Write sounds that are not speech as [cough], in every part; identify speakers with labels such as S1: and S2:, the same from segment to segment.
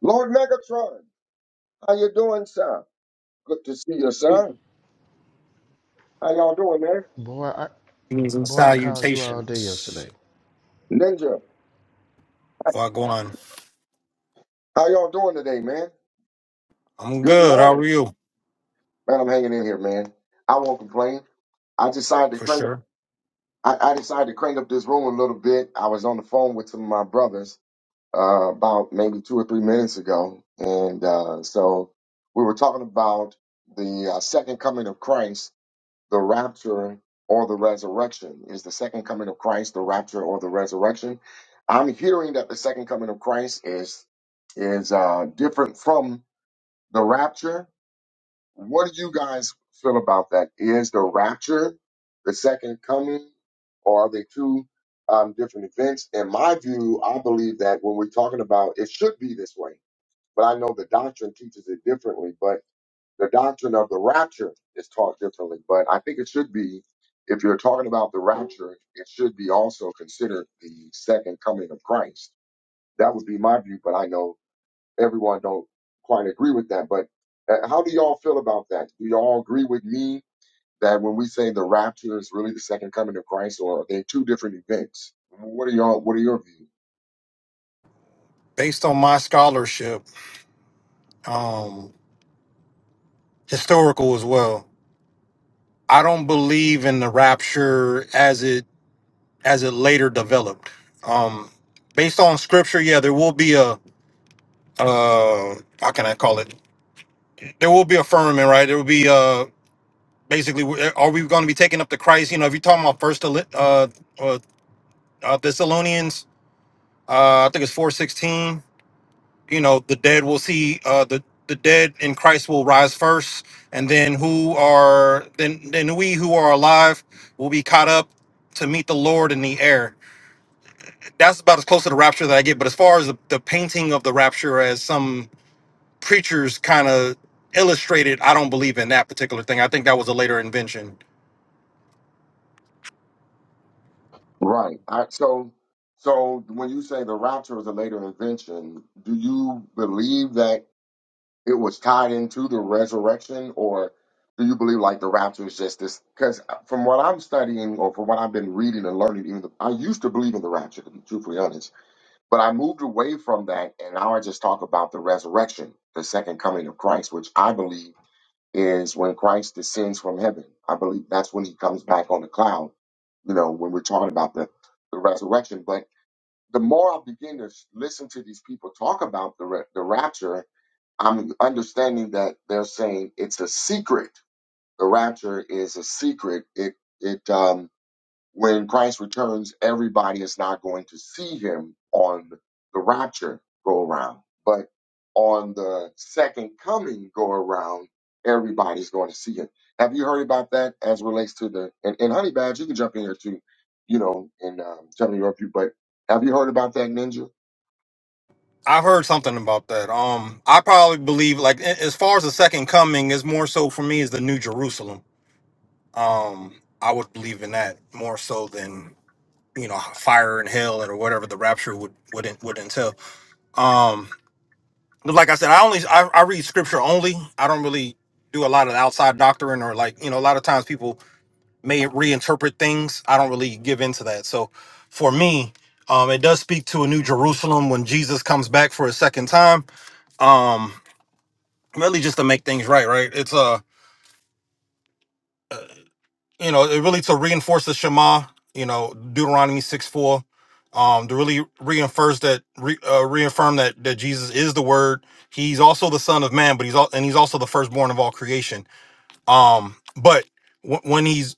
S1: Lord Megatron, how you doing, sir? Good to see you, sir. How y'all doing, man?
S2: Boy, I
S3: Greetings and
S2: boy, I called you all day yesterday.
S3: salutations.
S1: Ninja,
S3: Wagwan.
S1: how y'all doing today, man?
S3: I'm
S1: Good
S3: good. How
S1: morning.
S3: are you?
S1: Man, I'm hanging in here, man. I won't complain. I decided to
S3: For
S1: crank up
S3: sure.
S1: I, I decided to crank up this room a little bit. I was on the phone with some of my brothers uh, about maybe two or three minutes ago. And uh, so we were talking about the uh, second coming of Christ the rapture or the resurrection. Is the second coming of Christ the rapture or the resurrection? I'm hearing that the second coming of Christ is is uh, different from the rapture. What do you guys feel about that? Is the rapture the second coming, or are they two um, different events? In my view, I believe that when we're talking about it, should be this way. But I know the doctrine teaches it differently. But the doctrine of the rapture is taught differently, but I think it should be, if you're talking about the rapture, it should be also considered the second coming of Christ. That would be my view, but I know everyone don't quite agree with that. But uh, how do y'all feel about that? Do y'all agree with me that when we say the rapture is really the second coming of Christ, or are they two different events? What are y'all? What are your views?
S3: Based on my scholarship, um, historical as well, I don't believe in the rapture as it as it later developed. Um, based on scripture, yeah, there will be a uh, how can I call it? There will be a firmament, right? There will be uh, basically, are we going to be taking up the Christ? You know, if you're talking about First uh, uh, uh, Thessalonians, uh, I think it's four sixteen. you know the dead will see uh the the dead in christ will rise first and then who are then then we who are alive will be caught up to meet the lord in the air that's about as close to the rapture that i get but as far as the, the painting of the rapture as some preachers kind of illustrated i don't believe in that particular thing i think that was a later invention
S1: Right. I, so so when you say the rapture is a later invention, do you believe that? it was tied into the resurrection, or do you believe like the rapture is just this? Because from what I'm studying, or from what I've been reading and learning, even the, I used to believe in the rapture, to be truthfully honest, but I moved away from that, and now I just talk about the resurrection, the second coming of Christ, which I believe is when Christ descends from heaven. I believe that's when he comes back on the cloud. You know, when we're talking about the the resurrection, but the more I begin to listen to these people talk about the re- the rapture, I'm understanding that they're saying it's a secret. The rapture is a secret. It it um when Christ returns, everybody is not going to see him on the rapture go around. But on the second coming go around, everybody's going to see him. Have you heard about that as relates to the and, and honey badge, you can jump in here too, you know, and um, tell me your view, but have you heard about that ninja?
S3: i heard something about that um i probably believe like a- as far as the second coming is more so for me is the new jerusalem i would believe in that more so than you know fire and hell and or whatever the rapture would would en- would entail. Um, but like I said, I only I, I read scripture only. I don't really do a lot of outside doctrine or like you know a lot of times people may reinterpret things. I don't really give into that. So for me, um, it does speak to a new Jerusalem when Jesus comes back for a second time. Um, really just to make things right, right? It's uh. you know, it really to reinforce the Shema, you know, Deuteronomy 6 4, um, to really reinforce that, re, uh, reaffirm that that Jesus is the Word. He's also the Son of Man, but he's all, and he's also the firstborn of all creation. Um, but w- when he's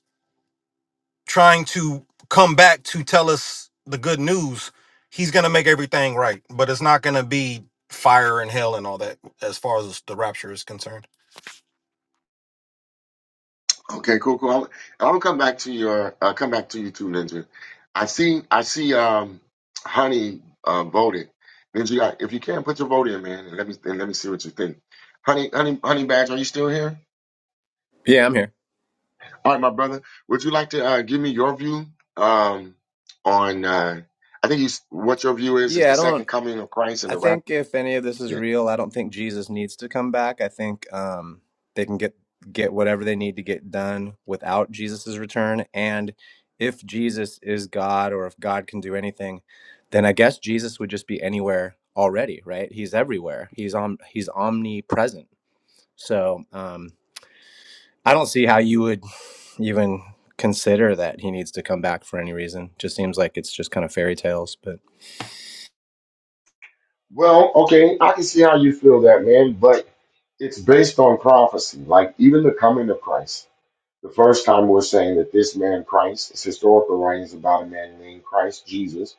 S3: trying to come back to tell us the good news, he's gonna make everything right, but it's not gonna be fire and hell and all that as far as the rapture is concerned.
S1: Okay, cool, cool. I'll, I'm gonna come back to your uh, come back to you too, Ninja. I see, I see. Um, Honey uh, voted. Ninja, I- if you can, put your vote in, man, and let me and let me see what you think. Honey, honey, honey, badge, are you still here?
S4: Yeah, I'm here.
S1: All right, my brother, would you like to uh, give me your view um, on? Uh, I think you, s- what your view is is
S4: Yeah,
S1: the
S4: I
S1: second
S4: don't.
S1: coming of Christ and
S4: I
S1: the rapture.
S4: think if any of this is
S1: Yeah.
S4: real, I don't think Jesus needs to come back. I think um, they can get get whatever they need to get done without Jesus's return. And if Jesus is God, or if God can do anything, then I guess Jesus would just be anywhere already, right? He's everywhere. He's om he's omnipresent. So um, I don't see how you would even consider that he needs to come back for any reason. Just seems like it's just kind of fairy tales, but.
S1: Well, okay, I can see how you feel that, man, but it's based on prophecy, like even the coming of Christ. The first time we're saying that this man Christ, it's historical writings about a man named Christ Jesus,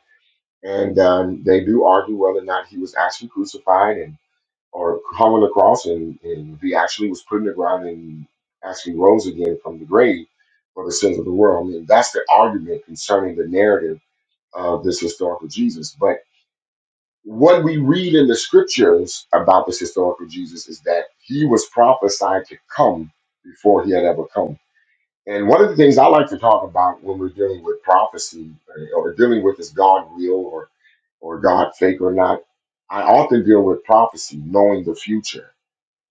S1: and um, they do argue whether or not he was actually crucified and or hung on the cross, and, and he actually was put in the ground and actually rose again from the grave for the sins of the world. I mean, that's the argument concerning the narrative of this historical Jesus. But what we read in the scriptures about this historical Jesus is that he was prophesied to come before he had ever come and one of the things I like to talk about when we're dealing with prophecy uh, or dealing with is God real or, or God fake or not, I often deal with prophecy, knowing the future.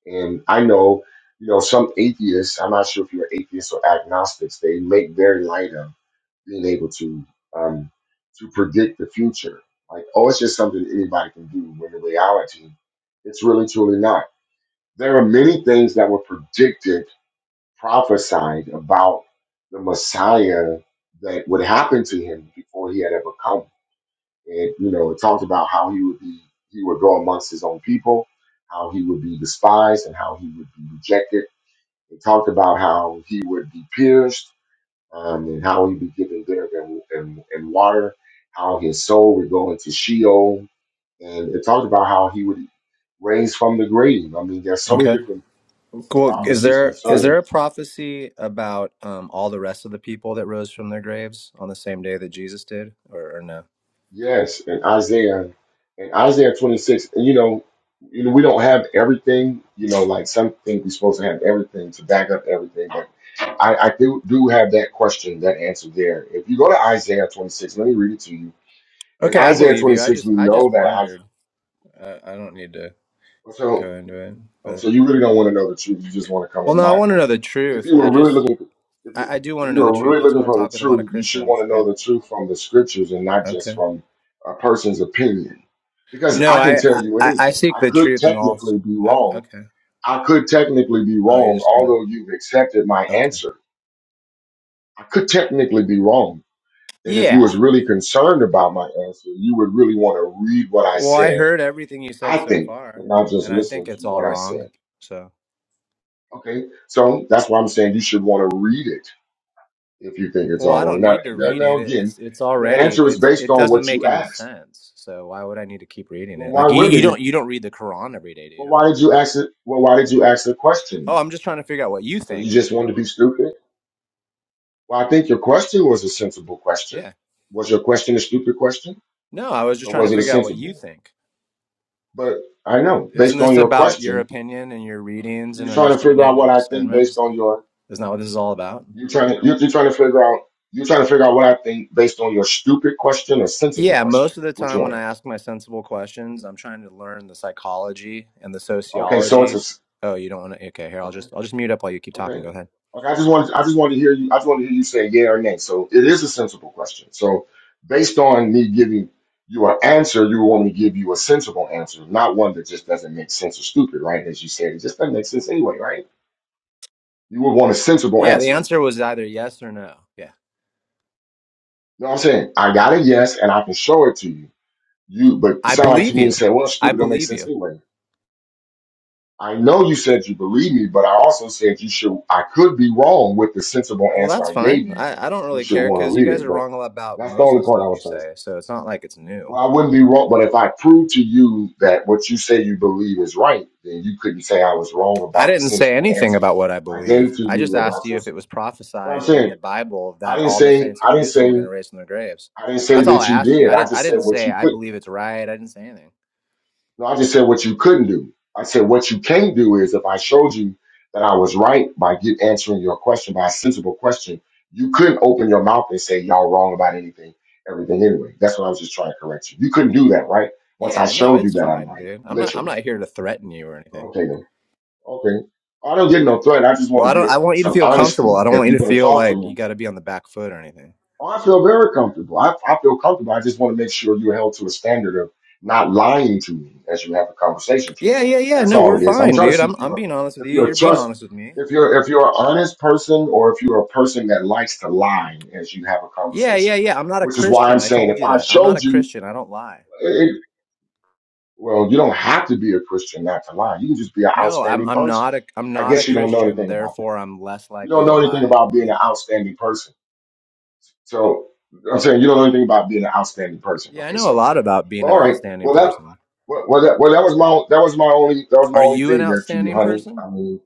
S1: And I know, you know, some atheists, I'm not sure if you're atheists or agnostics, they make very light of being able to um, to predict the future. Like, oh, it's just something anybody can do. When in reality, it's really truly not. There are many things that were predicted prophesied about the Messiah that would happen to him before he had ever come. It you know it talked about how he would be he would go amongst his own people, how he would be despised and how he would be rejected. It talked about how he would be pierced um, and how he'd be given vinegar and, and, and water, how his soul would go into Sheol, and it talked about how he would raise from the grave. I mean, there's so many
S4: okay.
S1: different
S4: Well, is
S1: prophecies
S4: there is
S1: concerning.
S4: there a prophecy about um, all the rest of the people that rose from their graves on the same day that Jesus did, or, or no?
S1: Yes, and Isaiah, and Isaiah 26, and you know, you know, we don't have everything, you know, like some think we're supposed to have everything to back up everything, but I, I do, do have that question, that answer there. If you go to Isaiah 26, let me read it to you. In
S4: Okay, I
S1: Isaiah
S4: believe you. I
S1: 26,
S4: just
S1: we
S4: I
S1: know
S4: just
S1: that
S4: wondered. I, I don't need to
S1: I,
S4: go into it,
S1: Um,
S4: but
S1: so you really don't want to know the truth. You just want to come
S4: well,
S1: in
S4: no, I
S1: mind.
S4: want to
S1: But
S4: know the
S1: if
S4: truth.
S1: you
S4: I
S1: were really
S4: just
S1: looking, if you
S4: I, I do
S1: if
S4: want to
S1: you
S4: know the
S1: were
S4: truth.
S1: really
S4: That's
S1: looking
S4: why I
S1: for the
S4: talk with a lot of
S1: truth, you should want
S4: Christians.
S1: to
S4: Yeah.
S1: know the truth from the scriptures and not just
S4: Okay.
S1: from a person's opinion. Because I
S4: No,
S1: can
S4: I
S1: tell you
S4: I, I
S1: anything.
S4: seek
S1: I
S4: the
S1: could
S4: truth in all. s-
S1: technically be
S4: o-
S1: wrong.
S4: Okay.
S1: I could technically be
S4: Oh, you're
S1: wrong,
S4: just gonna.
S1: although you've accepted my
S4: Okay.
S1: answer. I could technically be wrong. And if you
S4: Yeah.
S1: was really concerned about my answer, you would really want to read what I
S4: Well, I
S1: said.
S4: heard everything you
S1: I
S4: said so
S1: think,
S4: far,
S1: and not just
S4: and I think
S1: listen to
S4: it's
S1: what
S4: all
S1: I said.
S4: wrong. So.
S1: Okay, so that's why I'm saying you should want to read it if you think it's
S4: Well,
S1: all
S4: I
S1: wrong.
S4: don't
S1: Now,
S4: need to
S1: now,
S4: read
S1: now
S4: it. It-
S1: again,
S4: It's it's
S1: the
S4: already
S1: answer is
S4: it's
S1: based
S4: it
S1: on
S4: doesn't
S1: what
S4: make
S1: you
S4: any
S1: asked.
S4: sense. So why would I need to keep reading
S1: Well,
S4: it?
S1: why
S4: Like you,
S1: wouldn't
S4: you
S1: it?
S4: don't you don't read the Quran every day, do
S1: Well,
S4: you?
S1: why did you ask it? Well, why did you ask the question?
S4: Oh,
S1: then?
S4: I'm just trying to figure out what you
S1: So you
S4: think.
S1: just wanted to be stupid? Well, I think your question was a sensible question.
S4: Yeah.
S1: Was your question a stupid question,
S4: No, I was just
S1: or
S4: trying
S1: was
S4: to
S1: it a
S4: figure out what
S1: sensible
S4: you
S1: one?
S4: think.
S1: But I know
S4: Isn't
S1: based on
S4: this
S1: your
S4: about your
S1: question,
S4: opinion and your readings and
S1: you're trying to figure out
S4: understanding
S1: what
S4: and
S1: I think
S4: discernment and
S1: based
S4: stuff?
S1: on your
S4: Isn't that what this is all about?
S1: you're trying to you're, you're trying to figure out you're trying to figure out what I think based on your stupid question or sensible
S4: Yeah,
S1: question.
S4: most of the
S1: Which
S4: time when
S1: one?
S4: I ask my sensible questions, I'm trying to learn the psychology and the
S1: Okay, so it's a
S4: sociology.
S1: s
S4: Oh, you don't want to? Okay, here I'll
S1: okay,
S4: just I'll just mute up while you keep talking.
S1: okay,
S4: Go ahead.
S1: okay. I just wanted, I just wanted to hear you. I just wanted to hear you say yeah or nay. So it is a sensible question. So based on me giving you an answer, you want me to give you a sensible answer, not one that just doesn't make sense or stupid, right? As you said, it just doesn't make sense anyway, right? You would want a sensible
S4: Yeah, the
S1: answer.
S4: answer was either yes or no. Yeah.
S1: You know what I'm saying? I got a yes, and I can show it to you. You, but it
S4: I
S1: sounded like to
S4: believe
S1: me you
S4: you.
S1: said, well,
S4: I
S1: stupid don't make
S4: believe
S1: sense
S4: you.
S1: anyway. I know you said you believe me, but I also said you should, I could be wrong with the sensible
S4: Well,
S1: answer
S4: that's
S1: I gave
S4: fine.
S1: you.
S4: I, I don't
S1: You
S4: really
S1: should
S4: care
S1: want to
S4: because you
S1: read
S4: guys
S1: it,
S4: are
S1: but
S4: wrong about
S1: that's the
S4: most of the
S1: only point I
S4: stuff you
S1: was trying to say.
S4: say. So it's not like it's new.
S1: Well, I wouldn't be wrong, but if I prove to you that what you say you believe is right, then you couldn't say I was wrong
S4: I
S1: about the
S4: didn't say
S1: sensible
S4: anything
S1: answer
S4: about what I
S1: I
S4: believe.
S1: gave to
S4: I just
S1: you about
S4: asked you
S1: your.
S4: if it was
S1: What I'm
S4: prophesied in
S1: saying,
S4: the Bible
S1: I
S4: that
S1: didn't
S4: all the
S1: say,
S4: saints of
S1: I didn't
S4: Jerusalem
S1: say,
S4: were going to raise from their graves.
S1: I didn't say
S4: That's all
S1: that
S4: I
S1: you
S4: asked you.
S1: did.
S4: I
S1: I
S4: didn't I
S1: just said
S4: didn't
S1: what
S4: say
S1: you
S4: I
S1: couldn't.
S4: believe it's right. I didn't say anything.
S1: No, I just said what you couldn't do. I said what you can do is if I showed you that I was right by get answering your question by a sensible question, you couldn't open your mouth and say y'all wrong about anything, everything anyway. That's what I was just trying to correct you. You couldn't do that, right? Once I
S4: Yeah, no,
S1: showed you
S4: it's
S1: that I'm
S4: fine,
S1: right,
S4: dude. I'm not I'm
S1: literally.
S4: not here to threaten you or anything.
S1: Okay then. Okay. I don't get no threat. I just
S4: Well,
S1: want
S4: I
S1: to
S4: don't
S1: get
S4: I want you to
S1: some
S4: feel comfortable.
S1: honesty.
S4: I don't
S1: If
S4: want
S1: you're
S4: you to
S1: going to
S4: feel
S1: talk to
S4: like
S1: me,
S4: you got to be on the back foot or anything.
S1: Oh, I feel very comfortable. I, I feel comfortable. I just want to make sure you're held to a standard of not lying to me as you have a conversation to me.
S4: Yeah, yeah, yeah.
S1: That's
S4: No,
S1: all
S4: we're
S1: it is. I'm
S4: fine,
S1: trying to
S4: dude.
S1: see if
S4: I'm I'm
S1: you're
S4: being honest with
S1: if
S4: you.
S1: you're a
S4: You're being
S1: trust
S4: honest with me.
S1: if you're if you're an honest person or if you're a person that likes to lie as you have a
S4: Yeah, yeah,
S1: conversation.
S4: yeah. I'm not a
S1: Which is why I'm
S4: Christian. I
S1: saying
S4: told
S1: if
S4: you
S1: I
S4: that. I'm not a
S1: showed you,
S4: Christian. I don't lie.
S1: it, well, you don't have to be a Christian not to lie. You can just be an
S4: No, I'm
S1: outstanding
S4: I'm
S1: person.
S4: not a I'm
S1: I
S4: not a
S1: guess you don't know
S4: Christian.
S1: anything about that.
S4: Therefore, I'm less
S1: You don't
S4: likely to
S1: know anything
S4: lie.
S1: about being
S4: Yeah.
S1: an outstanding person So I'm saying you don't know anything about being an outstanding person.
S4: Yeah, I
S1: Okay,
S4: know a
S1: so
S4: lot about being
S1: well,
S4: an
S1: all right.
S4: outstanding
S1: Well, that
S4: person.
S1: well, well, that, well that was my that was my only that was my
S4: Are
S1: only
S4: you an
S1: thing there to you,
S4: outstanding
S1: honey.
S4: person?
S1: I mean,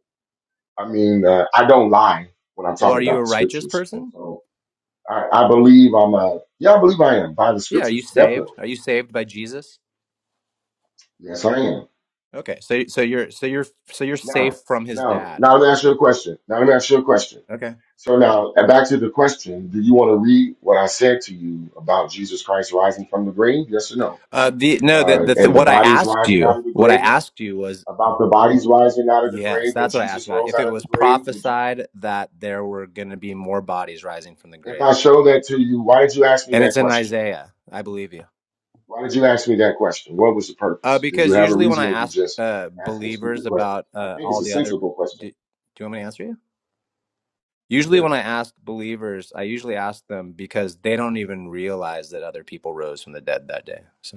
S1: I mean, uh, I don't lie when I'm
S4: Well,
S1: talking
S4: are you
S1: about
S4: a
S1: the
S4: righteous
S1: scriptures. And
S4: person?
S1: so I, I believe I'm a yeah, I believe I am by the
S4: Yeah, are you
S1: scriptures,
S4: saved?
S1: definitely.
S4: Are you saved by Jesus?
S1: Yes, I am.
S4: Okay. So so you're so you're so you're
S1: Now,
S4: safe from his
S1: now,
S4: dad.
S1: now let me ask you a
S4: Okay.
S1: question. Now let me ask you a question.
S4: Okay.
S1: So now uh, back to the question: Do you want to read what I said to you about Jesus Christ rising from the grave? Yes or no?
S4: Uh, the no,
S1: uh,
S4: that the, the
S1: and the
S4: what I
S1: bodies
S4: asked
S1: rising out
S4: you,
S1: of the
S4: what I
S1: grave,
S4: asked you was
S1: about the bodies rising out of the
S4: Yes,
S1: grave when
S4: that's what I asked
S1: Jesus
S4: about.
S1: rose
S4: If it
S1: out of the
S4: was
S1: grave? Would you,
S4: prophesied that there were going to be more bodies rising from the
S1: if I
S4: graves,
S1: show that to you, why did you ask me
S4: and it's
S1: that
S4: in
S1: question?
S4: Isaiah, I believe you.
S1: Why did you ask me that question? What was the
S4: Uh,
S1: purpose? Did you
S4: because
S1: have a
S4: usually when
S1: reason
S4: I
S1: or you
S4: ask
S1: just
S4: uh,
S1: asked a stupid
S4: believers
S1: question?
S4: about
S1: I
S4: uh,
S1: think it's
S4: all
S1: a
S4: the other,
S1: sensible question.
S4: do, do you want me to answer you? Usually
S1: Yeah.
S4: when I ask believers, I usually ask them because they don't even realize that other people rose from the dead that day. So.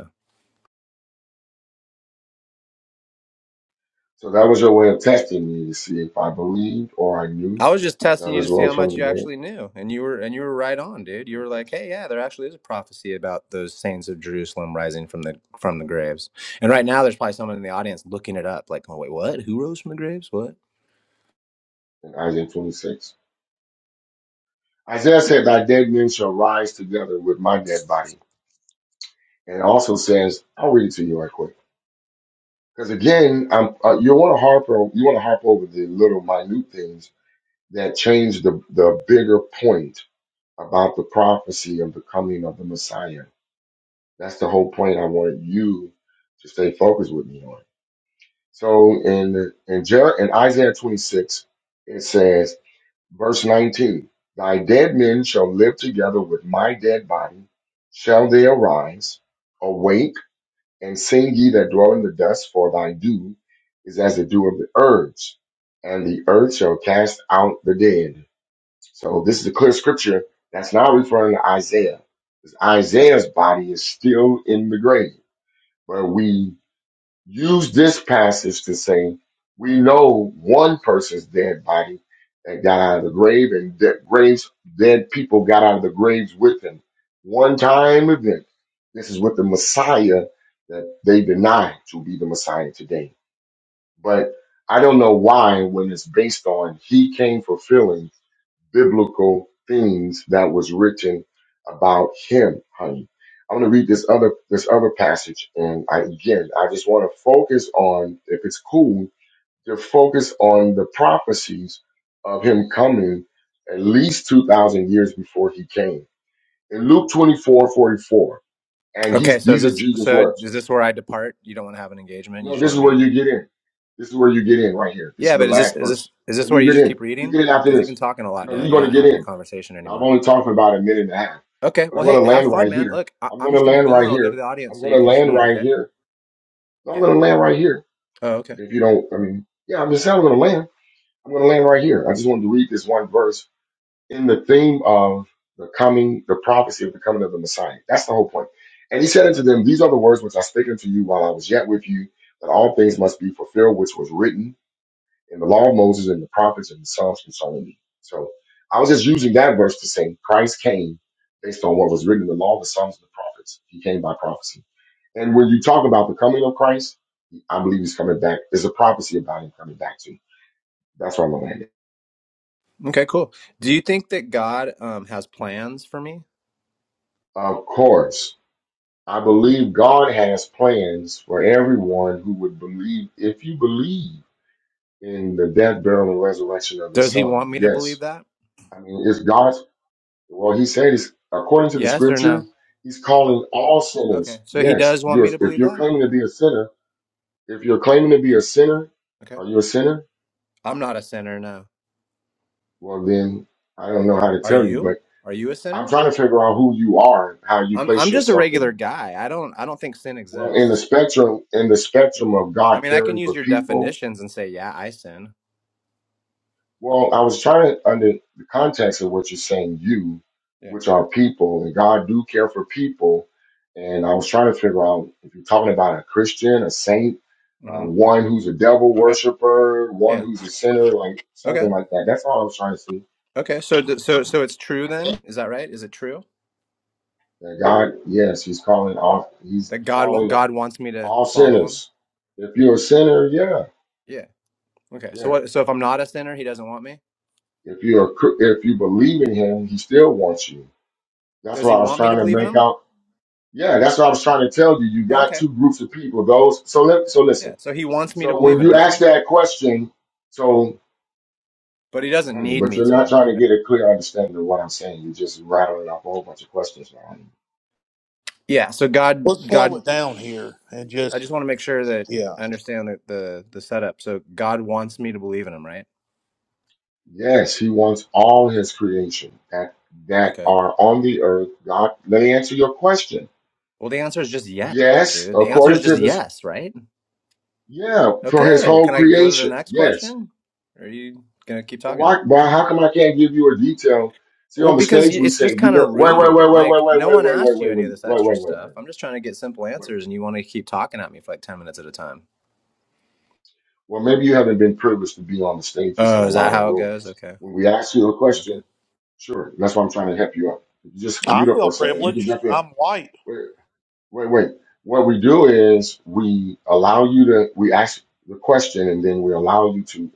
S1: So that was your way of testing me to see if I believed or I knew
S4: I was just
S1: that
S4: testing you
S1: others
S4: to see
S1: rose
S4: how
S1: from
S4: much
S1: the
S4: you
S1: dead.
S4: actually knew, and you were and you were right on, dude. You were
S1: Okay.
S4: like, "Hey, yeah, there actually is a prophecy about those saints of Jerusalem rising from the from the graves." And right now, there's probably someone in the audience looking it up, like, "Oh, wait, what? Who rose from the graves? What?"
S1: In Isaiah 26. Isaiah said, Thy dead men shall rise together with my dead body. And it also says, I'll read it to you right quick Because again, I'm, uh, you want to harp o- you want to harp over the little minute things that change the the bigger point about the prophecy of the coming of the Messiah. That's the whole point I want you to stay focused with me on. So in in, Jer- in Isaiah 26, it says, verse 19, "Thy dead men shall live together with my dead body; shall they arise? Awake." And sing ye that dwell in the dust, for thy dew is as the dew of the earth, and the earth shall cast out the dead. So this is a clear scripture that's not referring to Isaiah. 'Cause Isaiah's body is still in the grave, but we use this passage to say we know one person's dead body that got out of the grave and that graves dead people got out of the graves with him one time event this is what the messiah that they deny to be the messiah today but i don't know why when it's based on he came fulfilling biblical things that was written about him, honey. I'm going to read this other this other passage, and I, again, I just want to focus on, if it's cool, to focus on the prophecies of him coming at least two thousand years before he came. In Luke 24 44. and he's
S4: Okay, so
S1: these
S4: is
S1: are
S4: this
S1: Jesus'
S4: so
S1: words.
S4: is this where I depart? You don't want to have an engagement; you
S1: No,
S4: just
S1: this
S4: want
S1: is
S4: to
S1: where
S4: read.
S1: you get in. This is where you get in right here. This is
S4: Yeah,
S1: the
S4: but is this
S1: last
S4: is this
S1: verse.
S4: is
S1: No,
S4: this where
S1: you
S4: you
S1: get
S4: just
S1: in.
S4: keep
S1: You
S4: reading?
S1: get in after
S4: Because you've been
S1: this.
S4: talking a lot
S1: No,
S4: now,
S1: you're
S4: and you're
S1: going to
S4: not
S1: get
S4: having a
S1: in.
S4: conversation
S1: Now I'm
S4: anymore.
S1: only talking about a minute and a half,
S4: Okay,
S1: but I'm
S4: well,
S1: going
S4: hey,
S1: to
S4: have
S1: land
S4: fun,
S1: right
S4: man.
S1: here.
S4: Look, I-
S1: I'm
S4: I'm
S1: going to
S4: just gonna
S1: land
S4: go,
S1: right
S4: and I'll go to
S1: here.
S4: the audience
S1: I'm
S4: so
S1: going
S4: you
S1: to
S4: can just
S1: land
S4: read.
S1: right
S4: Okay?
S1: here. No, I'm
S4: Yeah.
S1: going to land right here.
S4: Oh, okay.
S1: If you don't, I mean, yeah, I'm just saying I'm going to land. I'm going to land right here. I just wanted to read this one verse in the theme of the coming, the prophecy of the coming of the Messiah. That's the whole point. And he said unto them, These are the words which I spake unto you while I was yet with you, that all things must be fulfilled, which was written in the law of Moses and the prophets and the Psalms concerning me. So I was just using that verse to say Christ came based on what was written in the law, the Psalms, and the prophets. He came by prophecy. And when you talk about the coming of Christ, I believe he's coming back. There's a prophecy about him coming back to. you. That's where I'm going to land it.
S4: Okay, cool. Do you think that God um, has plans for me?
S1: Of course, I believe God has plans for everyone who would believe. If you believe in the death, burial, and resurrection of his
S4: Does He
S1: son,
S4: want me to
S1: yes.
S4: believe that?
S1: I mean, it's God's Well, he said, he's, according to the
S4: Yes or no?
S1: scripture, he's calling all
S4: Okay.
S1: sinners.
S4: So He
S1: Yes,
S4: does want
S1: you're,
S4: me to
S1: if
S4: believe
S1: you're
S4: that.
S1: claiming to be a sinner, if you're claiming to be a sinner,
S4: Okay.
S1: are you a sinner?
S4: I'm not a sinner. No.
S1: Well, then I don't know how to
S4: Are
S1: tell you,
S4: you?
S1: but
S4: Are you a
S1: I'm
S4: sinner?
S1: trying to figure out who you are, and how you
S4: I'm.
S1: place
S4: I'm just a
S1: yourself
S4: regular
S1: in.
S4: guy. I don't. I don't think sin
S1: Well, in the
S4: exists.
S1: spectrum, in the
S4: Yeah.
S1: spectrum of
S4: I
S1: God
S4: mean, I can
S1: caring
S4: use
S1: for
S4: your
S1: people,
S4: definitions and say, yeah, I sin.
S1: Well, I was trying to under the context of what you're saying, you,
S4: Yeah.
S1: which are people, and God do care for people. And I was trying to figure out if you're talking about a Christian, a saint, uh,
S4: hmm
S1: one who's a devil
S4: Okay.
S1: worshiper, one
S4: Yeah.
S1: who's a sinner, like something
S4: Okay.
S1: like that. That's all I was trying to see.
S4: Okay. So, d- so, so it's true then? Is that right? Is it true
S1: That God, yes, He's calling all, He's
S4: that God wa-
S1: calling
S4: God wants me to
S1: all
S4: follow Him?
S1: sinners. If you're a sinner, yeah,
S4: Yeah. Okay. So
S1: yeah.
S4: what? So if I'm not a sinner, He doesn't want me.
S1: If you're a, cr- if you believe in Him, He still wants you. That's
S4: Does
S1: why
S4: he
S1: I was
S4: want me
S1: trying
S4: to
S1: to
S4: believe in
S1: make
S4: him?
S1: out Yeah, that's what I was trying to tell you. You
S4: Oh,
S1: got
S4: okay.
S1: two groups of people. Those so let so listen.
S4: Yeah. So he wants me to
S1: So when
S4: believe in
S1: you
S4: him. Okay.
S1: ask that question, so
S4: But he doesn't
S1: honey,
S4: need
S1: but
S4: me
S1: you're not
S4: to.
S1: trying to get a clear understanding of what I'm saying. You're just rattling off a whole bunch of questions now.
S4: Yeah. So God,
S5: Let's slow
S4: God,
S5: it down here and
S4: I just
S5: just,
S4: want to make sure that
S5: yeah.
S4: I understand the, the, the setup. So God wants me to believe in him, right?
S1: Yes, he wants all his creation that that
S4: Okay.
S1: are on the earth. God, let me answer your question.
S4: Well, the answer is just yes,
S1: Yes,
S4: dude. The answer is
S1: according
S4: just
S1: to this,
S4: yes, right?
S1: yeah, for his
S4: Okay. Well,
S1: whole
S4: can I go to the
S1: creation.
S4: next
S1: Yes.
S4: question? Or are you going to keep
S1: But
S4: talking?
S1: why, why, how come I can't give you a detail? See,
S4: Well,
S1: on the
S4: because y-
S1: stage, we
S4: it's
S1: say,
S4: just
S1: you
S4: kind
S1: go,
S4: of
S1: wait, wait,
S4: rude.
S1: wait, wait, wait,
S4: Like,
S1: wait,
S4: no
S1: wait, wait,
S4: one
S1: wait,
S4: asked you
S1: wait,
S4: any of
S1: wait,
S4: this
S1: wait,
S4: extra
S1: wait, wait,
S4: stuff.
S1: wait,
S4: I'm just trying to get simple
S1: wait.
S4: answers, and you want to keep talking at me for like 10 minutes at a time.
S1: Well, maybe you haven't been privileged to be on the stages in
S4: Oh,
S1: a
S4: is that
S1: lot of
S4: how it goes?
S1: rooms.
S4: Okay.
S1: When we ask you a
S4: Okay.
S1: question, sure, that's why I'm trying to help you out. If you just
S5: I
S1: mute up for
S5: feel
S1: a second, you can
S5: privileged.
S1: jump in.
S5: I'm white.
S1: Wait, wait. What we do is we allow you to, we ask the question and then we allow you to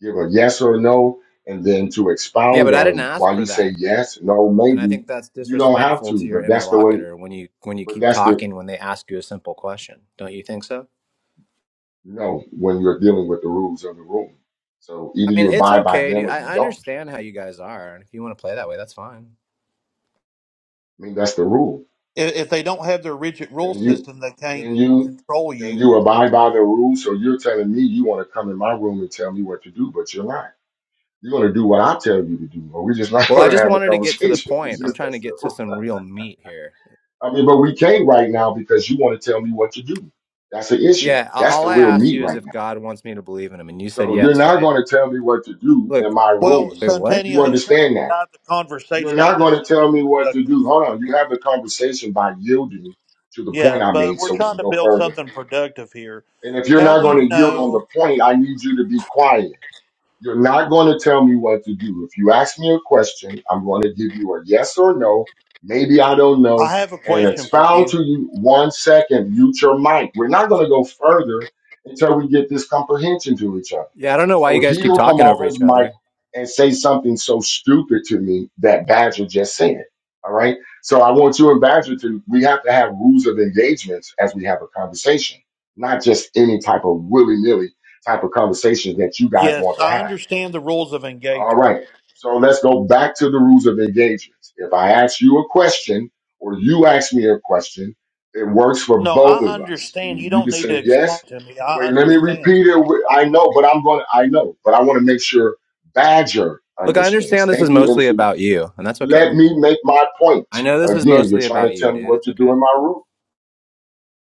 S1: give a yes or no and then to
S4: Yeah,
S1: expound
S4: but I didn't
S1: on why
S4: ask for
S1: you say
S4: that.
S1: yes, no,
S4: And I
S1: maybe.
S4: think that's
S1: You don't have
S4: disrespectful
S1: to,
S4: to your
S1: but that's the way,
S4: interlocutor when you when you
S1: but
S4: keep
S1: that's the,
S4: talking when they ask you a simple question. Don't you think so?
S1: you know, when you're dealing with the rules of the room. So
S4: I
S1: either you
S4: mean, it's
S1: abide by
S4: okay,
S1: them
S4: dude.
S1: or
S4: I
S1: you
S4: I
S1: don't.
S4: understand how you guys are, and if you want to play that way, that's fine.
S1: I mean, that's the rule.
S5: I- If they don't have their rigid rule
S1: Can you,
S5: system, they can't
S1: can you,
S5: control
S1: can
S5: you.
S1: you abide by the rules? So you're telling me you want to come in my room and tell me what to do, but you're not. You're gonna do what I tell you to do, or we're just not [laughs]
S4: Well, I
S1: gonna
S4: just
S1: have a
S4: wanted to get to the
S1: conversation. [laughs] It's
S4: point. I'm
S1: just
S4: trying
S1: that
S4: to get to
S1: simple.
S4: some real meat here.
S1: I mean, but we can't right now because you want to tell me what to do. That's the issue.
S4: Yeah, a-
S1: That's
S4: all
S1: the
S4: I
S1: real
S4: asked
S1: meat
S4: you is
S1: right now.
S4: if God wants me to believe in him, and you said
S1: So you're
S4: yes,
S1: not
S4: right?
S1: gonna tell me what to do
S4: Look,
S1: in my
S5: Well,
S1: room.
S4: wait,
S1: Do
S4: what?
S1: you
S5: Santanio, he's trying to
S1: understand that?
S5: guide the
S1: You're
S5: conversation
S1: not
S5: into
S1: gonna
S5: something
S1: tell me what to do.
S5: productive.
S1: Hold on. You have the conversation by yielding to the
S5: Yeah,
S1: point I
S5: but
S1: made, so
S5: we're
S1: we can
S5: trying to
S1: go
S5: build
S1: further.
S5: something productive here.
S1: And if you're
S5: How
S1: not
S5: do
S1: gonna
S5: you
S1: yield on the
S5: know?
S1: point, I need you to be quiet. You're not going to tell me what to do. If you ask me a question, I'm going to give you a yes or no. Maybe I don't know.
S5: I have a
S1: And
S5: question for
S1: expound
S5: you.
S1: to you one second, mute your mic. We're not going to go further until we get this comprehension to each other.
S4: Yeah, I don't know why
S1: So
S4: you guys keep
S1: he'll come
S4: talking over
S1: off his
S4: each
S1: mic
S4: other.
S1: and say something so stupid to me that Badger just said. All right. So I want you and Badger to, we have to have rules of engagement as we have a conversation, not just any type of willy nilly type of conversations that you guys want
S5: Yes,
S1: to
S5: I
S1: have.
S5: understand the rules of
S1: All
S5: engagement.
S1: right. So let's go back to the rules of engagement. If I ask you a question or you ask me a question, it works for
S5: No,
S1: both
S5: I
S1: of us.
S5: understand. You
S1: You
S5: don't
S1: can
S5: need to
S1: say
S5: explain
S1: yes.
S5: to me. I
S1: Wait, let me
S5: understand.
S1: repeat it. I know, but I'm going to, I know, but I want to make sure Badger
S4: Look, I
S1: understands.
S4: understand this
S1: Thank
S4: is
S1: you. And
S4: mostly
S1: so
S4: about you, and that's okay.
S1: let me make my point.
S4: I know this is
S1: Again, you're
S4: mostly
S1: trying
S4: about
S1: to tell
S4: you,
S1: me
S4: dude.
S1: what
S4: It's
S1: to do
S4: okay.
S1: in my room,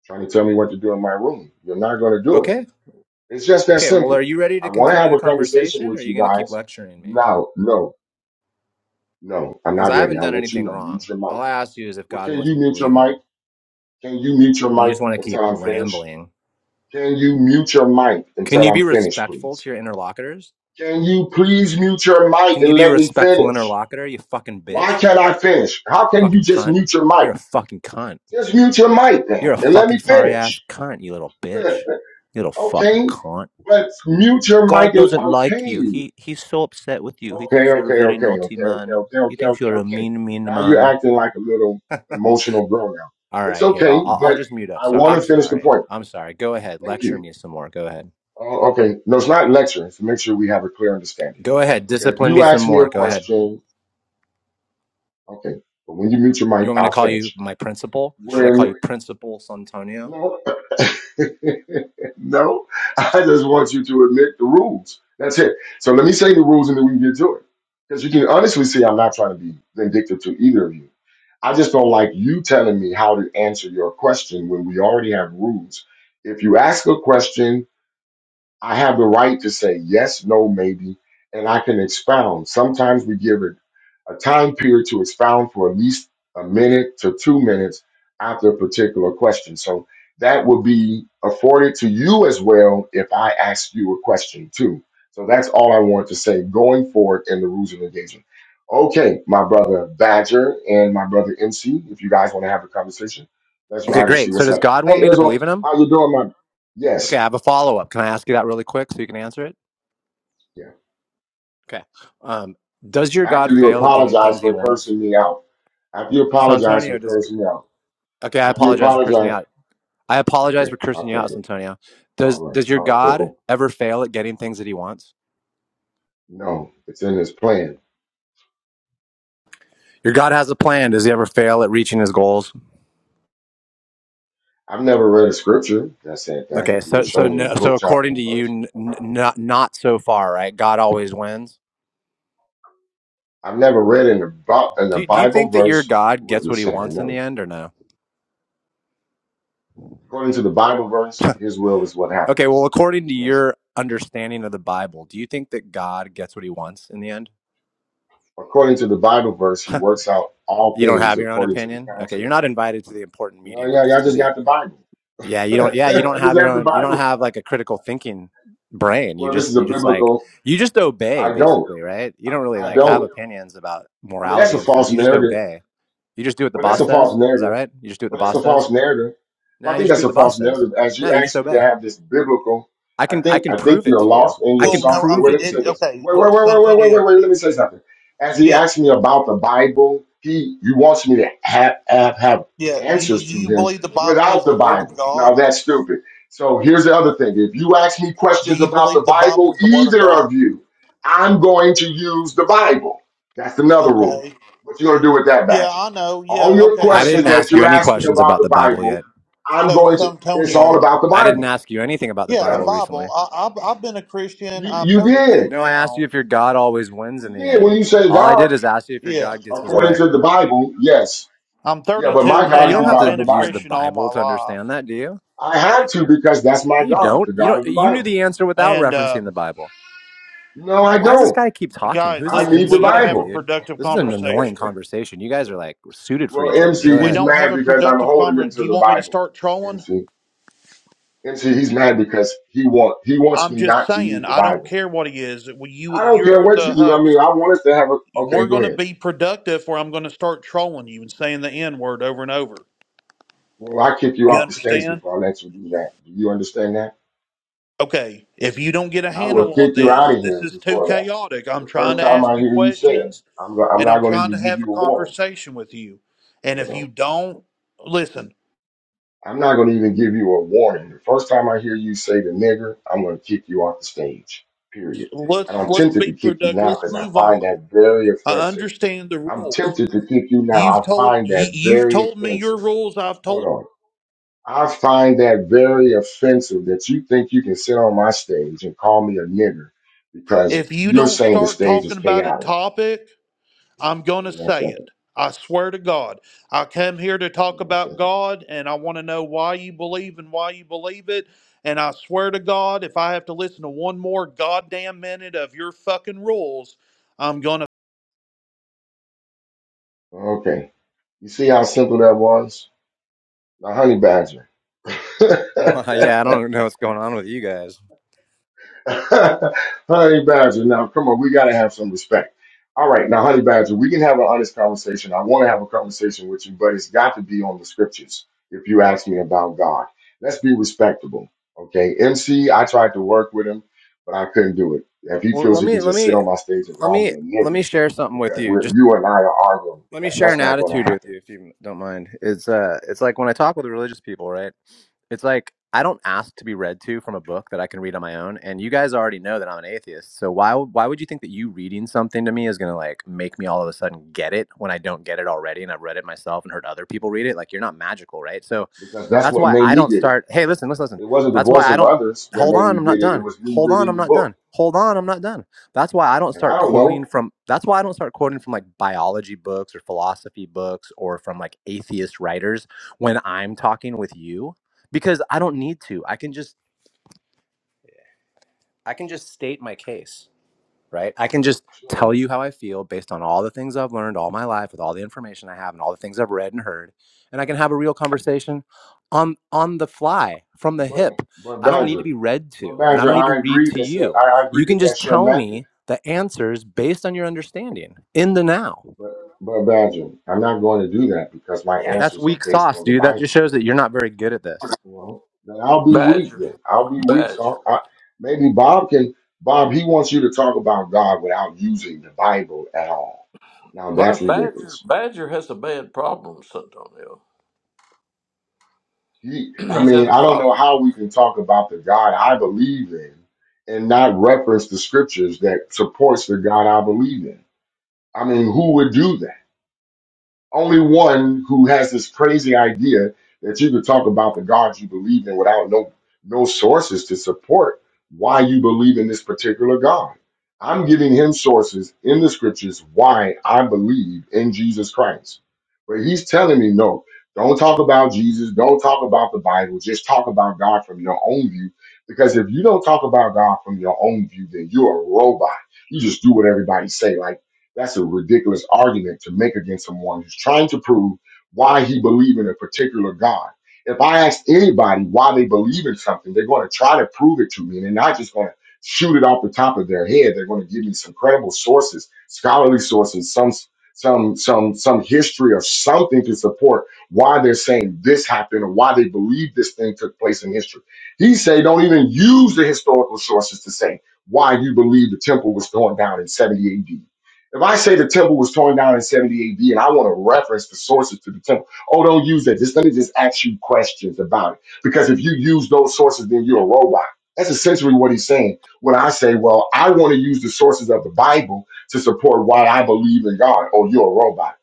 S1: trying to tell me what to do in my room. You're not going to do it.
S4: Okay.
S1: It's just that
S4: Okay, well, are
S1: simple.
S4: you ready to
S1: I want to
S4: continue
S1: have
S4: the
S1: a conversation
S4: conversation or are
S1: with
S4: you
S1: you
S4: going to keep
S1: guys.
S4: lecturing me?
S1: No, no. No, I'm
S4: Because
S1: not
S4: I
S1: ready.
S4: haven't
S1: I'll
S4: done
S1: let you
S4: anything
S1: know.
S4: wrong.
S1: Mute your
S4: All
S1: mic.
S4: I asked you is if
S1: Well,
S4: God
S1: can
S4: wants
S1: you
S4: me to
S1: mute your
S4: believe in him.
S1: mic? Can you mute your
S4: And you
S1: mic
S4: just want to keep
S1: until I'm finished?
S4: rambling.
S1: Can you mute your mic
S4: Can
S1: until
S4: you
S1: I'm
S4: be
S1: finished,
S4: respectful
S1: please?
S4: to your interlocutors?
S1: Can you please mute your mic
S4: Can you
S1: and
S4: be a
S1: let me
S4: respectful
S1: finish?
S4: interlocutor, you fucking
S1: Why
S4: bitch?
S1: can't I finish? How can you
S4: Fucking
S1: just
S4: cunt.
S1: mute your mic?
S4: You're a fucking cunt.
S1: Just mute your mic
S4: You're
S1: then
S4: a
S1: and let
S4: fucking
S1: me
S4: sorry ass
S1: finish.
S4: cunt, you little
S1: Yeah,
S4: bitch. You little fucking
S1: Okay,
S4: cunt.
S1: but mute your
S4: God
S1: mic and
S4: doesn't like you.
S1: okay.
S4: He he's so upset with you. He
S1: Okay,
S4: thinks you're a
S1: okay,
S4: very
S1: okay,
S4: naughty
S1: okay, okay,
S4: man.
S1: okay,
S4: He
S1: okay,
S4: thinks
S1: okay,
S4: you're a
S1: okay.
S4: mean, mean
S1: Now you're
S4: man.
S1: acting like a little
S4: [laughs]
S1: emotional girl now.
S4: All
S1: It's
S4: right, here. I'll,
S1: okay,
S4: I'll I'll
S1: but
S4: just mute up.
S1: I
S4: So
S1: want
S4: I'm
S1: to finish the
S4: sorry.
S1: point.
S4: I'm sorry. Go ahead.
S1: Thank
S4: Lecture
S1: you.
S4: me some more. Go ahead.
S1: Uh, okay, no, it's not lecturing. So make sure we have a clear understanding.
S4: Go ahead.
S1: If
S4: Discipline
S1: you
S4: me some
S1: ask me a
S4: more. Go ahead.
S1: question, okay, but when you mute your
S4: You
S1: mic,
S4: want me
S1: I'll
S4: to call you
S1: finish.
S4: my principal? Should I call you
S1: When
S4: Principal Santonio?
S1: no, [laughs] no, I just want you to admit the rules. That's it. So let me say the rules, and then we can get to it. Because you can honestly see, I'm not trying to be vindictive to either of you I just don't like you telling me how to answer your question when we already have rules. If you ask a question, I have the right to say yes, no, maybe, and I can expound. Sometimes we give it a time period to expound for at least a minute to two minutes after a particular question. So that will be afforded to you as well if I ask you a question too. So that's all I want to say going forward in the rules of engagement. Okay, my brother Badger and my brother MC, if you guys want to have a conversation, let's
S4: Okay,
S1: ride and see
S4: great. So
S1: what's
S4: does
S1: up.
S4: God want
S1: Hey
S4: me to
S1: Israel,
S4: believe in him?
S1: how you doing, my yes.
S4: Okay, I have a follow up. Can I ask you that really quick so you can answer it?
S1: yeah.
S4: Okay. Um, does your
S1: After
S4: God
S1: you
S4: fail at getting
S1: apologize
S4: things he
S1: for
S4: wants?
S1: cursing me out. After you apologize for
S4: Santonio does.
S1: cursing me out.
S4: Okay, I
S1: After you
S4: apologize for cursing you
S1: apologize.
S4: out. I apologize
S1: Okay,
S4: for
S1: I'll
S4: cursing you
S1: take
S4: out,
S1: it.
S4: Santonio.
S1: All
S4: Does
S1: right.
S4: does your
S1: All right, cool.
S4: God
S1: cool.
S4: ever fail at getting things that he wants?
S1: No, it's in his plan.
S4: Your God has a plan. Does he ever fail at reaching his goals?
S1: I've never read a scripture that said that.
S4: Okay,
S1: If you can
S4: so so
S1: show me a
S4: no, so
S1: book, chapter,
S4: according to
S1: and
S4: you,
S1: verse.
S4: n- n- not not so far, right? God always wins.
S1: I've never read in the, Bi- in the
S4: Do you, do you
S1: Bible
S4: think that your
S1: verse
S4: God
S1: what
S4: gets
S1: you're
S4: what he
S1: saying.
S4: wants in the
S1: No.
S4: end, or no?
S1: According to the Bible
S4: [laughs]
S1: verse, his will is what
S4: okay,
S1: happens.
S4: well, according to
S1: Yes.
S4: your understanding of the Bible, do you think that God gets what he wants in the end?
S1: According to the Bible verse,
S4: [laughs]
S1: he works out all
S4: you don't
S1: things
S4: have your own
S1: according to the
S4: opinion. Okay, you're
S1: counsel.
S4: not invited to the important
S1: No,
S4: meeting with
S1: yeah,
S4: the
S1: y'all just
S4: city.
S1: got the Bible.
S4: Yeah,
S1: [laughs]
S4: you don't. Yeah, you don't
S1: I
S4: have
S1: just
S4: your
S1: have the
S4: own. You
S1: Bible.
S4: don't have like a critical thinking brain. You
S1: Well, this is
S4: just
S1: a
S4: you just like
S1: biblical.
S4: you just obey
S1: I don't.
S4: basically, right? You don't really
S1: I
S4: like have
S1: don't.
S4: opinions about
S1: I mean, that's
S4: morality
S1: a
S4: and stuff.
S1: false
S4: You just
S1: narrative.
S4: obey. You just do what the
S1: Well, that's
S4: boss
S1: a
S4: says.
S1: false
S4: Is that
S1: narrative.
S4: right? You just do what the
S1: Well, that's
S4: boss
S1: a
S4: says.
S1: false narrative. Well,
S4: No,
S1: I
S4: you
S1: think
S4: just do
S1: that's
S4: what
S1: a
S4: the boss
S1: false
S4: says.
S1: narrative. As
S4: No,
S1: you
S4: you just
S1: asked me to
S4: obey.
S1: have this biblical,
S4: I
S1: I
S4: can I
S1: think
S4: can
S1: I think
S4: prove it
S1: you're
S4: to you.
S1: lost in
S4: I
S1: your
S5: Well,
S4: can
S1: soft.
S5: no, I
S1: Wait,
S4: prove
S1: wait,
S5: mean,
S1: let
S4: it
S1: me
S4: to
S5: it,
S1: say
S4: you.
S1: this.
S5: okay,
S1: Wait, wait,
S5: look,
S1: wait, wait, wait, wait, wait,
S5: Santonio.
S1: wait. Let me say something. As he asked me about the Bible, he you wants me to have have, have
S5: Yeah, you,
S1: answers to
S5: you
S1: him
S5: believe the Bible
S1: without
S5: is
S1: the
S5: the Word of
S1: Bible. Now
S5: God?
S1: that's stupid. So here's the other thing. If you ask me
S5: Do
S1: questions
S5: you
S1: about the
S5: believe the Bible
S1: Bible,
S5: is the Word of
S1: either of
S5: God?
S1: you, I'm going to use the Bible. That's another rule.
S5: Okay.
S1: What you gonna do with that
S5: Yeah,
S1: badger?
S5: I know. Yeah,
S1: All your
S5: okay.
S4: I
S5: But
S1: questions
S4: didn't
S5: I'm
S1: that
S4: ask you
S1: you
S4: any
S5: saying,
S1: asked me
S4: questions
S1: about
S4: about
S1: the
S4: the Bible
S1: Bible,
S4: yet.
S1: I'm
S5: so,
S1: going to. It's all
S5: Santonio,
S1: about the
S4: I didn't
S1: Bible.
S4: ask you anything about the
S5: yeah, the
S1: Yeah,
S4: Bible
S5: Bible,
S4: recently.
S5: I, I've, I've been a Christian.
S1: you
S5: I'm
S1: you
S5: 32
S1: did.
S4: No, I asked you
S5: now.
S4: if your God always wins in
S1: You
S4: the
S1: did when
S4: end.
S1: you say
S4: All I
S1: God
S4: did is ask you if your
S5: Yeah,
S4: God gets his
S1: according
S4: way.
S1: to the Bible. Yes,
S5: I'm
S1: yeah, but
S5: 32
S1: my
S4: You don't
S1: God
S4: you
S1: is
S4: don't
S1: the
S5: now.
S4: have
S5: I've
S1: God of
S4: to
S5: been
S1: the
S5: a
S4: use the
S1: Bible.
S5: Christian all my
S4: Bible to
S5: life.
S4: understand that, do you?
S1: I had to because that's my
S4: No, you
S1: God,
S4: don't.
S1: the
S4: You
S1: God
S4: don't
S1: of the
S4: you knew
S1: Bible.
S4: the answer without
S5: And,
S4: referencing the
S5: um,
S4: Bible.
S1: No, I
S4: And why does this
S1: don't.
S4: guy keep talking?
S5: guys,
S4: Who's this
S1: I
S5: listen,
S1: need the
S5: we got
S4: MC
S5: to
S4: guy,
S5: have a
S1: Bible.
S4: dude?
S5: productive
S4: This is an
S1: [laughs]
S4: annoying
S5: conversation.
S4: conversation. You guys are like suited for
S1: Well,
S4: each other.
S1: MC,
S4: Go
S5: If we
S1: he's
S4: ahead.
S5: don't have
S1: mad
S5: a
S1: because I'm
S5: productive
S1: holding him
S5: conversation, do
S1: to
S5: you
S1: the
S5: want me to
S1: Bible.
S5: start trolling?
S1: MC, MC, he's mad because he want he wants
S5: I'm
S1: me
S5: just
S1: not to use
S5: saying,
S1: the
S5: I don't
S1: Bible.
S5: care what he is. Well, You,
S1: I don't care
S5: you're
S1: what you
S5: the
S1: do. I mean, I
S5: host.
S1: want us to have a okay.
S5: We're
S1: Go
S5: going to
S1: ahead.
S5: be productive, where I'm going to start trolling you and saying the N word over and over.
S1: Well, I kick you
S5: You
S1: off the stage
S5: understand?
S1: before I let you do that. Do you understand that?
S5: Okay. If you don't get a
S1: I will
S5: handle on
S1: kick you out
S5: this,
S1: of
S5: this
S1: here
S5: is too
S1: before that.
S5: chaotic. I'm
S1: The
S5: trying
S1: first
S5: to
S1: time
S5: ask
S1: I
S5: you
S1: hear you say it,
S5: questions,
S1: I'm go- I'm
S5: and
S1: not
S5: I'm
S1: going to
S5: trying
S1: even
S5: to
S1: give
S5: have a
S1: you a warning.
S5: conversation with you. And if you
S1: Well,
S5: don't listen,
S1: I'm not going to even give you a warning. The first time I hear you say the nigger, I'm going to kick you off the stage. Period. And
S5: let's
S1: I'm
S5: let's
S1: tempted to
S5: be
S1: kick you
S5: productive.
S1: now
S5: Let's
S1: because I
S5: move
S1: find
S5: on.
S1: that very
S5: I
S1: offensive.
S5: understand the
S1: I'm
S5: rules.
S1: tempted to kick you now.
S5: You've
S1: I
S5: told
S1: find
S5: you,
S1: that
S5: you've
S1: very
S5: told me your
S1: offensive.
S5: rules. I've
S1: Hold
S5: told
S1: on. I find that very offensive that you think you can sit on my stage and call me a nigger because
S5: If you
S1: you're
S5: don't
S1: saying the
S5: start
S1: stage is
S5: talking about a
S1: chaotic.
S5: topic, I'm going
S1: Hold
S5: to
S1: on one
S5: say
S1: second.
S5: it. I swear to God. I come here to
S1: Hold
S5: talk
S1: on one
S5: about
S1: second.
S5: God and I want to know why you believe and why you believe it. And I swear to God, if I have to listen to one more goddamn minute of your fucking rules, I'm going to
S1: Okay. You see how simple that was? Now, honey badger. [laughs]
S4: [laughs] yeah, I don't know what's going on with you guys.
S1: [laughs] Honey Badger, now come on, we gotta have some respect. All right, now Honey Badger, we can have an honest conversation. I want to have a conversation with you, but it's got to be on the scriptures. If you ask me about God, let's be respectable, okay? MC, I tried to work with him, but I couldn't do it. If he
S4: Well,
S1: feels
S4: let
S1: he can
S4: me let
S1: just sit
S4: me
S1: on my stage and
S4: let
S1: call
S4: me
S1: me a
S4: let
S1: nigger
S4: me share something with
S1: because
S4: you.
S1: we're,
S4: Just.
S1: you and I are arguing,
S4: Let me
S1: that,
S4: share
S1: that's
S4: an
S1: not going to
S4: attitude with
S1: happen
S4: you if you don't mind. It's uh it's like when I talk with religious people, right? It's like I don't ask to be read to from a book that I can read on my own, and you guys already know that I'm an atheist. So why would- why would you think that you reading something to me is going to like make me all of a sudden get it when I don't get it already and I've read it myself and heard other people read it? Like you're not magical, right? So
S1: because that's
S4: that's
S1: what
S4: why
S1: made
S4: I
S1: me
S4: don't
S1: get it.
S4: start, "Hey, listen, listen, listen."
S1: It wasn't the
S4: That's why
S1: voice
S4: I
S1: of
S4: don't
S1: others that
S4: Hold
S1: made me
S4: on, I'm
S1: get
S4: not
S1: it. It
S4: done.
S1: was me
S4: Hold on,
S1: reading
S4: I'm
S1: the
S4: not
S1: book,
S4: done. Hold on, I'm not done. That's why I don't
S1: and I
S4: start
S1: don't
S4: quoting
S1: know.
S4: from that's why I don't start quoting from like biology books or philosophy books or from like atheist writers when I'm talking with you because I don't need to. I can just I can just state my case right? I can just
S1: Sure.
S4: tell you how I feel based on all the things I've learned all my life with all the information I have and all the things I've read and heard. And I can have a real conversation on on the fly from the
S1: But
S4: hip.
S1: but
S4: I don't need
S1: Badger,
S4: to be read
S1: but
S4: to and I
S1: Badger,
S4: don't need to
S1: I
S4: read
S1: agree
S4: to
S1: that's your,
S4: you.
S1: I I
S4: You
S1: agree
S4: can
S1: that
S4: just
S1: that's your
S4: tell
S1: method.
S4: me the answers based on your understanding in the now.
S1: But but Badger, I'm not going to do that because my
S4: Yeah, that's
S1: answers are
S4: weak
S1: based
S4: sauce,
S1: on the
S4: dude. That just
S1: Bible.
S4: shows that you're not very good at this.
S1: Well, then I'll be weak.
S6: Badger,
S1: Then I'll be weak.
S6: Badger.
S1: So I, maybe Bob can. Bob, he wants you to talk about God without using the Bible at all. Now
S6: Well,
S1: that's
S6: Badger,
S1: ridiculous.
S6: Badger has a bad problem, Santonio.
S1: He, I
S6: [clears throat] He's
S1: mean,
S6: had a
S1: I don't know
S6: problem.
S1: how we can talk about the God I believe in and not reference the scriptures that supports the God I believe in. I mean, who would do that? only one who has this crazy idea that you could talk about the God you believe in without no no sources to support why you believe in this particular God. I'm giving him sources in the scriptures why I believe in Jesus Christ. But he's telling me, no, don't talk about Jesus, don't talk about the Bible, just talk about God from your own view. Because if you don't talk about God from your own view, then you're a robot. You just do what everybody say. Like that's a ridiculous argument to make against someone who's trying to prove why he believes in a particular God. If I ask anybody why they believe in something, they're going to try to prove it to me. And they're not just going to shoot it off the top of their head. They're going to give me some credible sources, scholarly sources, some some some some history or something to support why they're saying this happened or why they believe this thing took place in history. He say don't even use the historical sources to say why you believe the temple was torn down in 70 AD. If I say the temple was torn down in 70 AD and I want to reference the sources to the temple, oh, don't use that. Just let me just ask you questions about it. Because if you use those sources, then you're a robot. That's essentially what he's saying. When I say, well, I want to use the sources of the Bible to support why I believe in God, oh, you're a robot.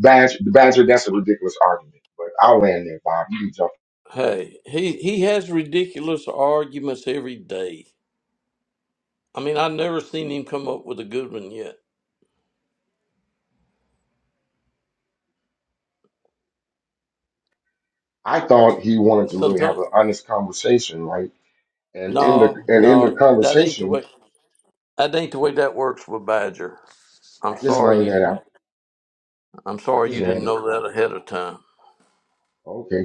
S1: Badger, the Badger, that's a ridiculous argument. But I'll land there, Bob. You can jump.
S6: Hey, he he has ridiculous arguments every day. I mean, I've never seen him come up with a good one yet.
S1: I thought he wanted to really have
S6: Santonio,
S1: an honest conversation, right? And in the
S6: no,
S1: and in the
S6: no, that ain't the
S1: conversation,
S6: way. That ain't the way that works with Badger. I'm
S1: I just
S6: sorry
S1: learned
S6: you
S1: that
S6: didn't.
S1: out.
S6: I'm
S1: I
S6: sorry
S1: just
S6: you
S1: learned
S6: didn't
S1: it.
S6: know that ahead of time.
S1: Okay.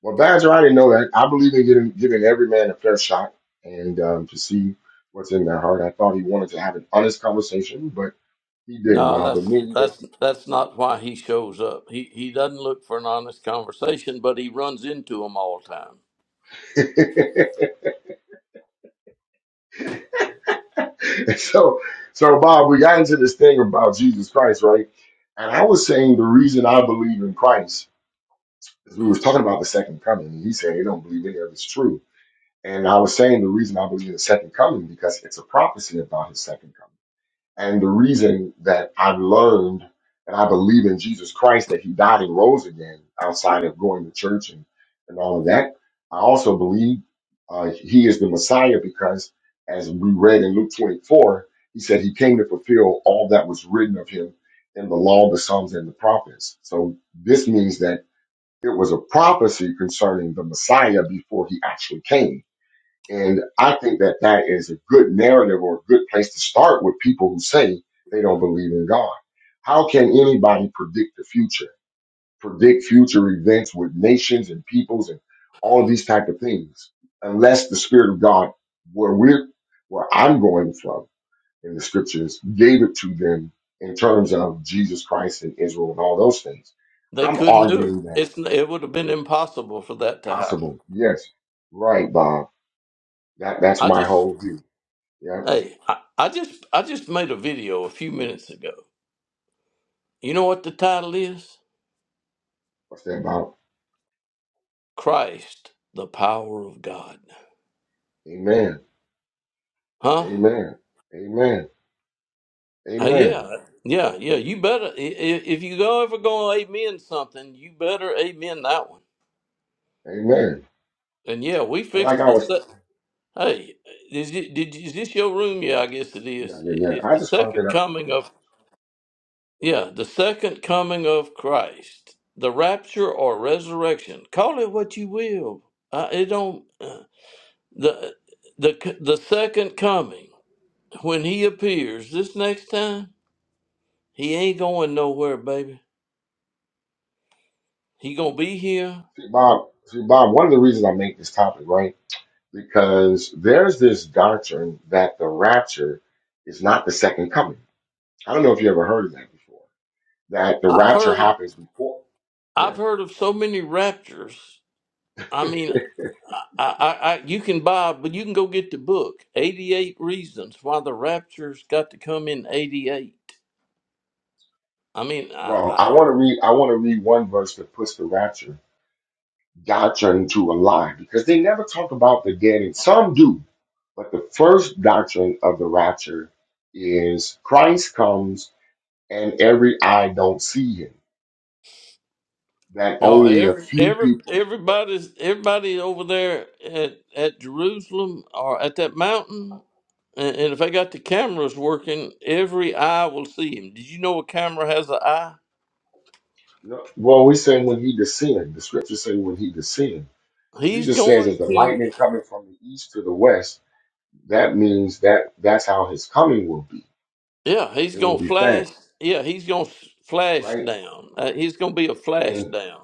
S1: Well, Badger, I didn't know that. I believe in giving, giving every man a fair shot and um, to see what's in their heart. I thought he wanted to have an honest conversation, but he didn't,
S6: No,
S1: Bob, but
S6: that's
S1: me
S6: that's that's not why he shows up. He he doesn't look for an honest conversation, but he runs into them all the time.
S1: either. [laughs] so, so Bob, we got into this thing about Jesus Christ, right? And I was saying the reason I believe in Christ is we was talking about the second coming. And he said he don't believe any of it's true. And I was saying the reason I believe in the second coming because it's a prophecy about his second coming. And the reason that I have learned that I believe in Jesus Christ, that he died and rose again outside of going to church and, and all of that, I also believe uh, he is the Messiah because, as we read in Luke 24, he said he came to fulfill all that was written of him in the law, the Psalms, and the prophets. So this means that it was a prophecy concerning the Messiah before he actually came and I think that that is a good narrative or a good place to start with people who say they don't believe in God. How can anybody predict the future, predict future events with nations and peoples and all of these type of things, unless the Spirit of God, where we're, where I'm going from in the scriptures, gave it to them in terms of Jesus Christ and Israel and all those things.
S6: They
S1: I'm
S6: couldn't do it.
S1: arguing that
S6: It's it would have been
S1: it's
S6: impossible for that to happen.
S1: possible. Yes. Right, Bob. That, that's
S6: I
S1: my
S6: just
S1: whole view. Yeah.
S6: hey, I, I just I just made a video a few minutes ago. You know what the title is?
S1: What's that about?
S6: Christ, the power of God.
S1: Amen.
S6: Huh?
S1: Amen. Amen.
S6: Uh,
S1: Amen.
S6: yeah, yeah, yeah. You better i- i- if you go ever gonna amen something, you better amen that one.
S1: Amen.
S6: And yeah, we
S1: And like
S6: fixed
S1: I
S6: the
S1: was,
S6: se- hey. Is it, did is this your room? Yeah, I guess it
S1: yeah,
S6: is.
S1: yeah, yeah.
S6: Is
S1: I
S6: the
S1: just cranked it
S6: second
S1: up.
S6: coming of Yeah, the second coming of Christ, the rapture or resurrection. Call it what you will. Uh, it don't uh, the the the second coming when he appears this next time. He ain't going nowhere, baby. He gonna be here.
S1: See, Bob, see, Bob, one of the reasons I make this topic, right? Because there's this doctrine that the rapture is not the second coming. I don't know if you ever heard of that before, that the
S6: I've
S1: rapture
S6: heard
S1: happens before. Yeah.
S6: I've heard of so many raptures. I mean, I, I, I you can buy, but you can go get the book. Eighty eight reasons why the rapture's got to come in eighty eight. I mean,
S1: Well,
S6: I,
S1: I want to read, I want to read one verse that puts the rapture doctrine to a lie because they never talk about the dead and some do. But the first doctrine of the rapture is Christ comes and every eye don't see him. That
S6: No,
S1: only a
S6: every
S1: few
S6: every
S1: people.
S6: everybody's everybody over there at at Jerusalem or at that mountain, and, and if they got the cameras working, every eye will see him. Did you know a camera has an eye?
S1: No, Well, we say when he descended. The scriptures say when he descended.
S6: He's
S1: Jesus says, "Is
S6: going
S1: the
S6: to,
S1: lightning coming from the east to the west?" That means that that's how his coming will be.
S6: yeah, he's
S1: It
S6: gonna
S1: will be
S6: flash.
S1: fast,
S6: Yeah, he's gonna s- flash
S1: right?
S6: down. Uh, he's gonna be a flash
S1: And
S6: down,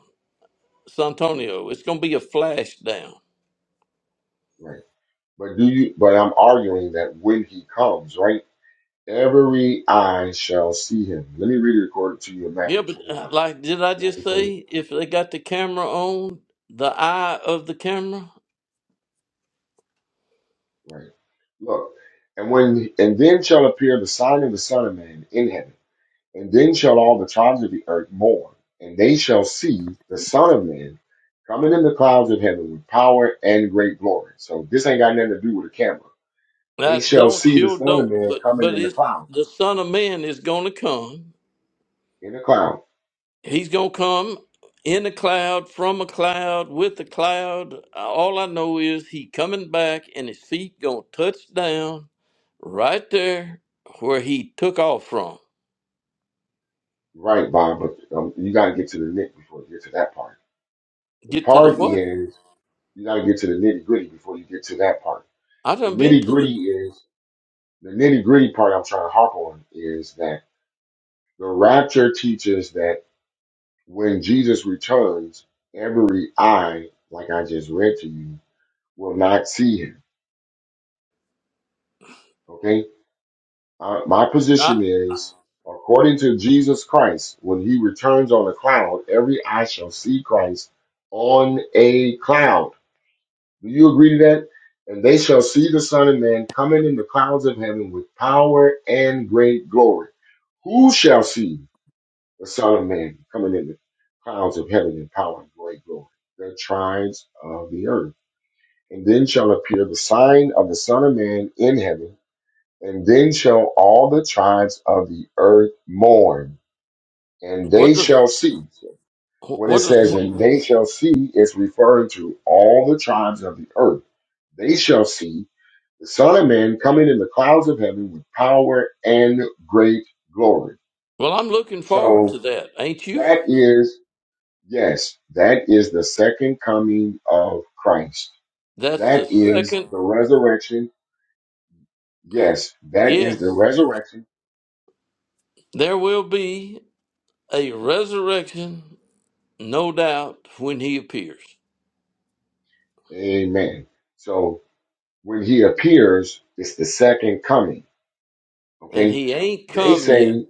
S6: Santonio. It's gonna be a flash down.
S1: right. But do you? But I'm arguing that when he comes, right, every eye shall see him. Let me read it according to you in
S6: Yeah,
S1: Matthew
S6: but uh,
S1: 29.
S6: like, did I
S1: Matthew
S6: just
S1: 29:29.
S6: say if they got the camera on, the eye of the camera?
S1: Right. Look, and when and then shall appear the sign of the Son of Man in heaven, and then shall all the tribes of the earth mourn, and they shall see the Son of Man coming in the clouds of heaven with power and great glory. So this ain't got nothing to do with a camera. They
S6: That
S1: shall
S6: don't
S1: see the
S6: sure
S1: Son of
S6: don't.
S1: Man
S6: But
S1: coming
S6: but
S1: in the
S6: it's
S1: cloud,
S6: the Son of Man is gonna come.
S1: in the cloud.
S6: He's gonna come in a cloud, from a cloud, with a cloud. All I know is he coming back and his feet gonna touch down right there where he took off from.
S1: Right, Bob, but um, you got to get to the nitty before you get to that part. The
S6: Get to the
S1: part
S6: what?
S1: is you got to get to the nitty gritty before you get to that part.
S6: I
S1: The
S6: done been
S1: nitty
S6: to
S1: gritty
S6: the
S1: is the nitty gritty part I'm trying to harp on is that the rapture teaches that when Jesus returns, every eye, like I just read to you, will not see him. Okay? Uh, my position
S6: I,
S1: is, according to Jesus Christ, when he returns on a cloud, every eye shall see Christ on a cloud. Do you agree to that? And they shall see the Son of Man coming in the clouds of heaven with power and great glory. Who shall see? The Son of Man coming in the clouds of heaven in power and great glory, the tribes of the earth. And then shall appear the sign of the Son of Man in heaven, and then shall all the tribes of the earth mourn, and they
S6: what does
S1: shall see. When it
S6: what does
S1: says, and they shall see, it's referring to all the tribes of the earth. They shall see the Son of Man coming in the clouds of heaven with power and great glory.
S6: well I'm looking forward to
S1: So
S6: that, ain't you?
S1: that is Yes, that is the second coming of Christ.
S6: That's
S1: That
S6: the
S1: is
S6: second
S1: the resurrection. Yes, that is the
S6: yes.
S1: resurrection.
S6: There will be a resurrection no doubt, when he appears.
S1: Amen. So when he appears, it's the second coming.
S6: And
S1: Okay.
S6: he ain't
S1: They
S6: come yet.
S1: say,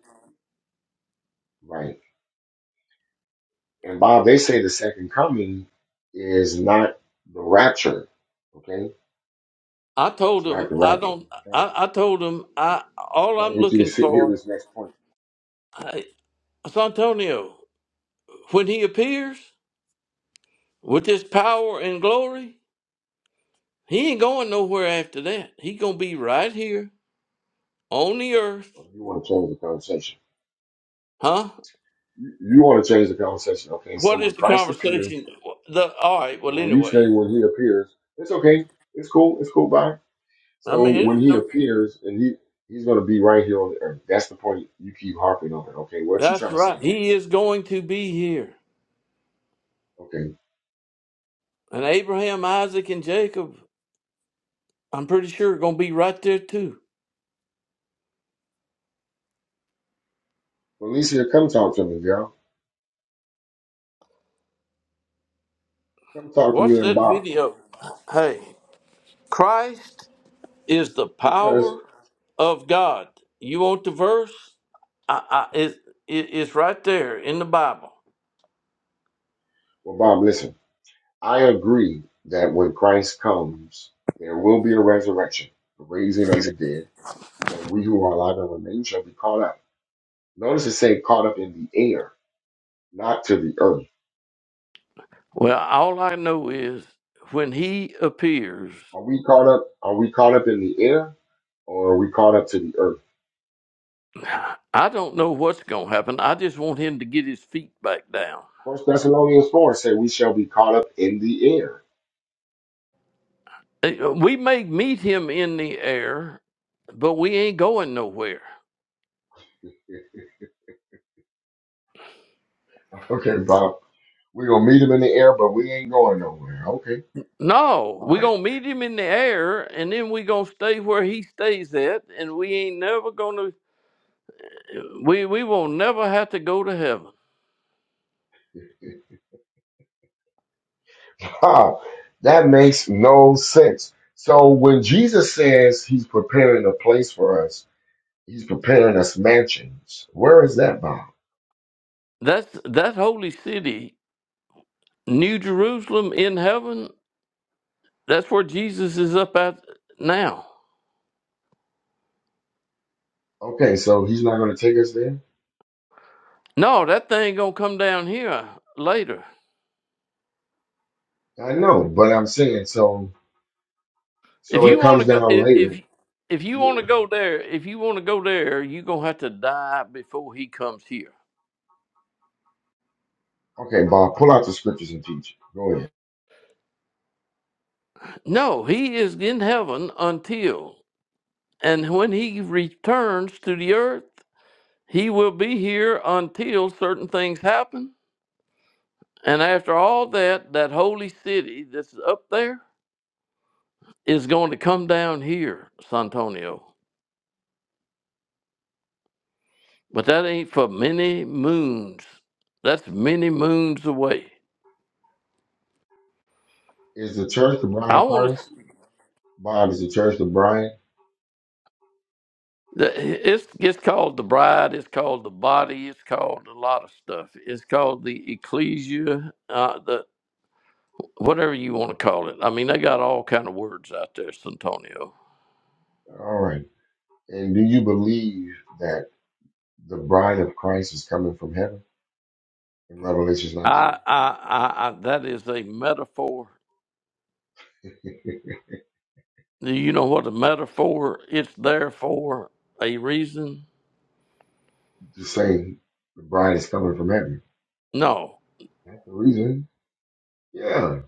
S1: right. And Bob, they say the second coming is not the rapture. Okay.
S6: I
S1: It's
S6: told
S1: not
S6: him
S1: the
S6: I
S1: rapture.
S6: don't.
S1: Okay?
S6: I, I told him I all
S1: If I
S6: I'm
S1: get you to
S6: looking
S1: sit here
S6: for.
S1: this next point,
S6: I, it's Antonio. When he appears with his power and glory, he ain't going nowhere after that. He gonna be right here on the earth,
S1: you want to change the conversation.
S6: huh?
S1: You, you want to change the conversation. Okay. So
S6: What
S1: when
S6: is the
S1: Christ appears,
S6: conversation? The all right. Well,
S1: Well, you
S6: anyway,
S1: say when he appears, it's okay. It's cool. It's cool. Bye.
S6: I
S1: So
S6: mean, it
S1: when
S6: ain't
S1: he
S6: no.
S1: appears, and he he's gonna be right here on the earth. That's the point you keep harping on. Okay, what you
S6: That's
S1: trying to
S6: right.
S1: say
S6: He
S1: that?
S6: is going to be here,
S1: Okay,
S6: and Abraham, Isaac, and Jacob I'm pretty sure going to be right there too.
S1: Felicia, come talk to me, girl. Come talk to
S6: Watch
S1: me and
S6: that
S1: Bob
S6: video. Hey, Christ is the
S1: because
S6: power of God. You want the verse? I, I, it, it, it's right there in the Bible.
S1: well, Bob, listen. I agree that when Christ comes, there will be a resurrection, the raising of the dead, and we who are alive and remain shall be caught up. Notice it say caught up in the air, not to the earth.
S6: Well, all I know is when he appears,
S1: Are we caught up? Are we caught up in the air? or are we caught up to the earth?
S6: I don't know what's going to happen. I just want him to get his feet back down.
S1: First Thessalonians 4 say we shall be caught up in the air.
S6: Uh, We may meet him in the air, but we ain't going nowhere.
S1: Okay, Bob. We're gonna meet him in the air, but we ain't going nowhere. Okay.
S6: No,
S1: All
S6: we
S1: right.
S6: gonna meet him in the air, and then we gonna stay where he stays at, and we ain't never gonna we we will not never have to go to heaven.
S1: Ha, that makes no sense. So when Jesus says he's preparing a place for us, he's preparing us mansions. Where is that, Bob?
S6: That's that holy city, New Jerusalem in heaven. That's where Jesus is up at now.
S1: Okay, so he's not gonna take us there?
S6: No, that thing gonna come down here later.
S1: I know, but I'm saying so
S6: If
S1: so
S6: you
S1: it
S6: want
S1: comes
S6: to go,
S1: down
S6: if if
S1: later.
S6: if you want to go there, if you want to go there, you gonna have to die before he comes here.
S1: Okay, Bob, pull out the scriptures and teach. it. Go ahead.
S6: No, he is in heaven until And when he returns to the earth, he will be here until certain things happen. And after all that, that holy city that's up there is going to come down here, Santonio. But that ain't for many moons. That's many moons away.
S1: Is the church the bride
S6: I
S1: of
S6: want to.
S1: Christ? Bob is the church the bride?
S6: It's it's called the bride. It's called the body. It's called a lot of stuff. It's called the ecclesia. Uh, the whatever you want to call it. I mean, they got all kind of words out there, Santonio.
S1: All right. And do you believe that the bride of Christ is coming from heaven in Revelation
S6: I,
S1: 19?
S6: I, I, I that is a metaphor.
S1: [laughs]
S6: Do you know what a metaphor? It's there for a reason.
S1: Just saying the bride is coming from heaven.
S6: No,
S1: That's the reason. Yeah.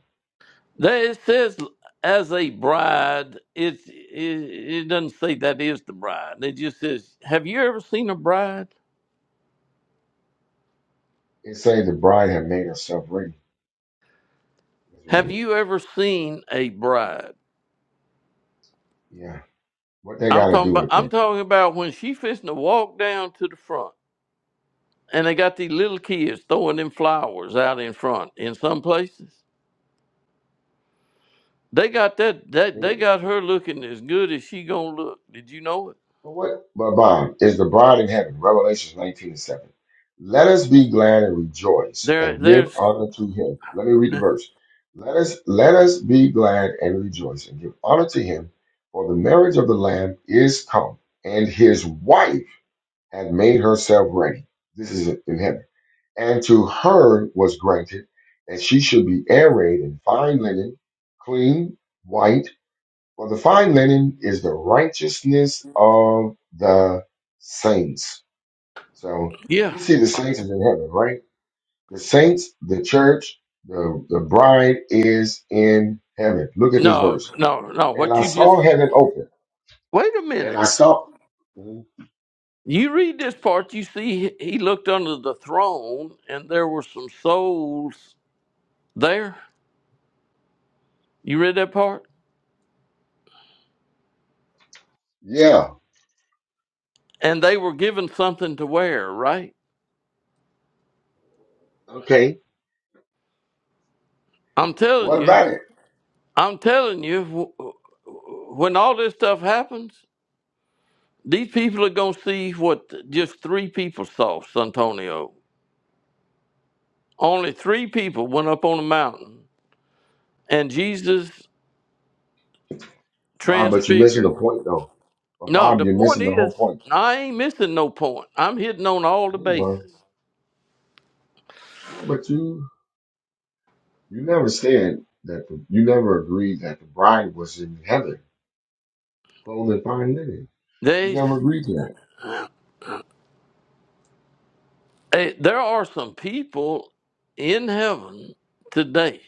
S6: there it says as a bride. It, it it doesn't say that is the bride. It just says, have you ever seen a bride?
S1: It's saying the bride had made herself ready. Let's read
S6: Have
S1: it.
S6: you ever seen a bride?
S1: Yeah. What they
S6: I'm
S1: got to
S6: talking
S1: do
S6: about.
S1: with
S6: I'm
S1: this?
S6: talking about when she fixing to walk down to the front. and they got these little kids throwing them flowers out in front in some places. They got that that
S1: Hmm?
S6: they got her looking as good as she gonna look. Did you know it?
S1: But what? But Bob is the bride in heaven. Revelation 19 and 7. Let us be glad and rejoice
S6: There
S1: and give
S6: there's
S1: honor to him. Let me read the verse. Let us let us be glad and rejoice and give honor to him, for the marriage of the Lamb is come, and his wife had made herself ready. This is in heaven. And to her was granted that she should be arrayed in fine linen, clean, white for the fine linen is the righteousness of the saints. So
S6: yeah.
S1: we see the saints is in heaven, right? The saints, the church, the, the bride is in heaven. Look at this
S6: No,
S1: verse.
S6: no, no.
S1: And
S6: What
S1: I
S6: you just
S1: saw heaven open.
S6: wait a
S1: And I
S6: minute.
S1: saw. Mhm.
S6: You read this part, you see he looked under the throne and there were some souls there. You read that part?
S1: Yeah.
S6: And they were given something to wear, right?
S1: Okay.
S6: I'm telling
S1: What
S6: you,
S1: about it?
S6: I'm telling you, wh- when all this stuff happens, These people are going to see what just three people saw, Santonio. Only three people went up on the mountain and Jesus
S1: Bob, but you're missing
S6: transfigured.
S1: the point though. But
S6: No,
S1: Bob,
S6: the
S1: you're
S6: point
S1: missing the whole
S6: is,
S1: point.
S6: I ain't missing no point. I'm hitting on all the
S1: Yeah, you
S6: bases.
S1: are. Yeah, but you you never said that the, you never agreed that the bride was in heaven. clothing, fine linen. You
S6: They,
S1: never agreed to that.
S6: eh, there are some people in heaven today.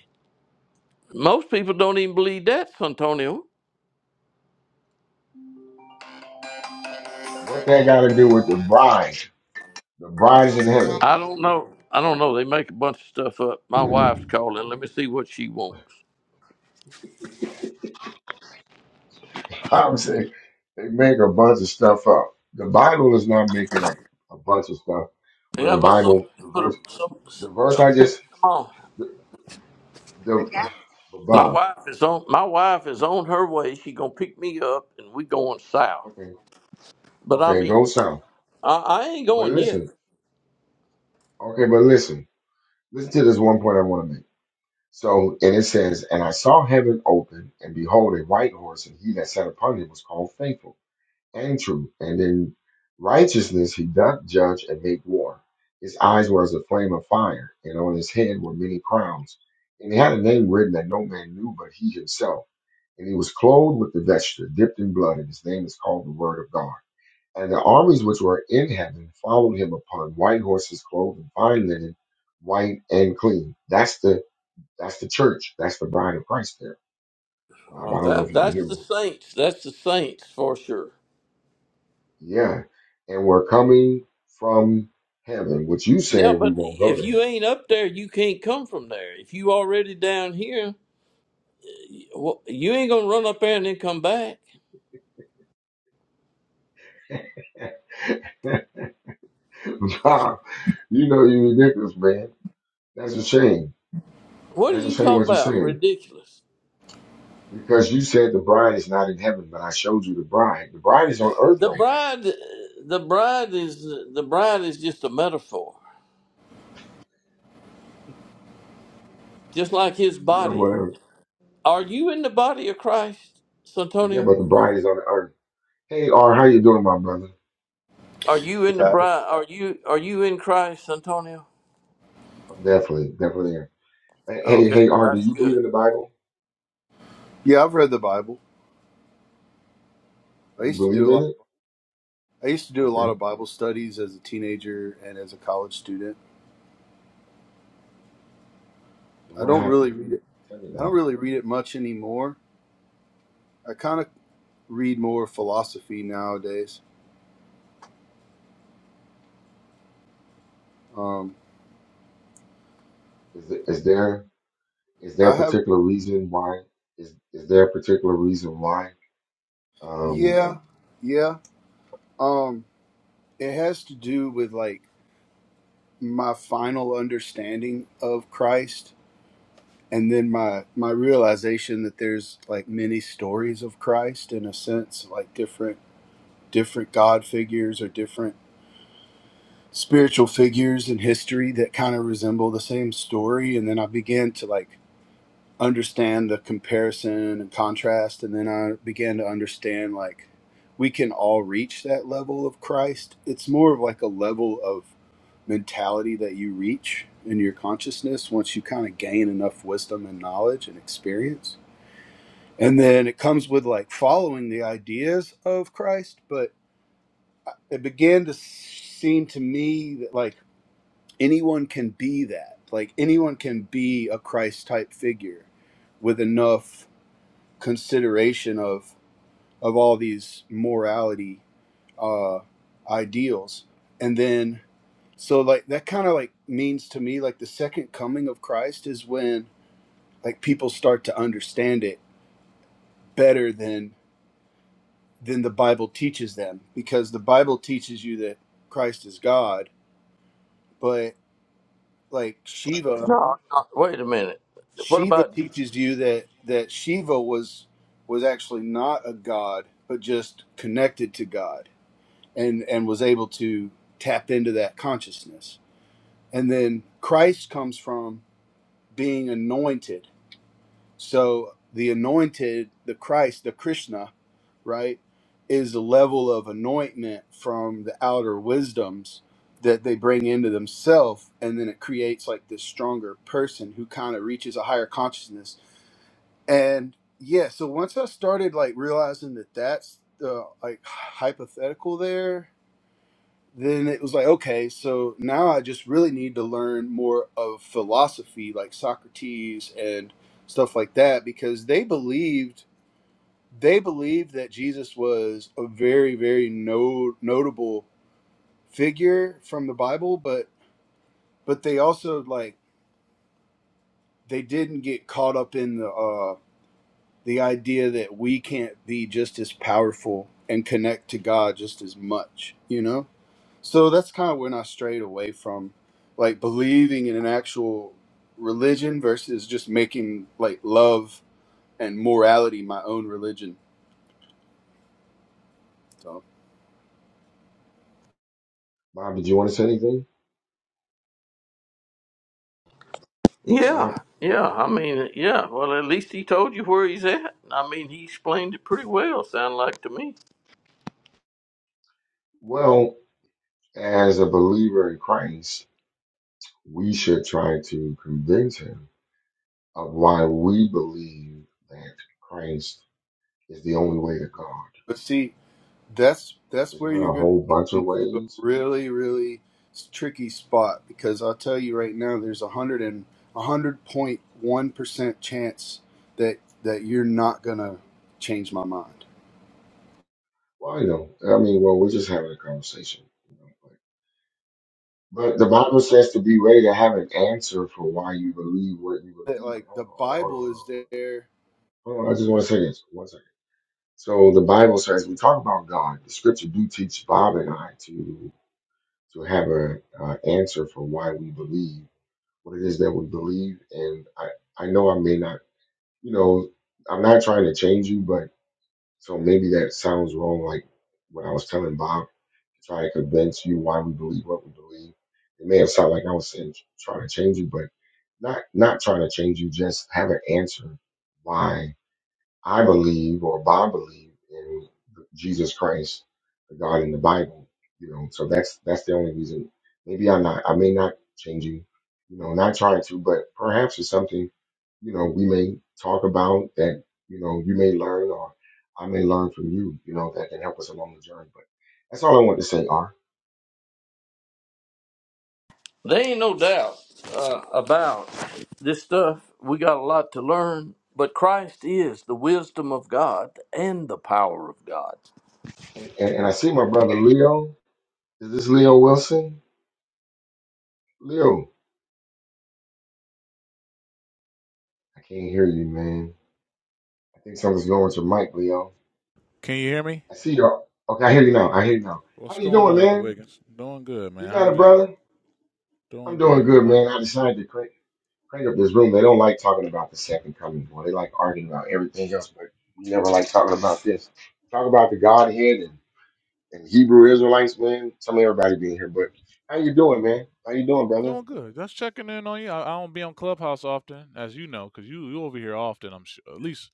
S6: Most people don't even believe that, Santonio.
S1: What that got to do with the bride? The bride's in heaven.
S6: I don't know. I don't know. They make a bunch of stuff up. My wife's
S1: [laughs]
S6: calling. Let me see what she wants.
S1: I'm saying they make a bunch of stuff up. The Bible is not making up a bunch of stuff. When the
S6: Yeah, but some
S1: Bible, the
S6: put a,
S1: verse,
S6: some.
S1: the verse
S6: Okay,
S1: I just,
S6: come on.
S1: the, the but
S6: My
S1: Bob,
S6: wife is on. My wife is on her way. She gonna pick me up, and we going south.
S1: okay,
S6: But I
S1: okay,
S6: mean,
S1: go south.
S6: I, I ain't
S1: But
S6: going yet.
S1: listen, okay, but listen, listen to this one point I want to make. So, and it says, and I saw heaven open, and behold, a white horse, and he that sat upon him was called faithful and true, And in righteousness he doth judge and make war. His eyes were as a flame of fire, and on his head were many crowns. And he had a name written that no man knew but he himself. And he was clothed with the vesture dipped in blood, and his name is called the Word of God. And the armies which were in heaven followed him upon white horses clothed in fine linen, white and clean. That's the that's the church. That's the bride of Christ there. Bob,
S6: Oh,
S1: I don't know
S6: that
S1: if you can hear
S6: that's the
S1: me.
S6: saints. That's the saints for sure.
S1: Yeah. And we're coming from heaven, which you said
S6: Yeah,
S1: we
S6: but
S1: won't go
S6: if
S1: to
S6: you ain't up there, you can't come from there. If you already down here, wh- you ain't gonna run up there and then come back.
S1: heaven. [laughs] Bob, you know you ridiculous, man. That's a shame.
S6: What are
S1: That's a
S6: you
S1: shame
S6: talking
S1: what you're
S6: about?
S1: saying.
S6: Ridiculous.
S1: Because you said the bride is not in heaven, but I showed you the bride. The bride is on earth
S6: The
S1: right now.
S6: bride, the bride is the bride is just a metaphor. just like his
S1: You know,
S6: body.
S1: whatever.
S6: Are you in the body of Christ,
S1: Yeah,
S6: Santonio?
S1: but the bride is on earth. Hey R, how you doing, my brother?
S6: Are you in the
S7: guys.
S6: bride? Are you are you in Christ, Santonio?
S1: Definitely, definitely. Hey, hey
S6: Okay,
S1: hey, R, do
S6: that's
S1: you believe
S6: good.
S1: in the Bible?
S7: Yeah, I've read the Bible. I
S1: Do you
S7: used to
S1: believe
S7: do a
S1: in
S7: lot.
S1: it?
S7: I used to do a lot
S1: Okay.
S7: of Bible studies as a teenager and as a college student.
S1: And
S7: I
S1: what
S7: don't really
S1: happened?
S7: read it.
S1: Tell me
S7: I
S1: that.
S7: don't really read it much anymore. I kind of read more philosophy nowadays. Um,
S1: Is, is there? Is there
S7: I
S1: a
S7: have,
S1: particular reason why? Is is there a particular reason why? Um,
S7: yeah, yeah. Um, it has to do with like my final understanding of Christ, and then my my realization that there's like many stories of Christ in a sense, like different different God figures or different spiritual figures in history that kind of resemble the same story. And then I began to like understand the comparison and contrast. And then I began to understand like we can all reach that level of Christ. It's more of like a level of mentality that you reach in your consciousness once you kind of gain enough wisdom and knowledge and experience. And then it comes with like following the ideas of Christ, but it began to seem to me that like anyone can be that like anyone can be a christ type figure with enough consideration of of all these morality uh ideals and then so like that kind of like means to me like the second coming of christ is when like people start to understand it better than than the bible teaches them because the bible teaches you that christ is god but like Shiva,
S6: No, no, wait a minute. What
S7: Shiva
S6: about?
S7: teaches you that that Shiva was was actually not a god, but just connected to God and and was able to tap into that consciousness. And then Christ comes from being anointed So the anointed, the Christ, the Krishna, right, is a level of anointment from the outer wisdoms that they bring into themselves. And then it creates like this stronger person who kind of reaches a higher consciousness. And yeah, so once I started like realizing that that's the like hypothetical there then it was like okay so now i just really need to learn more of philosophy like socrates and stuff like that because they believed they believed that jesus was a very very no, notable figure from the bible but but they also like they didn't get caught up in the uh the idea that we can't be just as powerful and connect to god just as much you know So that's kind of when I strayed away from like believing in an actual religion versus just making like love and morality my own religion. So,
S1: Bob, did you want to say anything?
S6: Yeah,
S1: Bob,
S6: yeah. I mean, yeah. Well, at least he told you where he's at. I mean, he explained it pretty well. Sound like to me.
S1: well, as a believer in Christ, we should try to convince him of why we believe that Christ is the only way to God.
S7: but see, that's that's
S1: There's
S7: where
S1: not
S7: you're
S1: a
S7: going to
S1: whole
S7: get
S1: bunch of
S7: into a
S1: ways.
S7: really really s- tricky spot because I'll tell you right now there's a hundred and a hundred point one percent chance that that you're not gonna change my mind.
S1: Well, I know. I mean, well, we're just having a conversation. You know, but, but the Bible says to be ready to have an answer for why you believe what you
S7: That
S1: believe in.
S7: like
S1: Hold
S7: the
S1: on, hold on, hold on,
S7: Bible
S1: hold
S7: is
S1: on.
S7: there
S1: Hold on, I just want to say this. One second. So the Bible says we talk about God. The Scripture do teach Bob and I to to have a uh, answer for why we believe what it is that we believe. And I I know I may not, you know, I'm not trying to change you, but so maybe that sounds wrong. Like when I was telling Bob, to try to convince you why we believe what we believe. It may have sounded like I was saying trying to change you, but not not trying to change you. Just have an answer why I believe or Bob believe in Jesus Christ, the God in the Bible. You know, so that's that's the only reason. Maybe I'm not. I may not change you. You know, not trying to, but perhaps it's something. You know, we may talk about that. You know, you may learn, or I may learn from you. You know, that can help us along the journey. But that's all I want to say, R.
S6: There ain't no doubt uh, about this stuff. We got a lot to learn, but Christ is the wisdom of God and the power of God.
S1: And and, and I see my brother Leo. Is this Leo Wilson? Leo, I can't hear you, man. I think something's going with your mic, Leo.
S8: Can you hear me?
S1: I see y'all. Okay, I hear you now. I hear you now. How
S8: What's
S1: you
S8: going
S1: doing,
S8: on, Elder
S1: man?
S8: Wiggins? Doing good,
S1: You
S8: man. How
S1: got
S8: are
S1: it,
S8: you?
S1: brother? I'm
S8: Doing
S1: doing
S8: good.
S1: good,
S8: I,
S1: man. I decided to crank, crank up this room. They don't like talking about the second coming, boy. They like arguing about everything else, but we never like talking about this. Talk about the Godhead and, and Hebrew Israelites, man. Some everybody being here, but how you doing, man? How you doing, brother?
S8: doing good. Just checking in on you. I, I don't be on Clubhouse often, as you know, because you you over here often. I'm sure, at least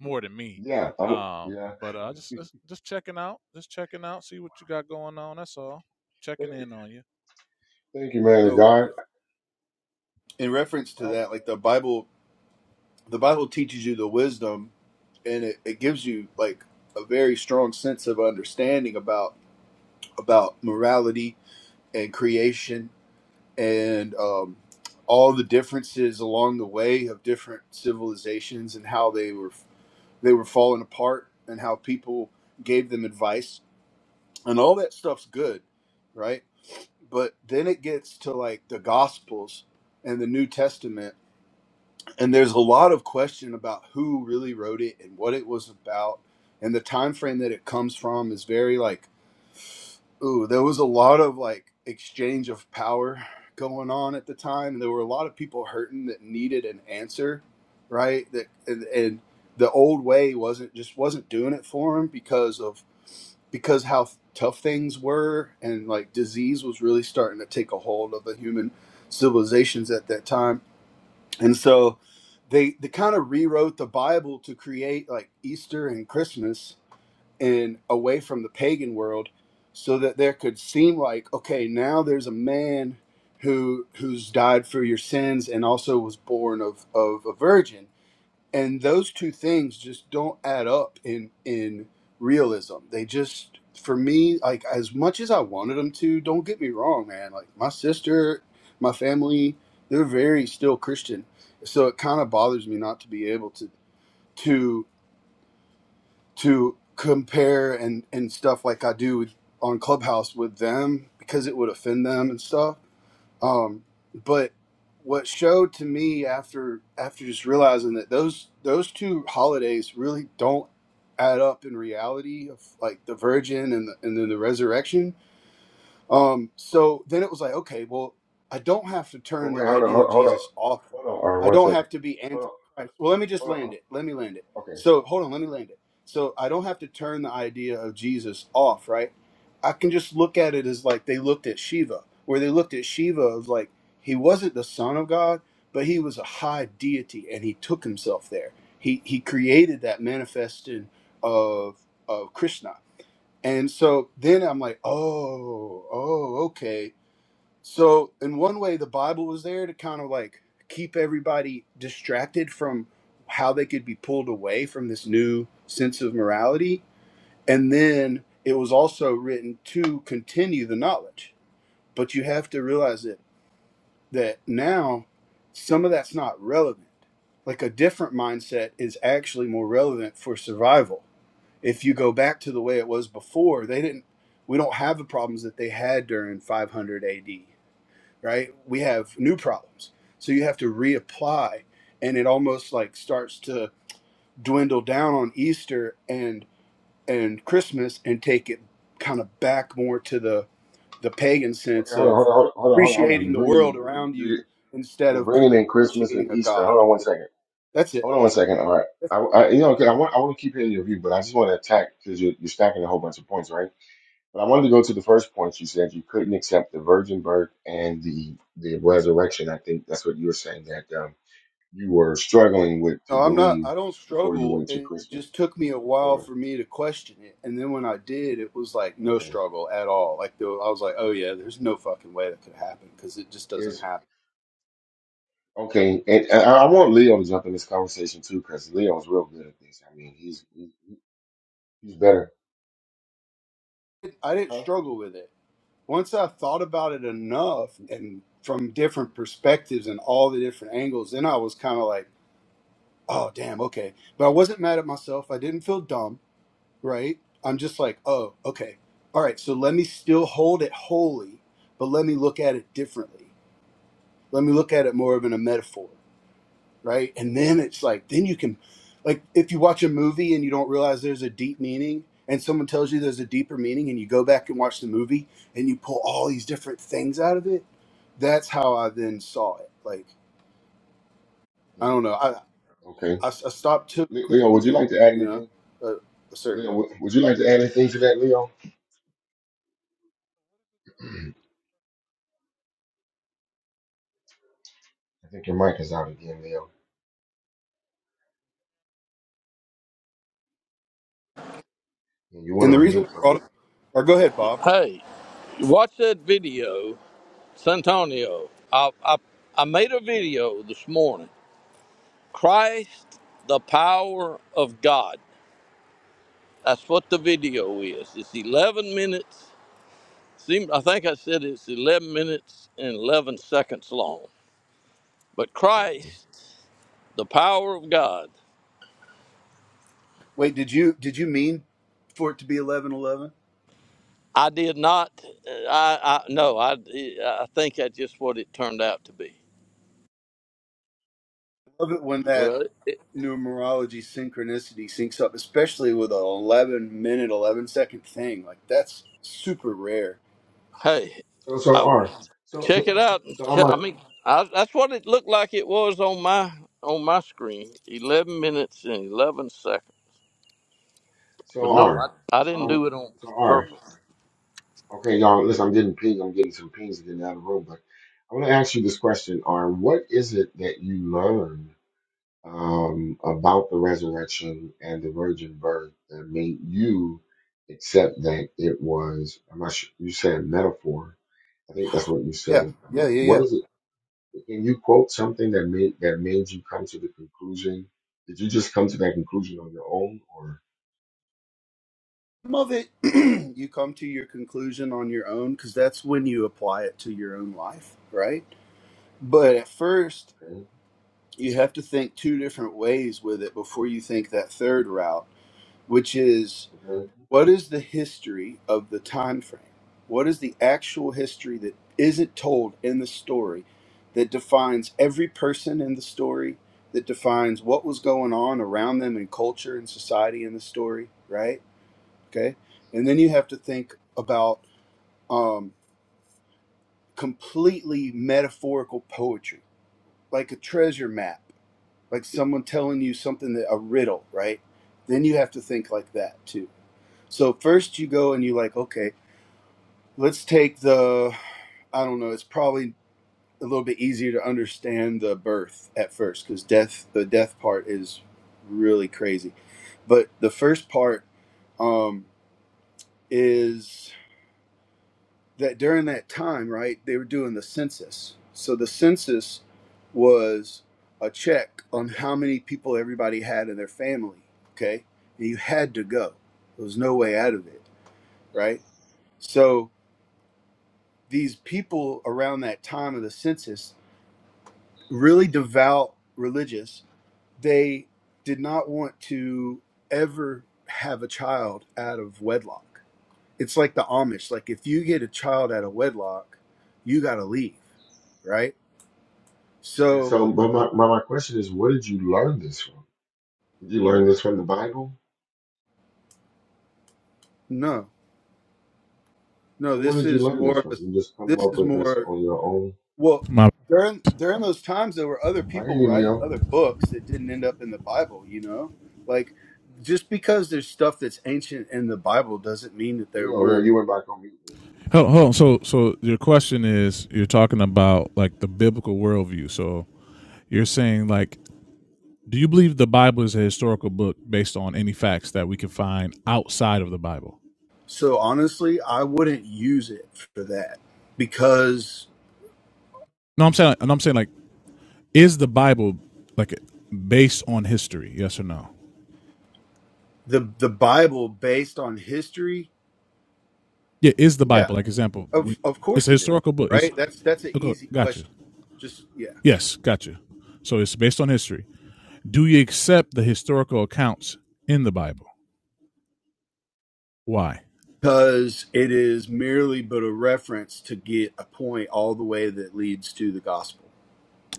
S8: more than me.
S1: Yeah, I'm.
S8: Um,
S1: Yeah,
S8: but uh, just, just just checking out, just checking out, see what you got going on. That's all. Checking
S1: thank you,
S8: in on you.
S1: thank you, man. of
S7: though
S1: God.
S7: in reference to
S8: Oh,
S7: that like the Bible the Bible teaches you the wisdom and it, it gives you like a very strong sense of understanding about about morality and creation and um, all the differences along the way of different civilizations and how they were they were falling apart and how people gave them advice and all that stuff's good right but then it gets to like the gospels and the new testament and there's a lot of question about who really wrote it and what it was about and the time frame that it comes from is very like ooh there was a lot of like exchange of power going on at the time and there were a lot of people hurting that needed an answer right that and, and the old way wasn't just wasn't doing it for them because of because how tough things were and like disease was really starting to take a hold of the human civilizations at that time and so they they kind of rewrote the Bible to create like Easter and Christmas and away from the pagan world so that there could seem like okay, now there's a man who who's died for your sins and also was born of of a virgin and those two things just don't add up in in realism they just for me like as much as i wanted them to don't get me wrong man like my sister my family they're very still christian so it kind of bothers me not to be able to to to compare and and stuff like i do with, on clubhouse with them because it would offend them and stuff um, but what showed to me after after just realizing that those those two holidays really don't add up in reality of like the Virgin and the, and then the resurrection um, so then it was like, okay, well, I don't have to
S1: Well,
S7: turn the
S1: wait, hold on,
S7: idea
S1: hold
S7: of
S1: on, hold on,
S7: Jesus off.
S1: hold on. Uh,
S7: I
S1: one
S7: don't
S1: second.
S7: have to be
S1: Hold on,
S7: anti-Christ. Well, let me just
S1: hold
S7: land
S1: on.
S7: it. Let me land it.
S1: Okay,
S7: So hold on, let me land it. So I don't have to turn the idea of Jesus off, right? I can just look at it as like they looked at Shiva, where they looked at Shiva as like he wasn't the son of God, but he was a high deity, and he took himself there. He he created that manifesting of of Krishna and so then I'm like, oh, oh, okay. So in one way, the Bible was there to kind of like keep everybody distracted from how they could be pulled away from this new sense of morality. And then it was also written to continue the knowledge. But you have to realize it that now some of that's not relevant. Like a different mindset is actually more relevant for survival if you go back to the way it was before, they didn't. We don't have the problems that they had during 500 AD, right? We have new problems, so you have to reapply, and it almost like starts to dwindle down on Easter and and Christmas, and take it kind of back more to the the pagan
S1: okay,
S7: sense
S1: hold on,
S7: of
S1: hold on, hold on, hold on, hold on.
S7: appreciating
S1: You're
S7: the
S1: bringing
S7: world around
S1: me.
S7: you instead
S1: You're
S7: of pre-
S1: bringing in Christmas and
S7: appreciating a
S1: Easter. Hold
S7: God.
S1: on one second.
S7: That's it.
S1: Hold on one second. All right. I, I you know, okay, I want I want to keep hearing your view, but I just want to attack because you're, you're stacking a whole bunch of points, right? But I wanted to go to the first point. You said you couldn't accept the virgin birth and the the resurrection. I think that's what you were saying that um, you were struggling with to
S7: No, I'm not.
S1: believe
S7: I don't
S1: before you
S7: struggle.
S1: went to
S7: It
S1: Christmas.
S7: just took me a while
S1: Or
S7: for me to question it, and then when I did, it was like no
S1: okay,
S7: struggle at all. Like the, I was like, oh yeah, there's no fucking way that could happen because it just doesn't
S1: is
S7: happen.
S1: okay. And, and I I want Leo to jump in this conversation too because Leo's real good at this. I mean, he's he, he's better.
S7: I didn't
S1: Huh?
S7: struggle with it. Once I thought about it enough, and from different perspectives and all the different angles, then I was kind of like, oh damn, okay. But I wasn't mad at myself. I didn't feel dumb, right? I'm just like, oh, okay, all right. So let me still hold it holy, but let me look at it differently let me look at it more of in a metaphor right and
S1: Hmm.
S7: then it's like then you can like if you watch a movie and you don't realize there's a deep meaning and someone tells you there's a deeper meaning and you go back and watch the movie and you pull all these different things out of it that's how i then saw it like i
S1: Hmm,
S7: don't know i
S1: Okay.
S7: i, I stopped to
S1: Le- Leo, would
S7: taking
S1: you
S7: it
S1: like to add
S7: you know
S1: anything?
S7: a, a certain
S1: Leo,
S7: way
S1: would would you like to add anything to that, Leo? [clears throat] I think your mic is out again, Leo. And you want
S7: and the
S1: to
S7: reason
S1: mute,
S7: i
S1: but
S7: brought
S1: we,
S7: it or go ahead bob
S6: Hey, Watch that video, Santonio. I, I I made a
S1: yeah,
S6: video this morning. Christ, the power of God. That's what the video is. It's 11 minutes. Seem I think I said it's 11 minutes and 11 seconds long. But
S1: okay.
S6: Christ, the power of God.
S7: wait did you did you mean for it to be 11 11?
S6: I did not. uh, I, I no. I I think that's just what it turned out to be.
S7: love it when that
S6: Well,
S7: numerology synchronicity syncs up, especially with an 11 minute, 11 second thing. Like, that's super rare.
S6: Hey,
S1: So, so
S6: I,
S1: R, so, so,
S6: check it out.
S1: so I'm
S6: Ch- I
S1: a,
S6: mean, I, that's what it looked like it was on my on my screen. Eleven minutes and eleven seconds.
S1: so
S6: But no, I
S1: R,
S6: I
S1: so
S6: didn't
S1: I'm,
S6: do it on
S1: so R.
S6: purpose.
S1: Okay, y'all, listen, I'm getting ping, I'm getting some pings getting out of the room, but I want to ask you this question, R. What is it that you learned? um, about the resurrection and the virgin birth that made you accept that it was, I'm not sure, you said metaphor. I think that's what you
S7: Yeah,
S1: said.
S7: yeah,
S1: What,
S7: yeah,
S1: what
S7: yeah.
S1: is it? Can you quote something that made, that made you come to the conclusion? Did you just come to that conclusion on your own or?
S7: Some of it, [clears throat] you come to your conclusion on your own because that's when you apply it to your own life, right? But at first,
S1: Okay.
S7: you have to think two different ways with it before you think that third route, which is
S1: Okay.
S7: what is the history of the time frame what is the actual history that isn't told in the story that defines every person in the story that defines what was going on around them in culture and society in the story right okay and then you have to think about um, completely metaphorical poetry like a treasure map like someone telling you something that a riddle right then you have to think like that too so first you go and you like, okay, Let's take the, I don't know, it's probably a little bit easier to understand the birth at first because death, the death part is really crazy. But the first part um, is that during that time, right, they were doing the census. So the census was a check on how many people everybody had in their family, okay? And you had to go. There was no way out of it, right? So these people around that time of the census really devout religious, they did not want to ever have a child out of wedlock. It's like the Amish. Like if you get a child out of wedlock, you got to leave, right?
S1: And
S7: So
S1: so, but my, my, my question is, where did you learn this from? Did you learn this from the Bible?
S7: no, no.
S1: So where
S7: This
S1: did you
S7: is
S1: learn
S7: more
S1: this
S7: of a.
S1: from? You just come
S7: This
S1: up
S7: is
S1: with this
S7: more
S1: on your own?
S7: well.
S8: my.
S7: During during those times, there were other
S1: I hear
S7: people
S1: you,
S7: writing
S1: Leo.
S7: other books that didn't end up in the Bible. You know, like just because there's stuff that's ancient in the Bible doesn't mean that there
S1: Leo, Leo,
S7: weren't
S1: you went back on mute. Leo.
S8: Hold, hold on. So so your question is you're talking about like the biblical worldview. So you're saying like Do you believe the Bible is a historical book based on any facts that we can find outside of the Bible?
S7: So honestly, I wouldn't use it for that because
S8: No, I'm saying, and I'm saying, like, is the Bible like based on history? Yes or no?
S7: the the Bible based on history,
S8: Yeah, is the
S7: yeah,
S8: Bible like example? We,
S7: of of
S8: it's
S7: course
S8: a
S7: it is,
S8: historical book. It's
S7: right? That's that's an
S8: okay,
S7: easy
S8: got you.
S7: question. Just yeah.
S8: Yes, got you. So it's based on history. Do you accept the historical accounts in the Bible? Why?
S7: Because it is merely but a reference to get a point all the way that leads to the gospel.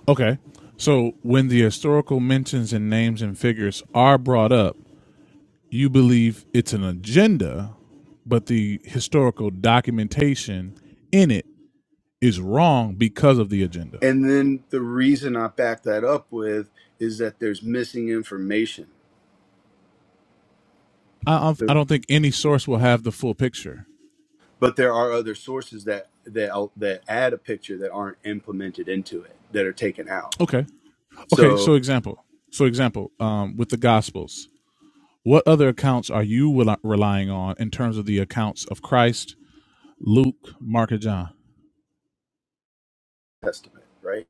S8: Okay. So when the historical mentions and names and figures are brought up, you believe it's an agenda, but the historical documentation in it is wrong because of the agenda.
S7: And then the reason I back that up with is that there's missing information.
S8: I, I
S7: So-
S8: don't think any source will have the full picture.
S7: But there are other sources that that that add a picture that aren't implemented into it that are taken out.
S8: Okay. Okay.
S7: So
S8: So example. So example. Um, with the Gospels, what other accounts are you rel- relying on in terms of the accounts of Christ, Luke, Mark, and John?
S7: Testament, right?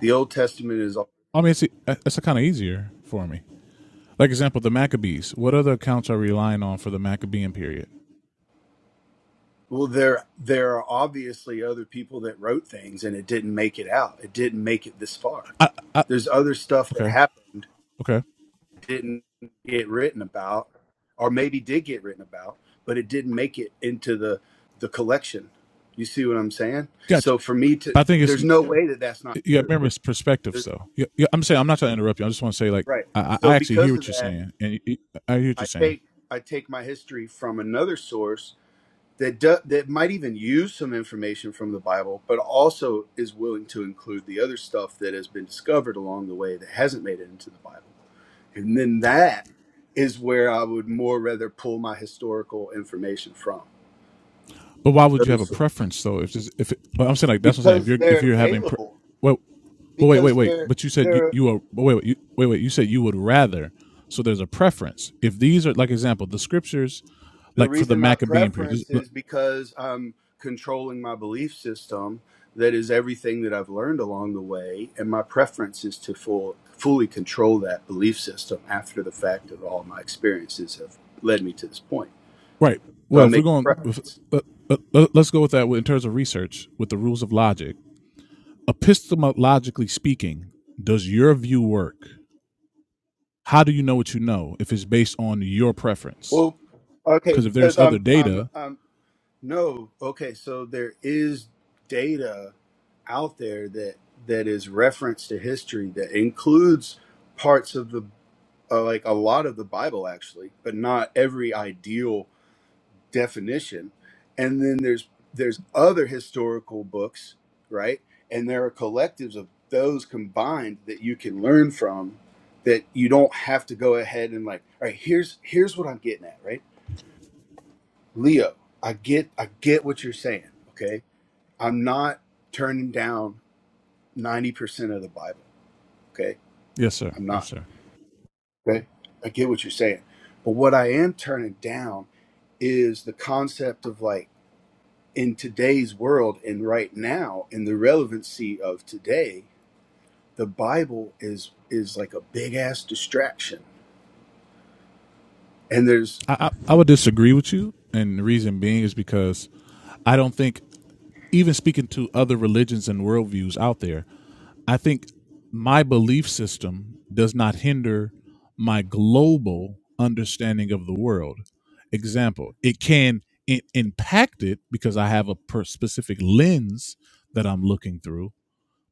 S7: The Old Testament is all
S8: I mean, it's it's kind of easier for me. Like example, the Maccabees. What other accounts are you relying on for the Maccabean period?
S7: well there there are obviously other people that wrote things and it didn't make it out. It didn't make it this far.
S8: I, I,
S7: There's other stuff that
S8: okay.
S7: happened
S8: Okay.
S7: that didn't get written about or maybe did get written about, but it didn't make it into the the collection. You see what I'm saying?
S8: Gotcha.
S7: So for me to
S8: I think it's
S7: there's no way that that's not
S8: you got to
S7: true.
S8: remember it's perspective.
S7: There-
S8: So yeah, yeah, I'm saying I'm not trying to interrupt you. I just want to say like
S7: right.
S8: I, I
S7: So
S8: actually hear
S7: because of
S8: what you're
S7: that,
S8: saying, and you- I hear what
S7: I
S8: you're saying.
S7: take I take my history from another source that do, that might even use some information from the Bible, but also is willing to include the other stuff that has been discovered along the way that hasn't made it into the Bible. And then that is where I would more rather pull my historical information from
S8: But why would you have
S7: those
S8: a
S7: sources
S8: preference though? If this, if it, well, I'm saying like that's what I'm saying. If
S7: because
S8: you're
S7: they're
S8: if you're having pre-
S7: available
S8: well, but wait wait
S7: because
S8: wait.
S7: they're
S8: But you said you
S7: they're
S8: you are but wait wait you, wait wait. You said you would rather. So there's a preference. If these are like example the scriptures,
S7: The
S8: like for the
S7: reason my
S8: Maccabean period, just-
S7: preference is because I'm controlling my belief system that is everything that I've learned along the way and my preference is to full, fully control that belief system after the fact that all my experiences have led me to this point.
S8: right?
S7: So I
S8: Well, if we're
S7: make a
S8: going, if,
S7: preference.
S8: let, let, let's go with that in terms of research with the rules of logic epistemologically speaking, does your view work? How do you know what you know if it's based on your preference?
S7: Well, okay,
S8: Because if there's
S7: because
S8: other
S7: I'm I'm
S8: data,
S7: I'm no, okay, so there is data out there that that is reference to history that includes parts of the uh, like a lot of the Bible actually, but not every ideal definition. And then there's there's other historical books, right? And there are collectives of those combined that you can learn from that you don't have to go ahead and like, all right, here's here's what I'm getting at, right? Leo, I get I get what you're saying, okay? I'm not turning down 90% of the Bible, okay?
S8: yes, sir,
S7: I'm
S8: yes,
S7: not,
S8: sir.
S7: okay? I get what you're saying. But what I am turning down is the concept of like in today's world and right now in the relevancy of today the bible is is like a big ass distraction and there's
S8: I, I I would disagree with you, and the reason being is because I don't think even speaking to other religions and worldviews out there, I think my belief system does not hinder my global understanding of the world. Example, it can i- impact it because I have a per- specific lens that I'm looking through,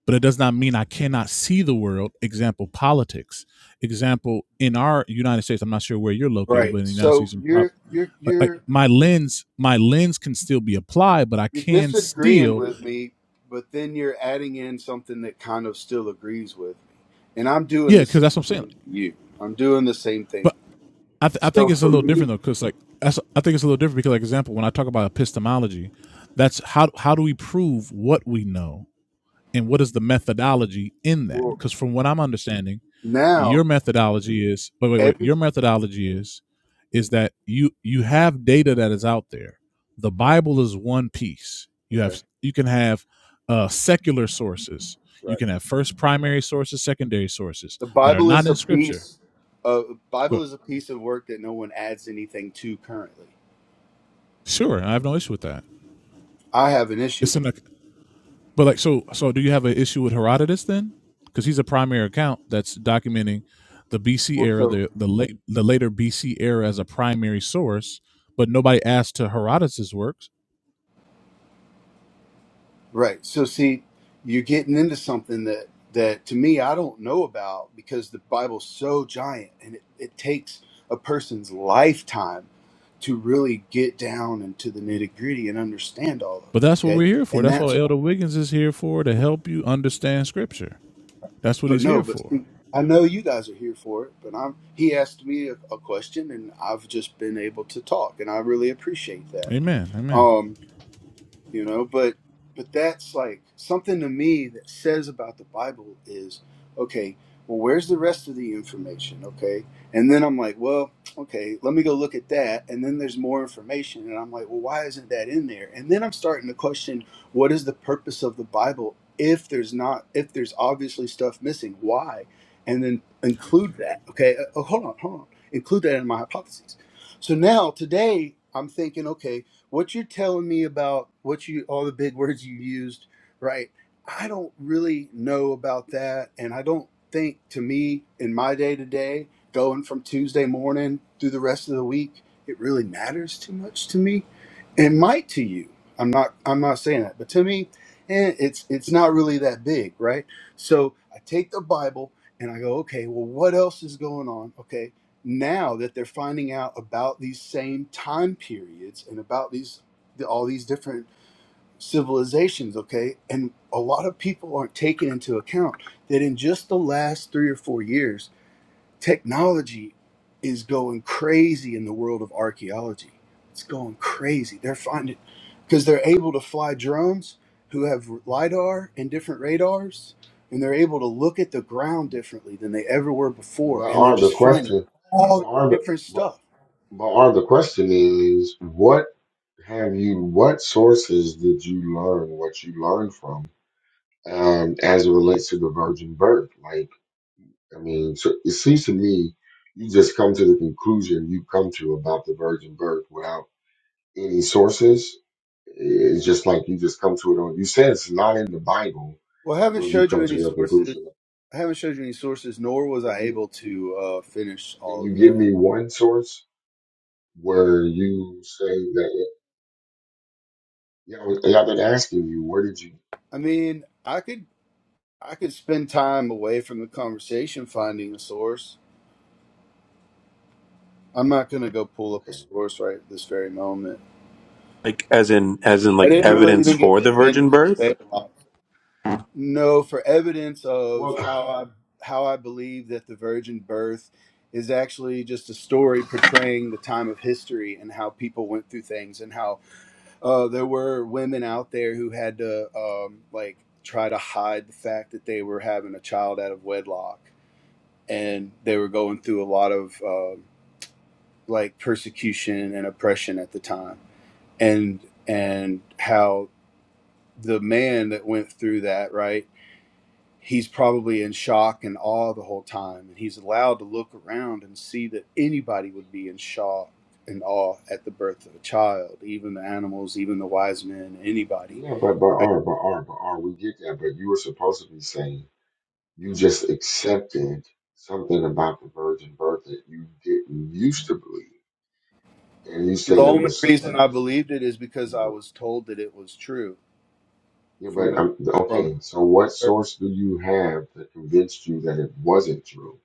S8: but it does not mean I cannot see the world. Example, politics. Example, in our United States, I'm not sure where you're located, but
S7: right
S8: in the United
S7: so
S8: States, in prob-
S7: you're you're
S8: like like
S7: you're
S8: my lens my lens can still be applied but i
S7: you're
S8: can
S7: disagreeing
S8: still
S7: with me but then you're adding in something that kind of still agrees with me and i'm doing
S8: Yeah,
S7: the
S8: because
S7: same
S8: that's what I'm saying.
S7: thing for you i'm doing the same thing
S8: But I, th- I think
S7: so
S8: it's a
S7: for
S8: little
S7: me
S8: different though, because like that's, I think it's a little different because, like, example, when I talk about epistemology, that's how how do we prove what we know and what is the methodology in that?
S7: well
S8: Because from what I'm understanding,
S7: now
S8: your methodology is wait wait wait
S7: every
S8: your methodology is is that you you have data that is out there. The
S7: right
S8: Bible is one piece. You
S7: okay
S8: have you can have uh, secular sources. You
S7: right
S8: can have first primary sources, secondary sources
S7: The
S8: that are
S7: Bible
S8: not
S7: is a
S8: in Scripture.
S7: piece of
S8: Go,
S7: Bible is a piece of work that no one adds anything to currently.
S8: Sure, I have no issue with that.
S7: I have an issue
S8: It's
S7: with
S8: in
S7: that.
S8: a but like so so do you have an issue with Herodotus then? Because he's a primary account that's documenting the BC
S7: Well,
S8: era,
S7: so
S8: the the late the later BC era as a primary source, but nobody asked to Herodotus' works.
S7: right. So see, you're getting into something that that to me I don't know about because the Bible's so giant and it, it takes a person's lifetime to really get down into the nitty gritty and understand all of
S8: But
S7: it.
S8: that's what
S7: Okay,
S8: we're here for.
S7: and
S8: That's
S7: that's
S8: what Elder Wiggins is here for to help you understand Scripture. That's what
S7: but
S8: he's
S7: no,
S8: here
S7: but
S8: for.
S7: see, I know you guys are here for it. But I'm. He asked me a, a question, and I've just been able to talk, and I really appreciate that.
S8: Amen. Amen.
S7: Um you know but but that's like something to me that says about the bible is okay well where's the rest of the information okay and then i'm like well okay let me go look at that and then there's more information and i'm like well why isn't that in there and then i'm starting to question what is the purpose of the bible if there's not if there's obviously stuff missing why and then include that okay Uh, oh, hold on hold on include that in my hypotheses so now today i'm thinking okay what you're telling me about what you all the big words you used right i don't really know about that and i don't think to me in my day to day going from tuesday morning through the rest of the week it really matters too much to me it might to you i'm not i'm not saying that but to me eh, it's it's not really that big right so i take the bible and i go okay well what else is going on okay now that they're finding out about these same time periods and about these all these different civilizations okay and a lot of people aren't taking into account that in just the last 3 or 4 years technology is going crazy in the world of archaeology. It's going crazy. They're finding because they're able to fly drones who have lidar and different radars, and they're able to look at the ground differently than they ever were before,
S1: But
S7: and they're
S1: are the
S7: just finding
S1: question,
S7: all
S1: but are
S7: this
S1: the,
S7: different
S1: but,
S7: stuff.
S1: but are the question is, what have you, what sources did you learn what you learned from, um, as it relates to the virgin birth? Like, I mean, so it seems to me you just come to the conclusion you come to about the virgin birth without any sources. It's just like you just come to it on, you said it's not in the Bible
S7: Well, I haven't
S1: where you
S7: showed you
S1: come to
S7: any
S1: your
S7: sources.
S1: conclusion.
S7: I haven't showed you any sources, nor was
S1: Can
S7: I
S1: you,
S7: able to uh, finish
S1: can
S7: all of
S1: you give
S7: that.
S1: me one source? where you say that. Yeah, I, was, yeah, I didn't you. where did you?
S7: I mean, I could I could spend time away from the conversation finding a source I'm not gonna go pull up a
S1: Okay,
S7: source right this very moment.
S9: Like as in as in
S7: I
S9: like
S1: okay.
S7: didn't really
S9: evidence
S7: even get
S9: for
S7: to
S9: the
S7: finish
S9: virgin
S7: the
S9: birth?
S7: statement. No, for evidence of
S1: Well,
S7: how
S1: [sighs]
S7: I how I believe that the virgin birth is actually just a story portraying the time of history and how people went through things and how uh, there were women out there who had to um, like try to hide the fact that they were having a child out of wedlock and they were going through a lot of um like persecution and oppression at the time and and how the man that went through that right he's probably in shock and awe the whole time and he's allowed to look around and see that anybody would be in shock and awe at the birth of a child even the animals even the wise men anybody
S1: yeah, but but
S7: right
S1: R, but R, but R, we get that. But you were supposed to be saying you just accepted something about the virgin birth that you didn't used to believe, and you
S7: the
S1: said it
S7: only
S1: was
S7: reason
S1: you
S7: i
S1: just
S7: believed it is
S1: you
S7: because i
S1: did.
S7: was told that it was true
S1: Yeah,
S7: from
S1: but
S7: a
S1: um, okay.
S7: from
S1: So what source do you have that convinced you that it wasn't true?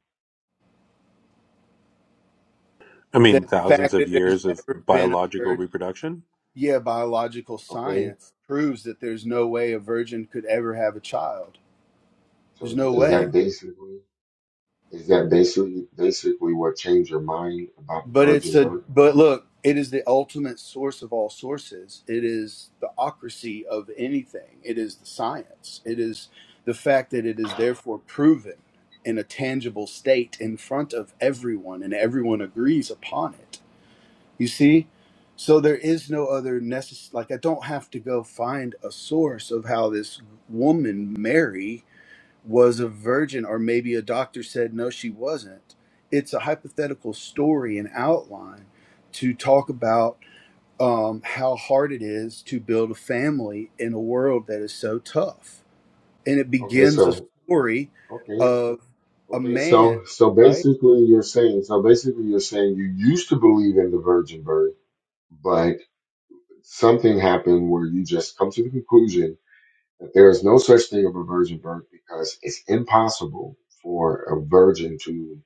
S9: I
S7: the
S9: mean thousands
S7: fact
S9: of
S7: that there's
S9: years of
S7: ever been a
S9: biological
S7: virgin
S9: reproduction,
S7: yeah, biological
S1: Okay,
S7: science proves that there's no way a virgin could ever have a child. There's
S1: so
S7: no
S1: is
S7: way.
S1: that basically is that basically basically what changed your mind about the
S7: But it's
S1: virgin
S7: a
S1: birth?
S7: but look, it is the ultimate source of all sources. It is the ocracy of anything. It is the science. It is the fact that it is therefore proven in a tangible state in front of everyone and everyone agrees upon it. You see? So there is no other necessary like I don't have to go find a source of how this woman Mary was a virgin, or maybe a doctor said no, she wasn't. It's a hypothetical story and outline to talk about um, how hard it is to build a family in a world that is so tough. And it
S1: Okay,
S7: begins a
S1: so.
S7: story
S1: okay.
S7: of a
S1: Okay, so
S7: man,
S1: so
S7: right?
S1: basically you're saying so basically you're saying you used to believe in the virgin birth, but something happened where you just come to the conclusion that there is no such thing of a virgin birth because it's impossible for a virgin to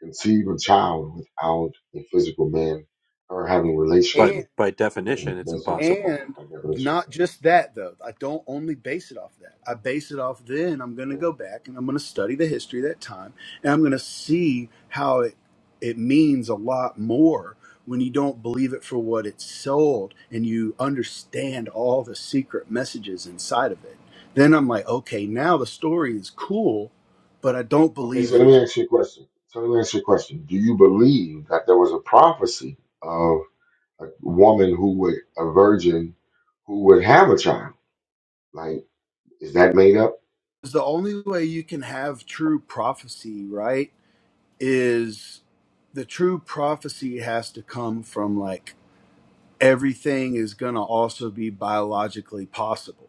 S1: conceive a child without a physical man or having relations
S9: but
S7: And.
S1: with
S9: by
S1: a man.
S9: definition it's
S1: That's it,
S9: impossible.
S7: And
S1: by definition.
S7: not just that though. I don't only base it off that. I base it off then I'm going to
S1: Okay.
S7: go back and I'm going to study the history of that time and I'm going to see how it it means a lot more when you don't believe it for what it's sold and you understand all the secret messages inside of it. Then I'm like, okay, now the story is cool, but I don't
S1: Okay,
S7: believe
S1: so
S7: that
S1: let
S7: it.
S1: me ask you a question. So let me ask you a question. Do you believe that there was a prophecy a woman who would a virgin who would have a child. Like, is that made up?
S7: 'Cause The only way you can have true prophecy, right, is the true prophecy has to come from like everything is going to also be biologically possible.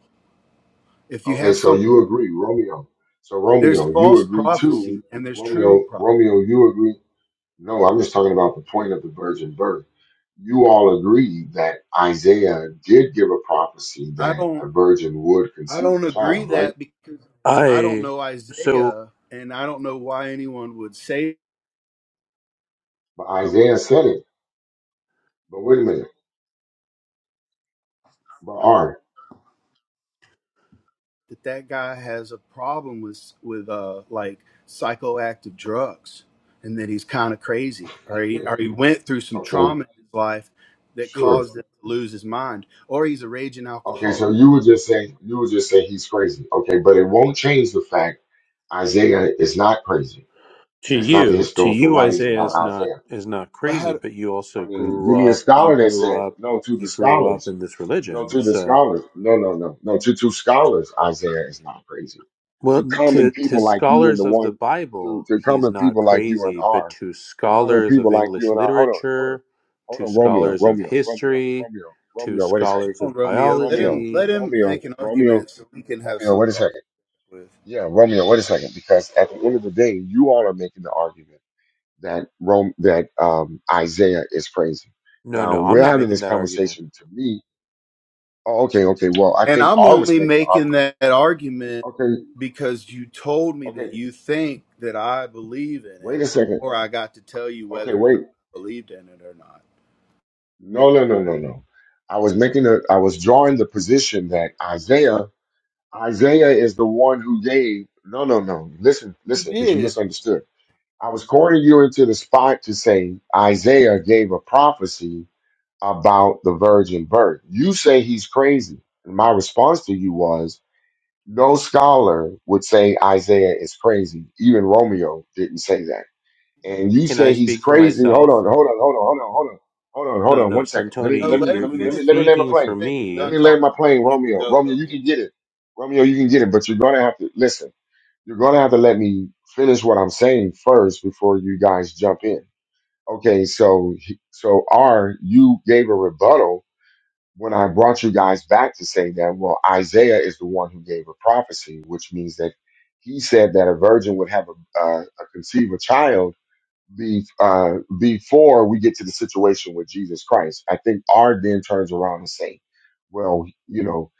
S7: If you
S1: Okay,
S7: have
S1: so you
S7: something
S1: agree, Romeo. So
S7: there's
S1: Romeo, you
S7: false
S1: agree too.
S7: prophecy and there's true
S1: Romeo,
S7: prophecy.
S1: Romeo, you agree. No, I'm just talking about the point of the virgin birth. You all agree that Isaiah did give a prophecy
S7: I
S1: that
S7: don't
S1: a virgin would
S7: I
S1: conceive
S7: don't
S1: a
S7: agree
S1: child, right?
S7: that because I don't
S9: I
S7: know
S9: so
S7: Isaiah and I don't know why anyone would say
S1: But Isaiah said it. But wait a minute. But are
S7: that that guy has a problem with with uh like psychoactive drugs and that he's kind of crazy or he or he
S1: [laughs]
S7: went through some
S1: okay,
S7: trauma in his life that
S1: sure.
S7: caused him to lose his mind or he's a raging
S1: Okay,
S7: alcoholic
S1: so you would just say you would just say he's crazy. Okay, but it won't change the fact Isaiah is not crazy.
S9: to
S1: That's not the
S9: you, to
S1: historical
S9: you
S1: writings
S9: Isaiah
S1: about
S9: is not
S1: Isaiah.
S9: is not
S7: but how
S9: crazy, but
S7: come
S9: you
S1: I
S9: also
S1: mean, give
S9: grew
S1: me a
S9: up you
S1: scholar that
S9: grew
S1: says
S9: up
S1: no to the
S9: you grew up
S1: scholars.
S9: in this
S1: No
S9: religion.
S1: to the
S9: So
S1: scholars. No, no, no, no to to scholars. Isaiah is not crazy. To
S9: Well,
S1: common
S9: to, to
S1: people like you and the
S9: scholars of the
S1: one to
S9: Bible,
S1: to
S9: he's
S1: common
S9: not
S1: people like you and
S9: crazy, but
S1: R.
S9: to
S1: To common
S9: scholars
S1: people
S9: of
S1: like you
S9: English
S1: and R. Hold on, hold on,
S9: literature,
S1: hold
S9: to
S1: on, Romeo,
S9: scholars of
S1: Romeo, Romeo,
S9: history,
S1: Romeo,
S9: to
S1: Romeo. Wait a second,
S9: scholars
S7: on
S9: of
S7: romeo let him
S1: Romeo,
S9: biology.
S7: let him
S1: Romeo,
S7: make an
S1: Romeo,
S7: argument so we can have
S1: Romeo. Wait a
S7: something to argue
S1: second.
S7: with
S1: Yeah, Romeo. Wait a second, because at the end of the day, you all are making the argument that Rome that um, Isaiah is praising.
S9: No,
S1: Now
S9: no, I'm
S1: we're
S9: not
S1: having
S9: making
S1: this
S9: that argument.
S1: conversation. To me, oh, okay, okay. Well, I
S7: and
S1: think
S7: i'm
S1: R was
S7: only
S1: making the
S7: making
S1: argument.
S7: that, that argument
S1: Okay,
S7: because you told me
S1: okay.
S7: that you think that i believe in
S1: Wait
S7: it
S1: a second.
S7: or i got to tell you
S1: Okay,
S7: whether or
S1: wait.
S7: not i believed in it or not
S1: No, no, no, no, no. I was making a. I was drawing the position that Isaiah, Isaiah is the one who gave. No, no, no. Listen,
S7: You
S1: listen, because you
S7: did,
S1: misunderstood. I was cornering you into the spot to say Isaiah gave a prophecy about the virgin birth. You say he's crazy. And my response to you was, no scholar would say Isaiah is crazy. Even Romeo didn't say that. And you
S9: Can I
S1: say he's
S9: speak for
S1: crazy. Hold on,
S9: myself?
S1: hold on, hold on, hold on, hold on, hold on, hold
S9: No,
S1: on.
S9: no,
S1: One second. Let me,
S9: Santoni,
S7: No,
S1: let
S9: you,
S1: me,
S7: let him
S9: you're,
S1: let me,
S9: you're
S1: let me,
S7: finish
S1: let me land
S7: first.
S1: my
S9: speaking
S7: Let him
S9: for
S1: plane.
S7: get
S1: Let
S7: done
S9: me.
S1: me land my
S7: talking.
S1: plane,
S7: You can
S1: Romeo.
S7: go,
S1: Romeo, you
S7: Romeo.
S1: can get it. Romeo, you can get it, but you're gonna have to listen. You're gonna have to let me finish what I'm saying first before you guys jump in. Okay, so so R, you gave a rebuttal when I brought you guys back to say that, well, Isaiah is the one who gave a prophecy, which means that he said that a virgin would have a, uh, a conceive a child be, uh, before we get to the situation with Jesus Christ. I think R then turns around and say, well, you know,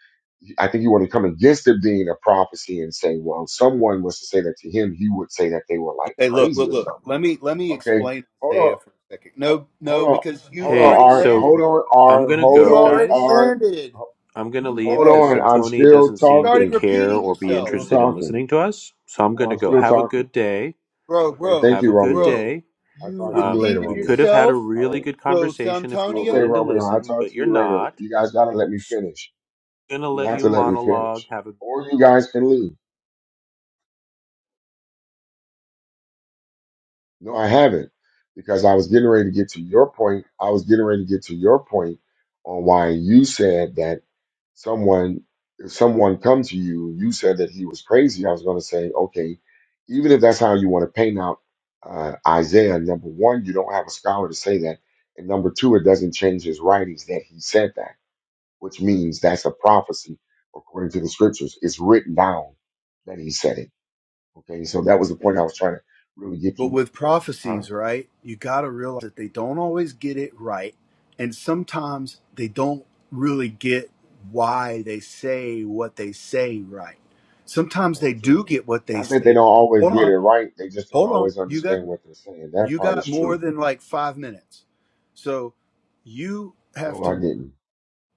S1: I think you want to come against it being a prophecy and say, well, someone was to say that to him, he would say that they were like
S7: Okay, look,
S1: crazy
S7: look,
S1: or
S7: look.
S1: something.
S7: Let me let me
S1: Okay,
S7: explain
S1: hold on,
S7: Isaiah for a second.
S1: ho-
S7: No,
S1: hold
S7: no,
S1: on,
S7: because you've
S1: hold
S9: Hey,
S1: on,
S7: already
S1: R,
S7: landed
S1: hold
S9: so
S7: it.
S1: on,
S9: I'm
S1: R,
S9: going to
S1: hold
S7: You
S9: go,
S1: on,
S7: already
S9: guys.
S1: R.
S7: landed.
S9: I'm going to
S7: You
S9: leave
S1: Hold
S9: because
S1: on,
S7: landed.
S1: I'm
S9: Santoni
S1: still
S9: doesn't
S7: You
S9: seem to
S7: started
S1: talking.
S9: care
S7: repeating
S9: or be
S1: I'm
S7: yourself.
S1: still
S9: interested in
S1: talking.
S9: listening to us. So I'm
S1: Well,
S9: going to
S1: I'm
S9: go.
S1: still
S9: Have a
S1: talking.
S9: good day.
S7: Bro,
S1: Okay, thank
S7: bro,
S9: Have
S1: you,
S9: a good
S1: Romeo.
S7: bro.
S9: day.
S1: I'll
S7: You
S1: talk to
S9: Uh,
S1: you later,
S7: repeated
S9: we could
S1: Romeo.
S9: have had a
S7: yourself.
S1: All
S9: really
S1: right.
S9: good
S7: So
S9: conversation if you were
S1: Okay,
S7: Santonio.
S9: willing to
S1: Romeo, I'll
S9: listen,
S1: talk
S9: but
S1: to
S9: you're
S1: you later.
S9: not.
S1: You guys gotta let me
S9: So
S1: finish.
S9: I'm gonna
S1: You
S9: let
S1: have
S9: you
S1: to let me
S9: monologue,
S1: finish.
S9: have a
S1: Or you guys can leave. No, I haven't. Because I was getting ready to get to your point. I was getting ready to get to your point on why you said that someone if someone come to you you said that he was crazy i was going to say okay even if that's how you want to paint out uh, isaiah number one you don't have a scholar to say that and number two it doesn't change his writings that he said that which means that's a prophecy according to the scriptures it's written down that he said it okay so that was the point i was trying to really get
S7: But
S1: you
S7: with
S1: huh
S7: prophecies, right, you got to realize that they don't always get it right. And sometimes they don't really get why they say what they say right. Sometimes
S1: that's
S7: they
S1: true
S7: do get what they
S1: not that they
S7: say.
S1: don't always
S7: Hold
S1: get it
S7: on.
S1: right they just don't
S7: Hold on.
S1: always
S7: You got
S1: understand what they're saying that
S7: you
S1: part is
S7: got more
S1: true
S7: than like 5 minutes. So you have
S1: no i
S7: to
S1: didn't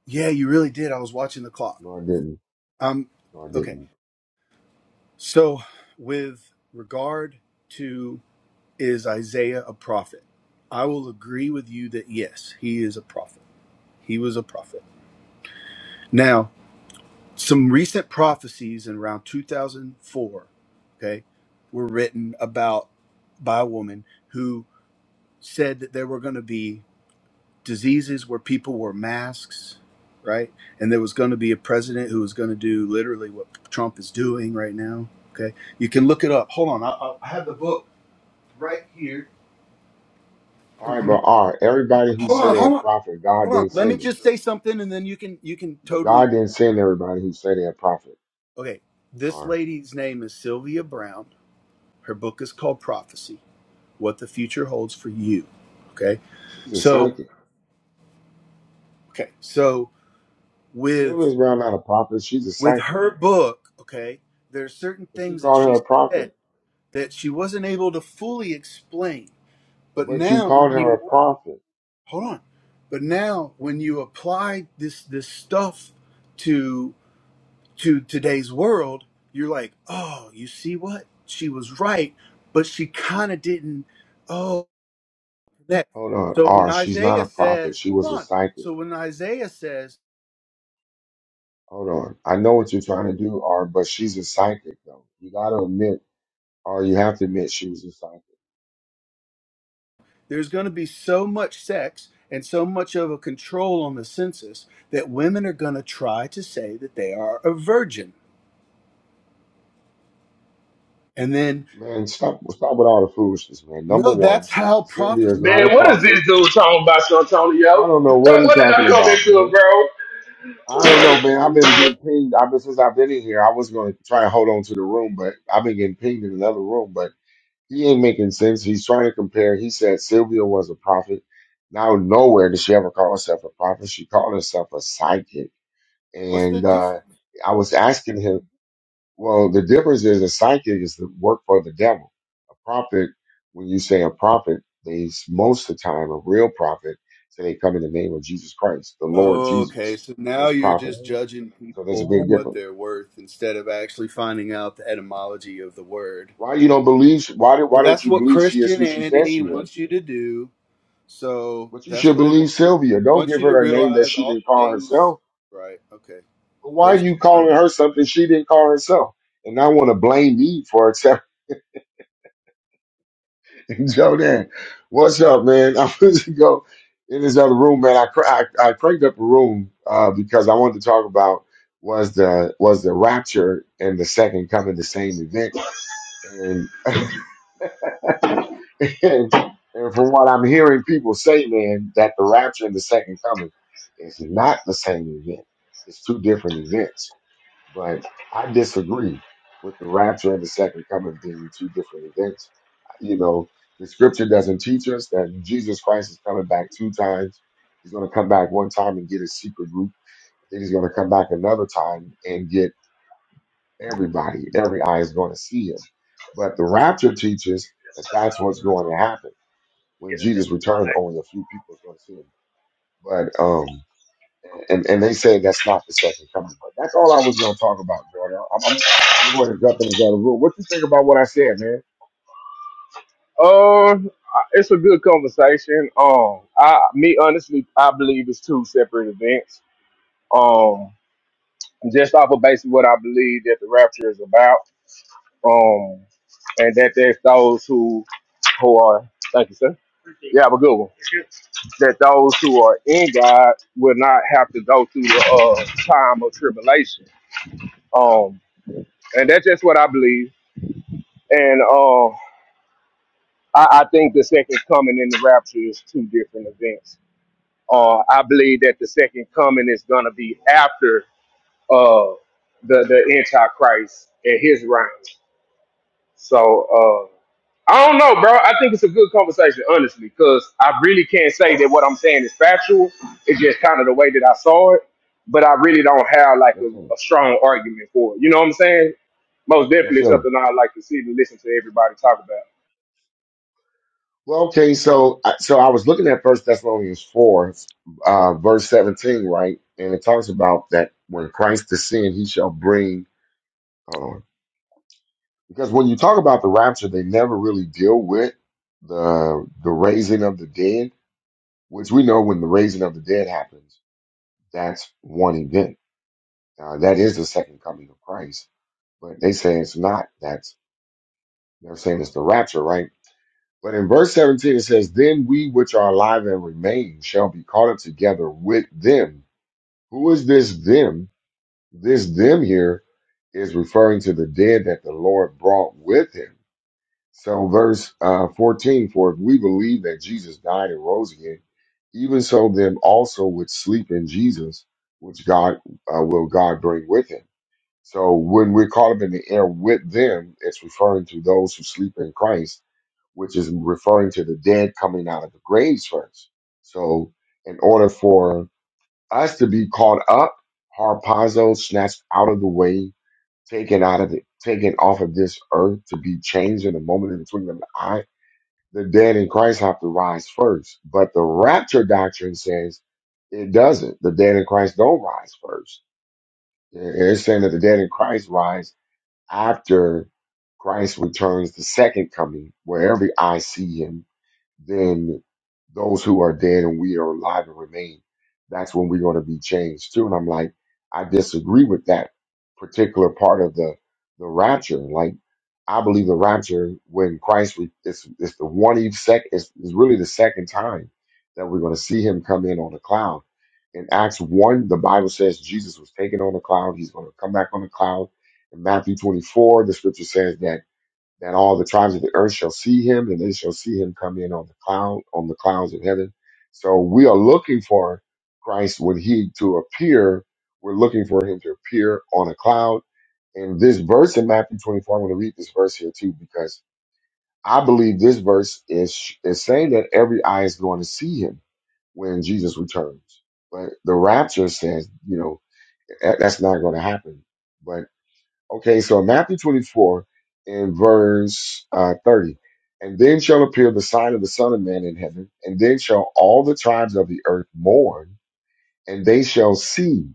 S7: Yeah, you really did. I was watching the clock.
S1: no i didn't
S7: Um
S1: No, I
S7: okay.
S1: didn't.
S7: So with regard to. Is Isaiah a prophet? I will agree with you that yes, he is a prophet. He was a prophet. Now, some recent prophecies in around 2004, okay, were written about by a woman who said that there were going to be diseases where people wore masks, right? And there was going to be a president who was going to do literally what Trump is doing right now, okay? You can look it up. Hold on, I, I have the book right here.
S1: All
S7: If
S1: right, but
S7: you
S1: all right. Everybody who
S7: hold
S1: said
S7: on,
S1: they a
S7: hold on.
S1: prophet, God
S7: hold on
S1: didn't
S7: let me
S1: send them.
S7: just say something and then you can you can
S1: But God
S7: totally
S1: didn't send everybody who said they a prophet.
S7: okay this
S1: Or
S7: lady's name is sylvia brown her book is called prophecy what the future holds for you okay
S1: she's a
S7: so
S1: psychic.
S7: okay so with
S1: Sylvia's Brown not a prophet. She's a
S7: with
S1: psychic.
S7: her book okay there are certain
S1: But you
S7: things that
S1: called her
S7: she
S1: a prophet.
S7: said that she wasn't able to fully explain but
S1: But you
S7: now
S1: called
S7: when
S1: her
S7: you
S1: a prophet.
S7: hold on but now when you apply this this stuff to. to today's world, you're like, oh, you see what? She was right, but she kind of didn't. Oh, that.
S1: Hold on,
S7: So when
S1: R. She's not
S7: Isaiah
S1: a prophet.
S7: says,
S1: She
S7: hold
S1: was a
S7: on.
S1: psychic.
S7: So when Isaiah says
S1: Hold on. I know what you're trying to do, R. But she's a psychic, though. You got to admit, R. you have to admit, she was a psychic.
S7: there's going to be so much sex and so much of a control on the census that women are going to try to say that they are a virgin. And then,
S1: Man, stop, stop with all the foolishness, man. Number
S7: no,
S1: one,
S7: that's how
S1: Sylvia
S7: prophecy
S1: is not a
S10: Man, what
S7: works.
S10: is
S1: prophet.
S10: this dude talking about, Santonio?
S1: I don't
S10: [laughs]
S1: know what
S10: what
S1: he's
S10: did I
S1: talking
S10: come
S1: about,
S10: into,
S1: man. I don't know, man. I've been getting pinged. I've been since I've been in here. I was going to try and hold on to the room, but I've been getting pinged in another room. But he ain't making sense. He's trying to compare. He said Sylvia was a prophet. Now nowhere does she ever call herself a prophet. She called herself a psychic.
S7: What's the
S1: And uh,
S7: difference?
S1: I was asking him. Well, the difference is a psychic is the work for the devil. A prophet, when you say a prophet, they most of the time a real prophet, so they come in the name of Jesus Christ, the Lord
S7: Okay,
S1: Jesus.
S7: so now
S1: Most
S7: you're
S1: prophets.
S7: just judging
S1: So there's a
S7: people for
S1: big
S7: what
S1: difference.
S7: they're worth instead of actually finding out the etymology of the word.
S1: Why you don't believe? Why do,
S7: Well,
S1: why don't
S7: that's
S1: you
S7: what
S1: believe she is who she says
S7: Christianity
S1: she
S7: wants
S1: is?
S7: you to do. So
S1: But you
S7: that's
S1: should
S7: what it
S1: believe
S7: wants you to do.
S1: Sylvia. Don't
S7: Wants
S1: give
S7: you to
S1: her a name that
S7: realize
S1: she
S7: all
S1: didn't
S7: the
S1: call
S7: things.
S1: herself.
S7: Right. Okay.
S1: Why are
S7: Waste your
S1: you
S7: time.
S1: calling her something she didn't call herself? And I want to blame me for it. [laughs] [laughs] Jordan, what's up, man? [laughs] I was to go in this other room, man. I cr- I, I cranked up a room uh, because I wanted to talk about was the was the rapture and the second coming the same event, and [laughs] and, and from what I'm hearing people say, man, that the rapture and the second coming is not the same event. It's two different events but I disagree with the rapture and the second coming being two different events. You know, the scripture doesn't teach us that Jesus Christ is coming back two times. He's going to come back one time and get his secret group. Then he's going to come back another time and get everybody. Every eye is going to see him. But the rapture teaches that that's what's going to happen. When Jesus returned, only a few people is going to see him. But, um, and and they say that's not the second coming. But that's all I was going to talk about, Jordan. I'm I'm, I'm going to jump into the other room. What you think about what I said, man?
S10: bro? Uh, it's a good conversation. Um, I me honestly, I believe it's two separate events. Um, just off of basically what I believe that the rapture is about. Um, and that there's those who who are thank you, sir. Yeah, have a good one. That those who are in God will not have to go through the uh, time of tribulation. Um, and that's just what I believe. And um, I, I think the second coming and the rapture is two different events. Uh, I believe that the second coming is going to be after uh, the the Antichrist and his reign. So uh, I don't know, bro. I think it's a good conversation, honestly, because I really can't say that what I'm saying is factual. It's just kind of the way that I saw it, but I really don't have like
S1: Yes,
S10: a,
S1: sir.
S10: a strong argument for it. You know what I'm saying? Most
S1: Yes,
S10: definitely
S1: sir.
S10: something I like to sit and listen to everybody talk about.
S1: Well, okay. So I- so I was looking at First Thessalonians four, uh, verse seventeen, right? And it talks about that when Christ descend, he shall bring. Hold on. Because when you talk about the rapture, they never really deal with the the raising of the dead, which we know when the raising of the dead happens, that's one event Uh, that is the second coming of Christ. But they say it's not. That's they're saying it's the rapture, right? But in verse 17 it says, Then we which are alive and remain shall be caught up together with them. Who is this them? This them here is referring to the dead that the Lord brought with him. So verse uh, 14, for if we believe that Jesus died and rose again, even so them also which sleep in Jesus, which God uh, will God bring with him. So when we're caught up in the air with them, it's referring to those who sleep in Christ, which is referring to the dead coming out of the graves first. So in order for us to be caught up, harpazo, snatched out of the way, taken out of the, taken off of this earth to be changed in a moment in between the eye, the dead in Christ have to rise first. But the rapture doctrine says it doesn't. The dead in Christ don't rise first. It- It's saying that the dead in Christ rise after Christ returns the second coming, where every eye see him then those who are dead and we are alive and remain, that's when we're going to be changed too. And I'm like, I disagree with that particular part of the the rapture. Like, I believe the rapture when Christ re- it's it's the one eve sec it's, it's really the second time that we're going to see him come in on a cloud. In Acts one, the Bible says Jesus was taken on a cloud. He's going to come back on a cloud. In Matthew 24, the scripture says that that all the tribes of the earth shall see him, and they shall see him come in on the cloud, on the clouds of heaven. So we are looking for Christ when he to appear. We're looking for him to appear on a cloud. And this verse in Matthew 24, I'm going to read this verse here too, because I believe this verse is, is saying that every eye is going to see him when Jesus returns. But the rapture says, you know, that- that's not going to happen. Okay, so Matthew 24 and verse uh, 30. And then shall appear the sign of the Son of Man in heaven, and then shall all the tribes of the earth mourn, and they shall see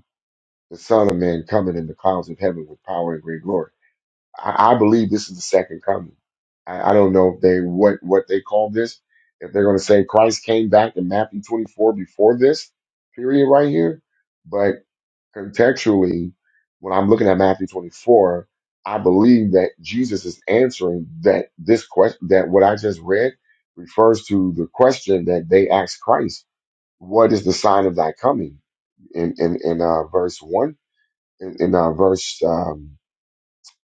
S1: the Son of Man coming in the clouds of heaven with power and great glory. I, I believe this is the second coming. I, I don't know if they what what they call this. If they're going to say Christ came back in Matthew 24 before this period right here, but contextually, when I'm looking at Matthew 24, I believe that Jesus is answering that this question, that what I just read refers to the question that they asked Christ, what is the sign of thy coming? In, in, in uh, verse one, in, in uh, verse, um,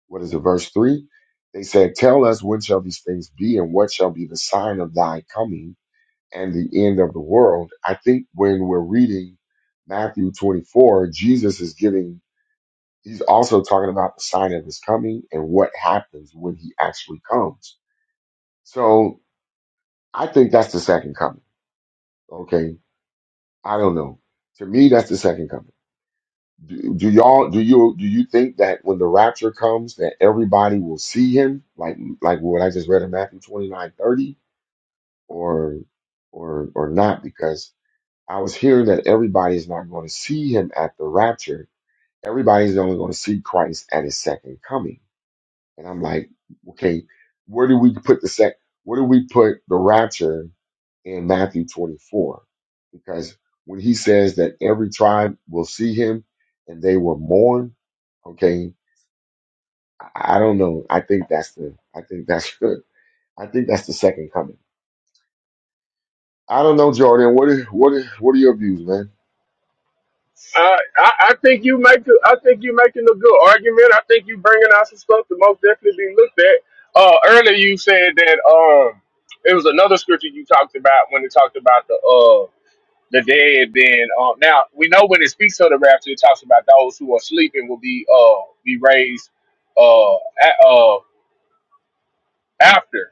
S1: what is it, verse three? They said, tell us when shall these things be and what shall be the sign of thy coming and the end of the world. I think when we're reading Matthew 24, Jesus is giving He's also talking about the sign of his coming and what happens when he actually comes. So I think that's the second coming. Okay. I don't know. To me, that's the second coming. Do, do y'all do you do you think that when the rapture comes that everybody will see him like like what I just read in Matthew twenty nine thirty or or or not? Because I was hearing that everybody is not going to see him at the rapture. Everybody's only going to see Christ at his second coming And I'm like, okay, where do we put the sec? Where do we put the rapture in Matthew 24? Because when he says that every tribe will see him and they will mourn, okay, I I don't know. I think that's the. I think that's [laughs] good. I think that's the second coming. I don't know, Jordan. What is what is what are your views, man?
S10: Uh, I, I think you make a, I think you making a good argument. I think you bringing out some stuff to most definitely be looked at. Uh, earlier you said that um it was another scripture you talked about when it talked about the uh the dead Then um now we know when it speaks of the rapture it talks about those who are sleeping will be uh be raised uh a uh after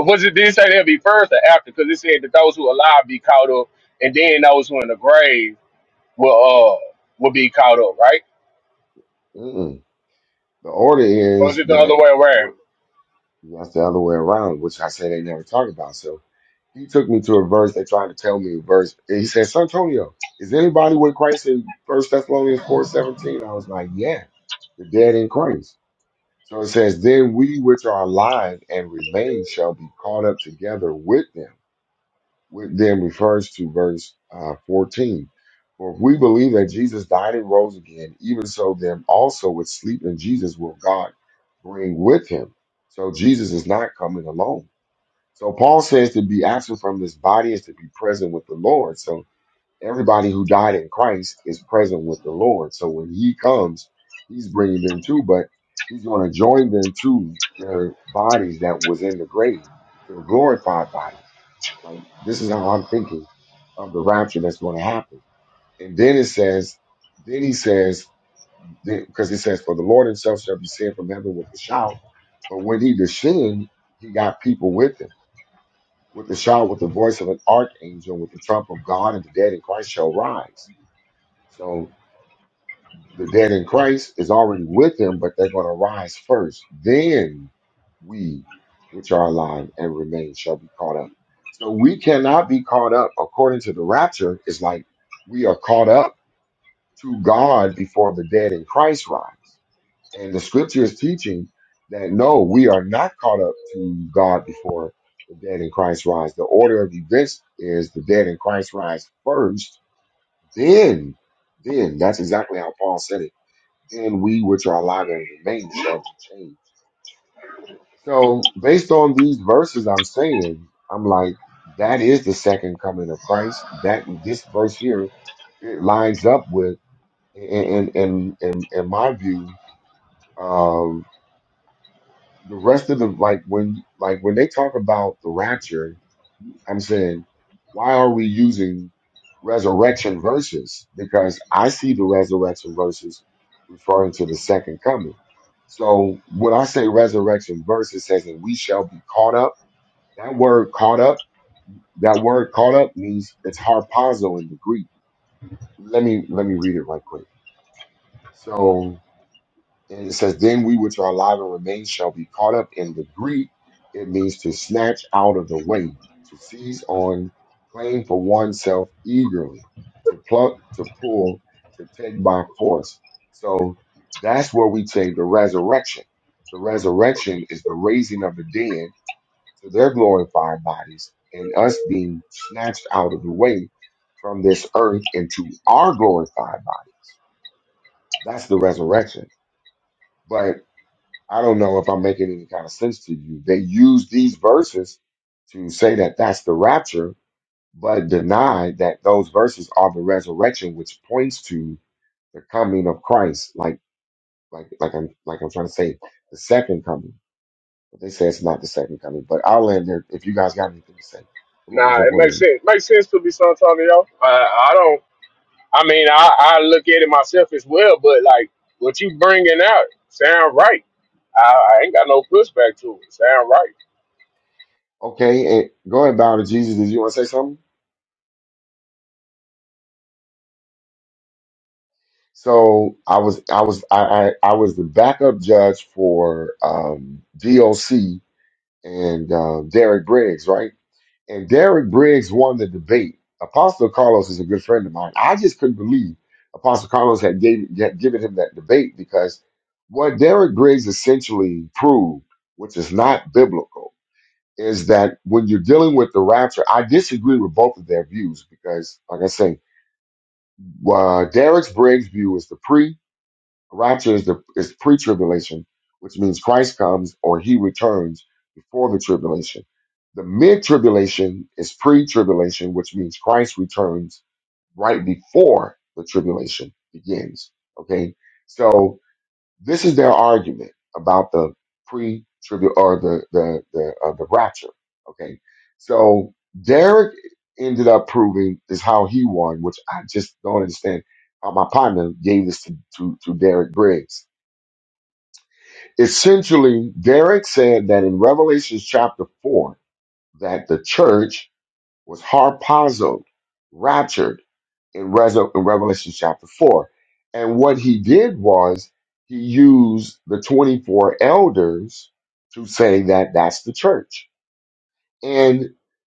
S10: Uh, was it did it say they'll be first or after because it said that those who are alive be caught up and then those who are in the grave will uh will be caught up right.
S1: Mm-mm. The order
S10: Or is
S1: is
S10: it the other
S1: that.
S10: way around?
S1: That's the other way around, which I say they never talk about. So he took me to a verse. They tried to tell me a verse. And he said, San Antonio, is anybody with Christ in First Thessalonians four seventeen?" I was like, yeah, the dead in Christ. So it says, then we which are alive and remain shall be caught up together with them which then refers to verse uh, 14. For if we believe that Jesus died and rose again, even so, them also which sleep in Jesus will God bring with him. So Jesus is not coming alone. So Paul says to be absent from this body is to be present with the Lord. So everybody who died in Christ is present with the Lord. So when he comes, he's bringing them too, but he's going to join them to their bodies that was in the grave to a glorified body. Like this is how I'm thinking of the rapture that's going to happen. And then it says, then he says, because he says, for the Lord himself shall descend from heaven with a shout. But when he descended, he got people with him with a shout, with the voice of an archangel, with the trump of God, and the dead in Christ shall rise. So. The dead in Christ is already with him, but they're going to rise first. Then we, which are alive and remain, shall be caught up. So we cannot be caught up according to the rapture. It's like we are caught up to God before the dead in Christ rise. And the scripture is teaching that no, we are not caught up to God before the dead in Christ rise. The order of events is the dead in Christ rise first, then, then. That's exactly how Paul said it and we which are alive and remain shall be changed. So based on these verses I'm saying, I'm like, that is the second coming of Christ. That this verse here it lines up with in in in, in my view the rest of the like when like when they talk about the rapture, I'm saying, why are we using resurrection verses? Because I see the resurrection verses referring to the second coming. So when I say resurrection verses it says that we shall be caught up, that word caught up, that word caught up means it's harpazo in the Greek. Let me let me read it right quick. So And it says, Then we which are alive and remain shall be caught up in the Greek. It means to snatch out of the way, to seize on, claim for oneself eagerly, to pluck, to pull, to take by force. So that's where we take the resurrection. The resurrection is the raising of the dead to their glorified bodies and us being snatched out of the way from this earth into our glorified bodies. That's the resurrection. but. I don't know if I'm making any kind of sense to you. They use these verses to say that that's the rapture, but deny that those verses are the resurrection, which points to the coming of Christ. Like, like, like I'm, like I'm trying to say, the second coming. But they say it's not the second coming. But I'll end there. If you guys got anything to say, come on,
S10: Nah,
S1: jump
S10: it
S1: on
S10: makes
S1: in.
S10: sense. Makes sense to be San Antonio. Uh, I don't. I mean, I, I look at it myself as well, but like what you bringing out sound right. I, I ain't got no pushback to it. Sound right.
S1: Okay, and go ahead, bow to Jesus. Did you want to say something? So I was, I was, I, I, I was the backup judge for um, DOC and uh, Derek Briggs, right? And Derek Briggs won the debate. Apostle Carlos is a good friend of mine. I just couldn't believe Apostle Carlos had, gave, had given him that debate because what Derek Briggs essentially proved, which is not biblical, is that when you're dealing with the rapture, I disagree with both of their views because, like I say, uh, Derek Briggs' view is the pre Rapture is the is pre-tribulation, which means Christ comes or he returns before the tribulation. The mid-tribulation is pre-tribulation, which means Christ returns right before the tribulation begins. Okay. So this is their argument about the pre tribute or the the the uh, the rapture. Okay, so Derek ended up proving is how he won, which I just don't understand how my partner gave this to to, to Derek Briggs. Essentially, Derek said that in Revelation chapter four that the church was harpazoed, raptured in, Rezo- in Revelation chapter 4. And what he did was he used the 24 elders to say that that's the church. And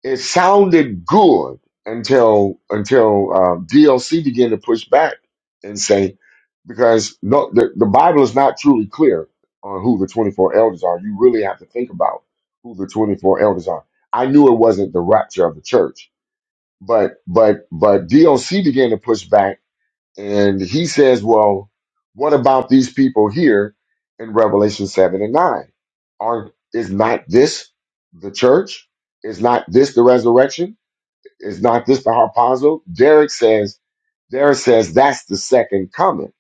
S1: it sounded good until until um, DLC began to push back and say, because no, the, the Bible is not truly clear on who the 24 elders are. You really have to think about who the 24 elders are. I knew it wasn't the rapture of the church but but but DOC began to push back, and he says, "Well, what about these people here in Revelation seven and nine? Are is not this the church? Is not this the resurrection? Is not this the harpazo?" Derek says, "Derek says that's the second coming."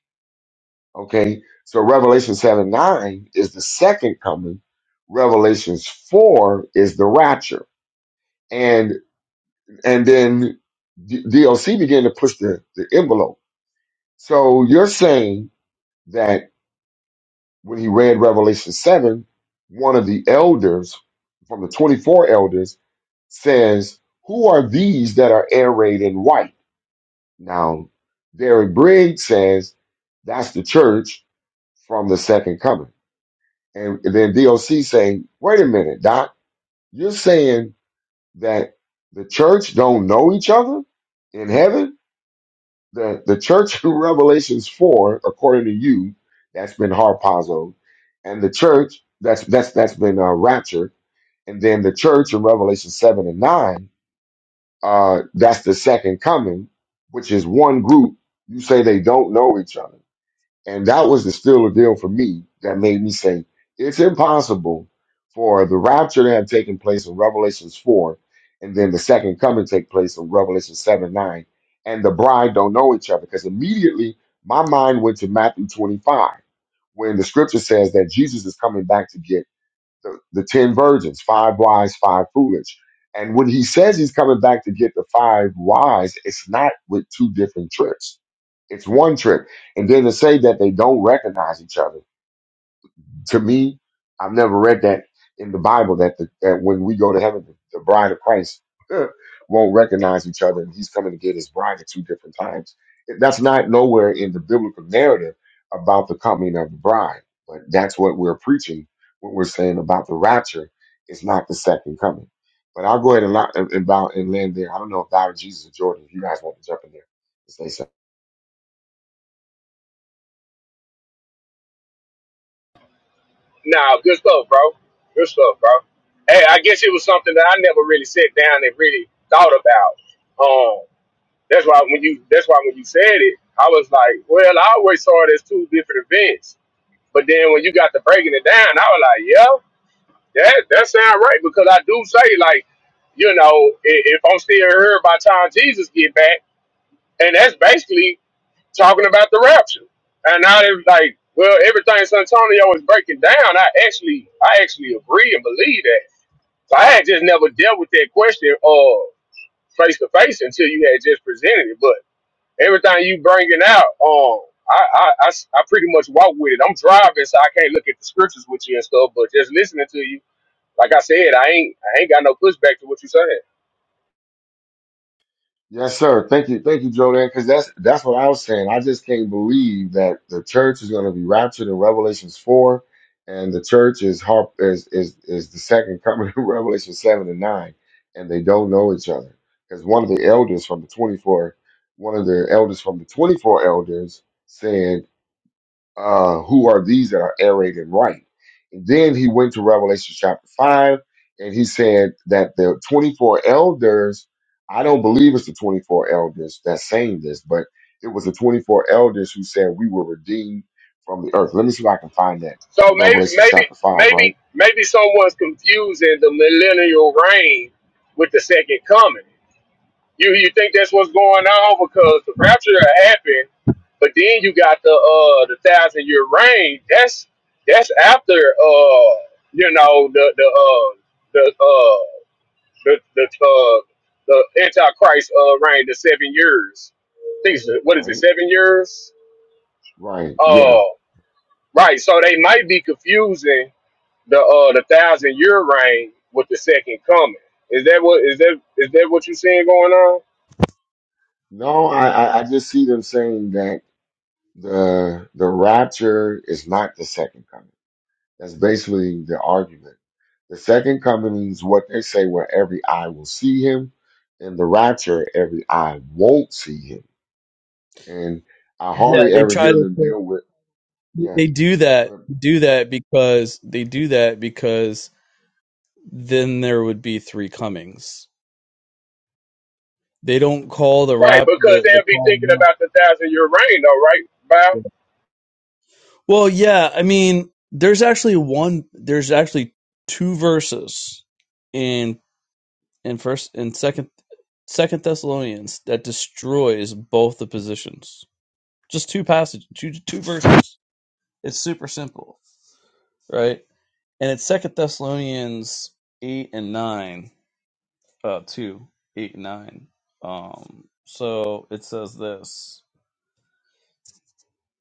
S1: Okay, so Revelation seven nine is the second coming. Revelations four is the rapture, and And then D- DLC began to push the, the envelope. So you're saying that when he read Revelation 7, one of the elders from the 24 elders says, Who are these that are arrayed in white? Now, Derek Briggs says, That's the church from the second coming. And then D.O.C. saying, Wait a minute, Doc, you're saying that the church don't know each other in heaven? the the church [laughs] in Revelations four, according to you, that's been harpazoed, and the church that's that's that's been uh, raptured, and then the church in Revelation seven and nine, uh, that's the second coming, which is one group. You say they don't know each other. And that was the still a deal for me that made me say it's impossible for the rapture to have taken place in Revelations 4 and then the second coming take place in Revelation 7 9 and the bride don't know each other because immediately my mind went to Matthew 25 when the scripture says that Jesus is coming back to get the, the ten virgins, five wise, five foolish. And when he says he's coming back to get the five wise, it's not with two different trips. It's one trip. And then to say that they don't recognize each other to me, I've never read that in the Bible that the, that when we go to heaven, the, the bride of Christ [laughs] won't recognize each other, and He's coming to get His bride at two different times. That's not nowhere in the biblical narrative about the coming of the bride, but that's what we're preaching when we're saying about the rapture. It's not the second coming. But I'll go ahead and, lo- and, and bow and land there. I don't know if Dr. Jesus or Jordan, if you guys want to jump in there and say
S10: Nah, good stuff, bro. Good stuff, bro. Hey, I guess it was something that I never really sat down and really thought about. Um, that's why when you that's why when you said it, I was like, well, I always saw it as two different events. But then when you got to breaking it down, I was like, yeah. That that sound right because I do say like, you know, if, if I'm still here by the time Jesus get back, and that's basically talking about the rapture. And now they're like, well, everything Santonio Antonio is breaking down. I actually, I actually agree and believe that. So I had just never dealt with that question uh face to face until you had just presented it. But everything you bringing out, um, I, I, I s- I pretty much walk with it. I'm driving, so I can't look at the scriptures with you and stuff. But just listening to you like I said, I ain't I ain't got no pushback to what you're saying.
S1: Yes, sir. Thank you, thank you, Jordan. Because that's that's what I was saying. I just can't believe that the church is going to be raptured in Revelations four, and the church is harp is is is the second coming [laughs] in Revelation seven and nine, and they don't know each other. Because one of the elders from the twenty four, one of the elders from the twenty four elders said uh, who are these that are arrayed in white? And then he went to Revelation chapter 5, and he said that the 24 elders, I don't believe it's the 24 elders that's saying this, but it was the 24 elders who said we were redeemed from the earth. Let me see if I can find that
S10: So
S1: in
S10: maybe
S1: Revelation
S10: maybe
S1: chapter 5, right?
S10: maybe maybe someone's confusing the millennial reign with the second coming. You you think that's what's going on because the rapture happened, but then you got the uh the thousand year reign. That's that's after uh you know the the uh the uh the the uh the antichrist uh reign the seven years. I think it's, what is it
S1: Right?
S10: seven years?
S1: Right. Yeah.
S10: Uh, Right, so they might be confusing the uh the thousand year reign with the second coming. Is that what is that is that what you seeing going on?
S1: No, I, I I just see them saying that the the rapture is not the second coming. That's basically the argument. The second coming is what they say where every eye will see him, and the rapture, every eye won't see him. And I
S11: Yeah,
S1: hardly
S11: they
S1: ever
S11: try
S1: hear
S11: to.
S1: them deal with, yeah,
S11: They do that.
S1: uh,
S11: Do that because they do that because then there would be three comings. They don't call the
S10: Right,
S11: rap
S10: because
S11: the the
S10: they'll be
S11: call.
S10: thinking
S11: now.
S10: about the thousand year reign though, right, Bow?
S11: Well, yeah. I mean, there's actually one. There's actually two verses in in first and second second Thessalonians that destroys both the positions. Just two passages, two two verses. It's super simple, right? and it's Second Thessalonians eight and nine, uh, two eight and nine. Um, so it says this.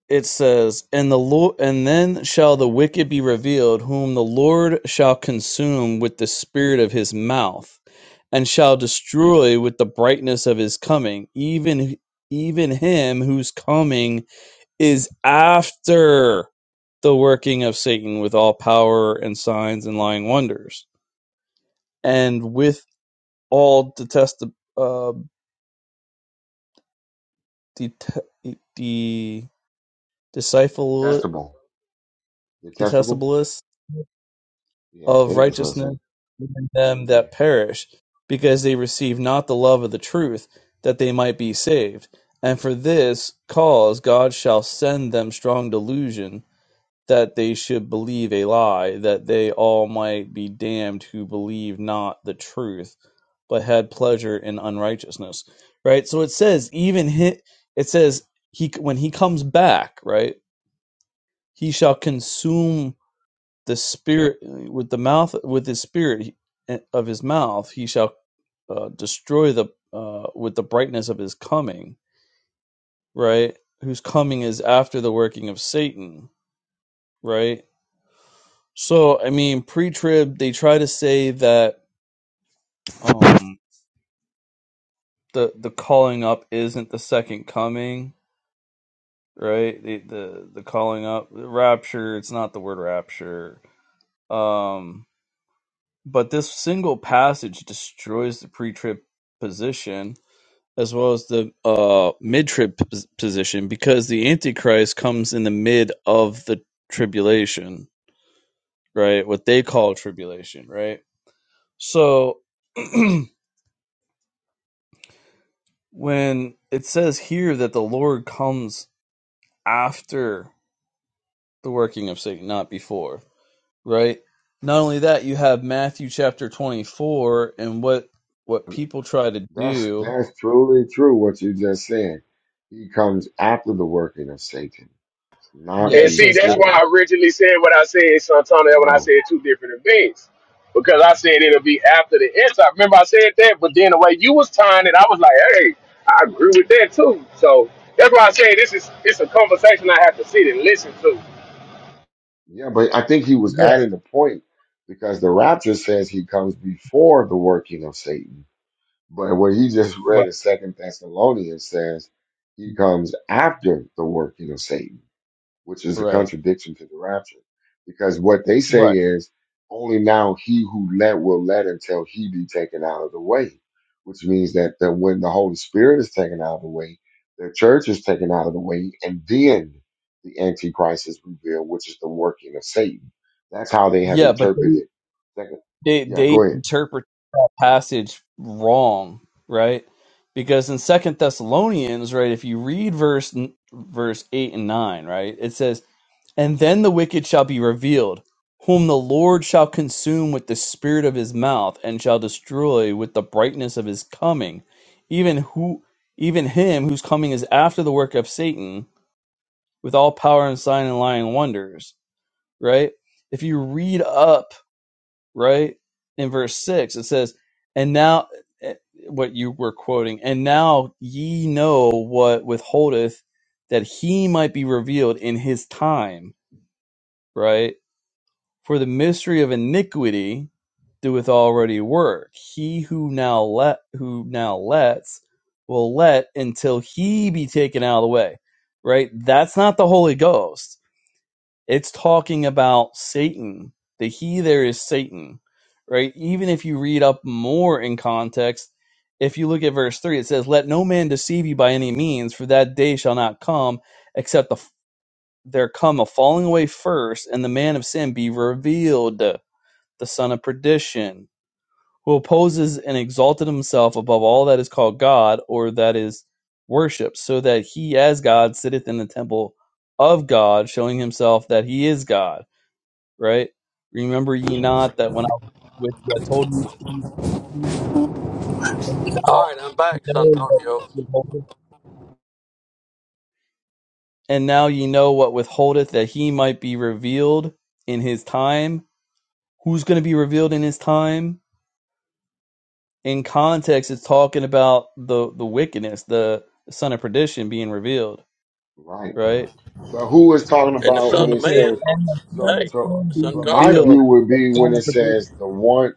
S11: It says, "And the Lord, and then shall the wicked be revealed, whom the Lord shall consume with the spirit of his mouth, and shall destroy with the brightness of his coming, even even him whose coming is after." the working of Satan with all power and signs and lying wonders, and with all detestable, uh, det- the deceitful,
S1: testable. The testable?
S11: detestablest
S1: Yeah, I
S11: of
S1: think that's what I'm
S11: righteousness
S1: saying.
S11: in them
S1: Yeah.
S11: that perish, because they receive not the love of the truth, that they might be saved. And for this cause God shall send them strong delusion, that they should believe a lie, that they all might be damned who believe not the truth, but had pleasure in unrighteousness. Right. So it says, even he. It says he when he comes back, right? He shall consume the spirit with the mouth with his spirit eh, of his mouth. He shall uh, destroy the uh, with the brightness of his coming. Right. Whose coming is after the working of Satan. Right So I mean, pre-trib, they try to say that um, the the calling up isn't the second coming, right? The the the calling up, the rapture. It's not the word rapture. Um, but this single passage destroys the pre-trib position as well as the uh mid-trib pos- position because the antichrist comes in the mid of the tribulation, right? What they call tribulation, right? So. [clears throat] when it says here that the Lord comes after the working of Satan, not before, right? Not only that, you have Matthew chapter 24 and what what people try to
S1: That's,
S11: do.
S1: that's truly true what you just said. He comes after the working of Satan, not
S11: Yeah,
S10: And
S11: it
S10: see,
S11: says uh,
S10: that's why
S1: before.
S10: I originally said what I said, Santonio, when I
S1: Wow.
S10: said two different events. Because I said it'll be after the anti. Remember I said that, but then the way you was tying it, I was like, hey, I agree with that too. So that's why I said this is it's a conversation I have to sit and listen to.
S1: Yeah, but I think he was
S11: yeah,
S1: adding the point because the rapture says he comes before the working of Satan. But what he just
S11: right,
S1: read in Second Thessalonians says he comes after the working of Satan which is a
S11: right,
S1: contradiction to the rapture. Because what they say
S11: right.
S1: is only now he who let will let until he be taken out of the way, which means that, that when the Holy Spirit is taken out of the way, the church is taken out of the way, and then the Antichrist is revealed, which is the working of Satan. That's how they have
S11: Yeah, but they
S1: interpreted. Second,
S11: they,
S1: yeah,
S11: they
S1: go ahead.
S11: interpret that passage wrong, right? Because in Second Thessalonians, right, if you read verse verse eight and nine, right, it says And then the wicked shall be revealed, whom the Lord shall consume with the spirit of his mouth, and shall destroy with the brightness of his coming, even who even him whose coming is after the work of Satan, with all power and sign and lying wonders. Right? If you read up, right, in verse six, it says, And now eh, what you were quoting, and now ye know what withholdeth that he might be revealed in his time, right? For the mystery of iniquity doeth already work. He who now let who now lets will let until he be taken out of the way. Right? That's not the Holy Ghost. It's talking about Satan. The he there is Satan. Right? Even if you read up more in context, if you look at verse 3, it says, Let no man deceive you by any means, for that day shall not come, except the, there come a falling away first, and the man of sin be revealed the son of perdition, who opposes and exalted himself above all that is called God or that is worshipped, so that he as God sitteth in the temple of God, showing himself that he is God. Right? Remember ye not that when I was with you, I told you you now
S6: All right, I'm back,
S11: know what
S6: Santonio.
S11: withholdeth- and now ye know what withholdeth that he might be revealed in his time. Who's going to be revealed in his time? in context it's talking about the the wickedness the son of perdition being revealed
S1: Right.
S11: right
S1: But who is talking
S6: And the
S1: about when
S11: And
S6: son
S11: it
S6: of
S1: it
S11: says,
S1: says
S6: man.
S11: "And the son
S1: so
S11: of
S6: Hey,
S1: so
S11: sin be
S1: but my
S6: Santonio,
S11: revealed
S1: view would
S11: the
S1: be
S11: son
S1: when it
S11: of perdition
S1: says the one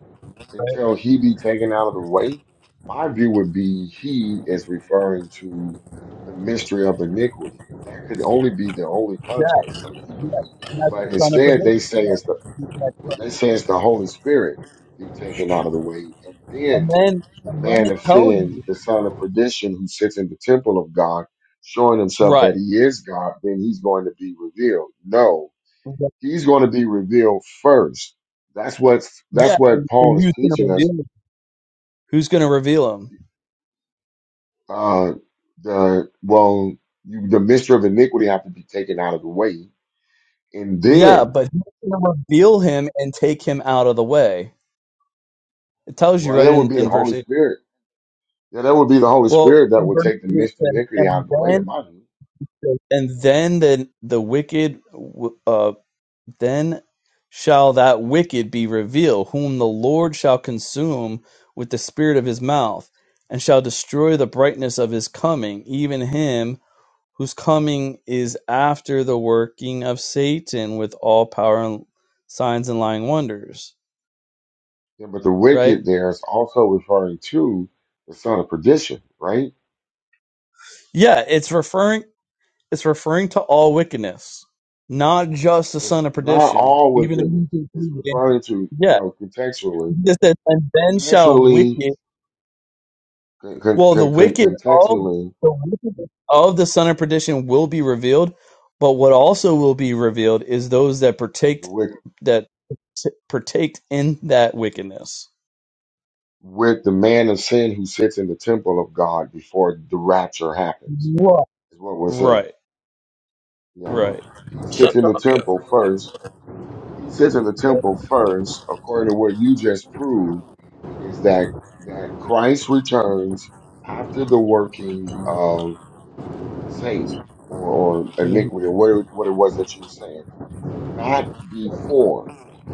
S11: right
S1: until he be taken out of the way, my view would be he is referring to the mystery of iniquity. That could only be the only
S11: yeah
S1: context of he.
S11: yeah And that's
S1: But
S11: the son of
S1: instead,
S11: perdition
S1: they say
S11: yeah
S1: it's the
S11: Exactly.
S1: they say it's the Holy Spirit be taken out of the way, and
S11: and
S1: then
S11: then
S1: the
S11: and then
S1: man
S11: it
S1: of
S11: tells you
S1: sin, the son of perdition, who sits in the temple of God, showing himself
S11: right
S1: that he is God, then he's going to be revealed. No, he's going to be revealed first. That's what that's
S11: yeah
S1: what
S11: and,
S1: Paul
S11: and
S1: is
S11: who's going to
S1: teaching us
S11: reveal him? who's going to reveal him
S1: Uh, the well, you, the mystery of iniquity have to be taken out of the way, and
S11: yeah
S1: then,
S11: but who's going to reveal him and take him out of the way it tells you
S1: well,
S11: right
S1: that would
S11: in
S1: be the
S11: in verse
S1: Holy
S11: 8
S1: Spirit. Yeah, that would be the Holy
S11: well
S1: Spirit that
S11: in
S1: would
S11: verse
S1: take the
S11: 3 it
S1: mystery of
S11: says
S1: iniquity out of
S11: and
S1: the
S11: then
S1: way, in my view.
S11: And then the, the wicked, w- uh, then shall that wicked be revealed, whom the Lord shall consume with the spirit of his mouth, and shall destroy the brightness of his coming, even him whose coming is after the working of Satan with all power and signs and lying wonders.
S1: Yeah, but the
S11: Right?
S1: wicked there is also referring to the son of perdition, right?
S11: Yeah, it's referring it's referring to all wickedness, not just the
S1: This,
S11: son of
S1: not
S11: perdition.
S1: all
S11: Even
S1: wickedness. It's
S11: if
S1: referring to
S11: yeah,
S1: no contextually,
S11: It says, and then shall
S1: contextually,
S11: wicked,
S1: con, con,
S11: well, the
S1: con, con-
S11: wicked of
S1: contextually.
S11: the wicked of the son of perdition will be revealed, but what also will be revealed is those that partake that t- partake in that wickedness.
S1: with the man of sin who sits in the temple of God before the rapture happens,
S11: Right,
S1: is what we're saying.
S11: right,
S1: Yeah.
S11: right.
S1: He sits in the temple
S6: Santonio.
S1: first. He sits in the temple first, according to what you just proved, is that that Christ returns after the working of Satan or, or
S11: Mhm.
S1: iniquity or what, it, what it was that you were saying, not before.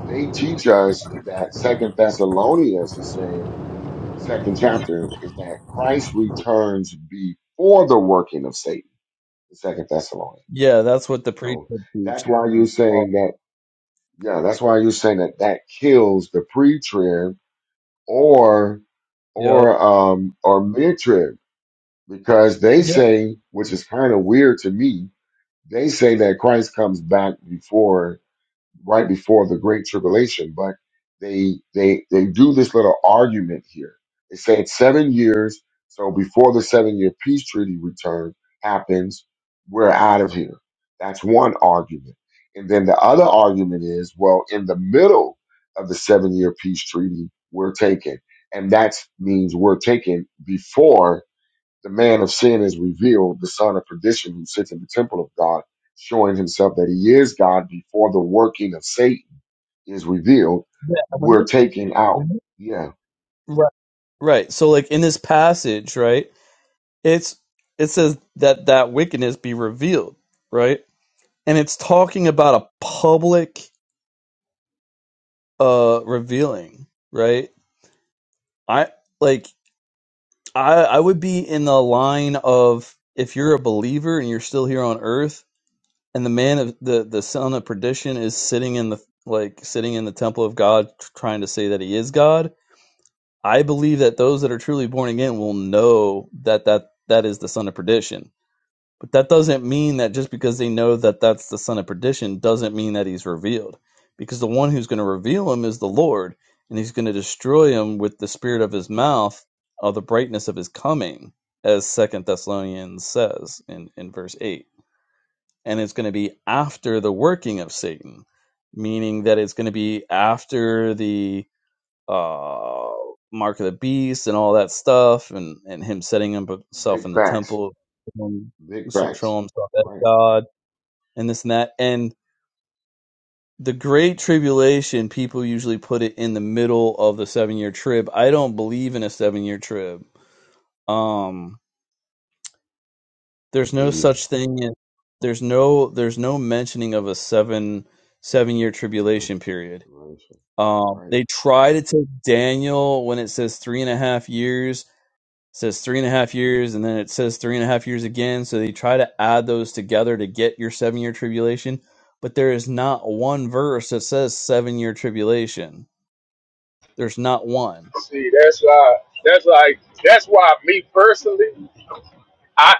S1: They teach us that Second Thessalonians is saying second chapter is that Christ returns before the working of Satan, the second Thessalonians.
S11: Yeah, that's what the preacher
S1: So
S11: teaches.
S1: that's why you're
S11: Oh,
S1: saying that, yeah, that's why you're saying that that kills the pre-trib or,
S11: Yep.
S1: or, um, or mid-trib because they
S11: Yeah,
S1: say, which is kind of weird to me, they say that Christ comes back before right before the great tribulation but they they they do this little argument here they say it's seven years so before the seven year peace treaty return happens we're out of here that's one argument and then the other argument is well in the middle of the seven year peace treaty we're taken and that means we're taken before the man of sin is revealed, the son of perdition who sits in the temple of God, showing himself that he is God before the working of Satan is revealed,
S11: yeah. When
S1: we're
S11: you-
S1: taken out.
S11: when you-
S1: Yeah,
S11: right, right. So, like in this passage, right? It's it says that that wickedness be revealed, right? and it's talking about a public uh revealing right i like i i would be in the line of if you're a believer and you're still here on earth and the man of the the son of perdition is sitting in the like sitting in the temple of god tr- trying to say that he is god i believe that those that are truly born again will know that that that is the son of perdition But that doesn't mean that just because they know that that's the son of perdition doesn't mean that he's revealed. Because the one who's going to reveal him is the Lord, and he's going to destroy him with the spirit of his mouth of the brightness of his coming, as Second Thessalonians says in, in verse 8. And it's going to be after the working of Satan, meaning that it's going to be after the uh mark of the beast and all that stuff and and him setting himself
S1: big
S11: in the
S1: facts,
S11: temple showing
S1: big facts.
S11: himself as
S1: Right.
S11: god and this and that and the great tribulation people usually put it in the middle of the seven year trib i don't believe in a seven year trib um
S1: Yeah,
S11: there's
S1: me
S11: no
S1: either.
S11: such thing as, there's no there's no mentioning of a seven seven year
S1: Yeah.
S11: tribulation period
S1: Right.
S11: um
S1: Right.
S11: they try to take daniel when it says three and a half years says three and a half years, and then it says three and a half years again. So they try to add those together to get your seven year tribulation. But there is not one verse that says seven year tribulation. There's not one.
S10: See, that's why. That's like. That's why me personally, I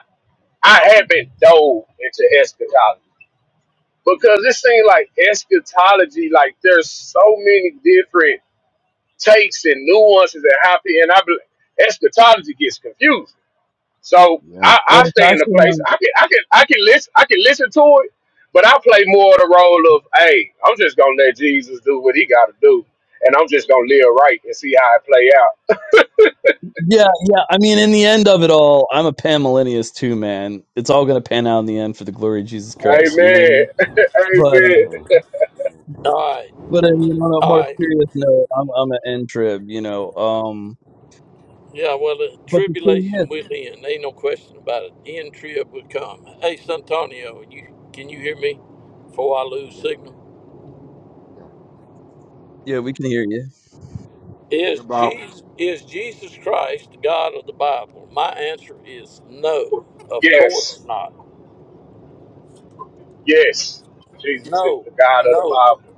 S10: I haven't dove into eschatology because it seems like eschatology, like there's so many different takes and nuances and how pe- and I bel- eschatology gets confused. So
S1: Yeah.
S10: I, I
S11: Well, it's
S10: stay in the
S11: actually not.
S10: place. I can I can I can listen. I can listen to it, but I play more of the role of, hey, I'm just gonna let Jesus do what he got to do, and I'm just gonna live right and see how it play out
S11: Yeah,
S1: [laughs]
S11: yeah. I mean, in the end of it all, I'm a panmillennialist too, man. It's all going to pan out in the end for the glory of Jesus Christ. You know what I
S10: Amen.
S11: mean?
S10: [laughs]
S11: But
S10: Amen.
S1: Amen. Amen.
S6: All right,
S11: but I
S1: Right.
S11: mean, on a
S6: all
S11: more
S6: right.
S11: serious note, I'm I'm an end trib. You know. Um.
S6: Yeah, well, the
S11: But the thing is,
S6: tribulation will end. Ain't no question about it. End trib will come. Hey, Santonio, you can you hear me? Before I lose
S1: Yeah.
S6: signal.
S1: Yeah.
S11: yeah, we can hear you.
S6: Is
S1: Yeah, Bob.
S6: Jesus is Jesus Christ the God of the Bible? My answer is no. Of
S10: Yes.
S6: course not.
S10: Yes. Jesus is
S6: No.
S10: the God of the
S6: No.
S10: Bible.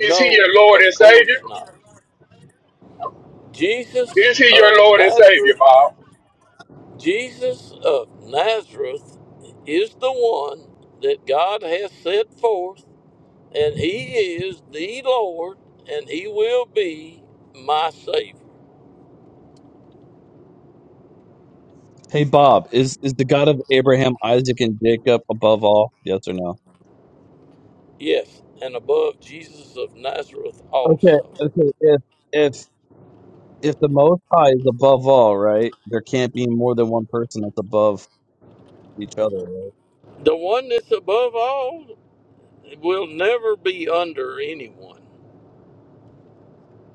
S10: Is he your Lord and
S6: Of
S10: Savior?
S6: course not. Jesus
S10: Is he your
S6: of
S10: Lord and Savior,
S6: Nazareth
S10: Bob?
S6: Jesus of Nazareth is the one that God has set forth and he is the Lord and he will be my savior.
S11: Hey Bob, is is the God of Abraham, Isaac, and Jacob above all? Yes or no?
S6: Yes, and above Jesus of Nazareth
S11: Okay,
S6: also
S11: okay. If if if the Most High is above all, right? There can't be more than one person that's above each other, right?
S6: the one that's above all will never be under anyone.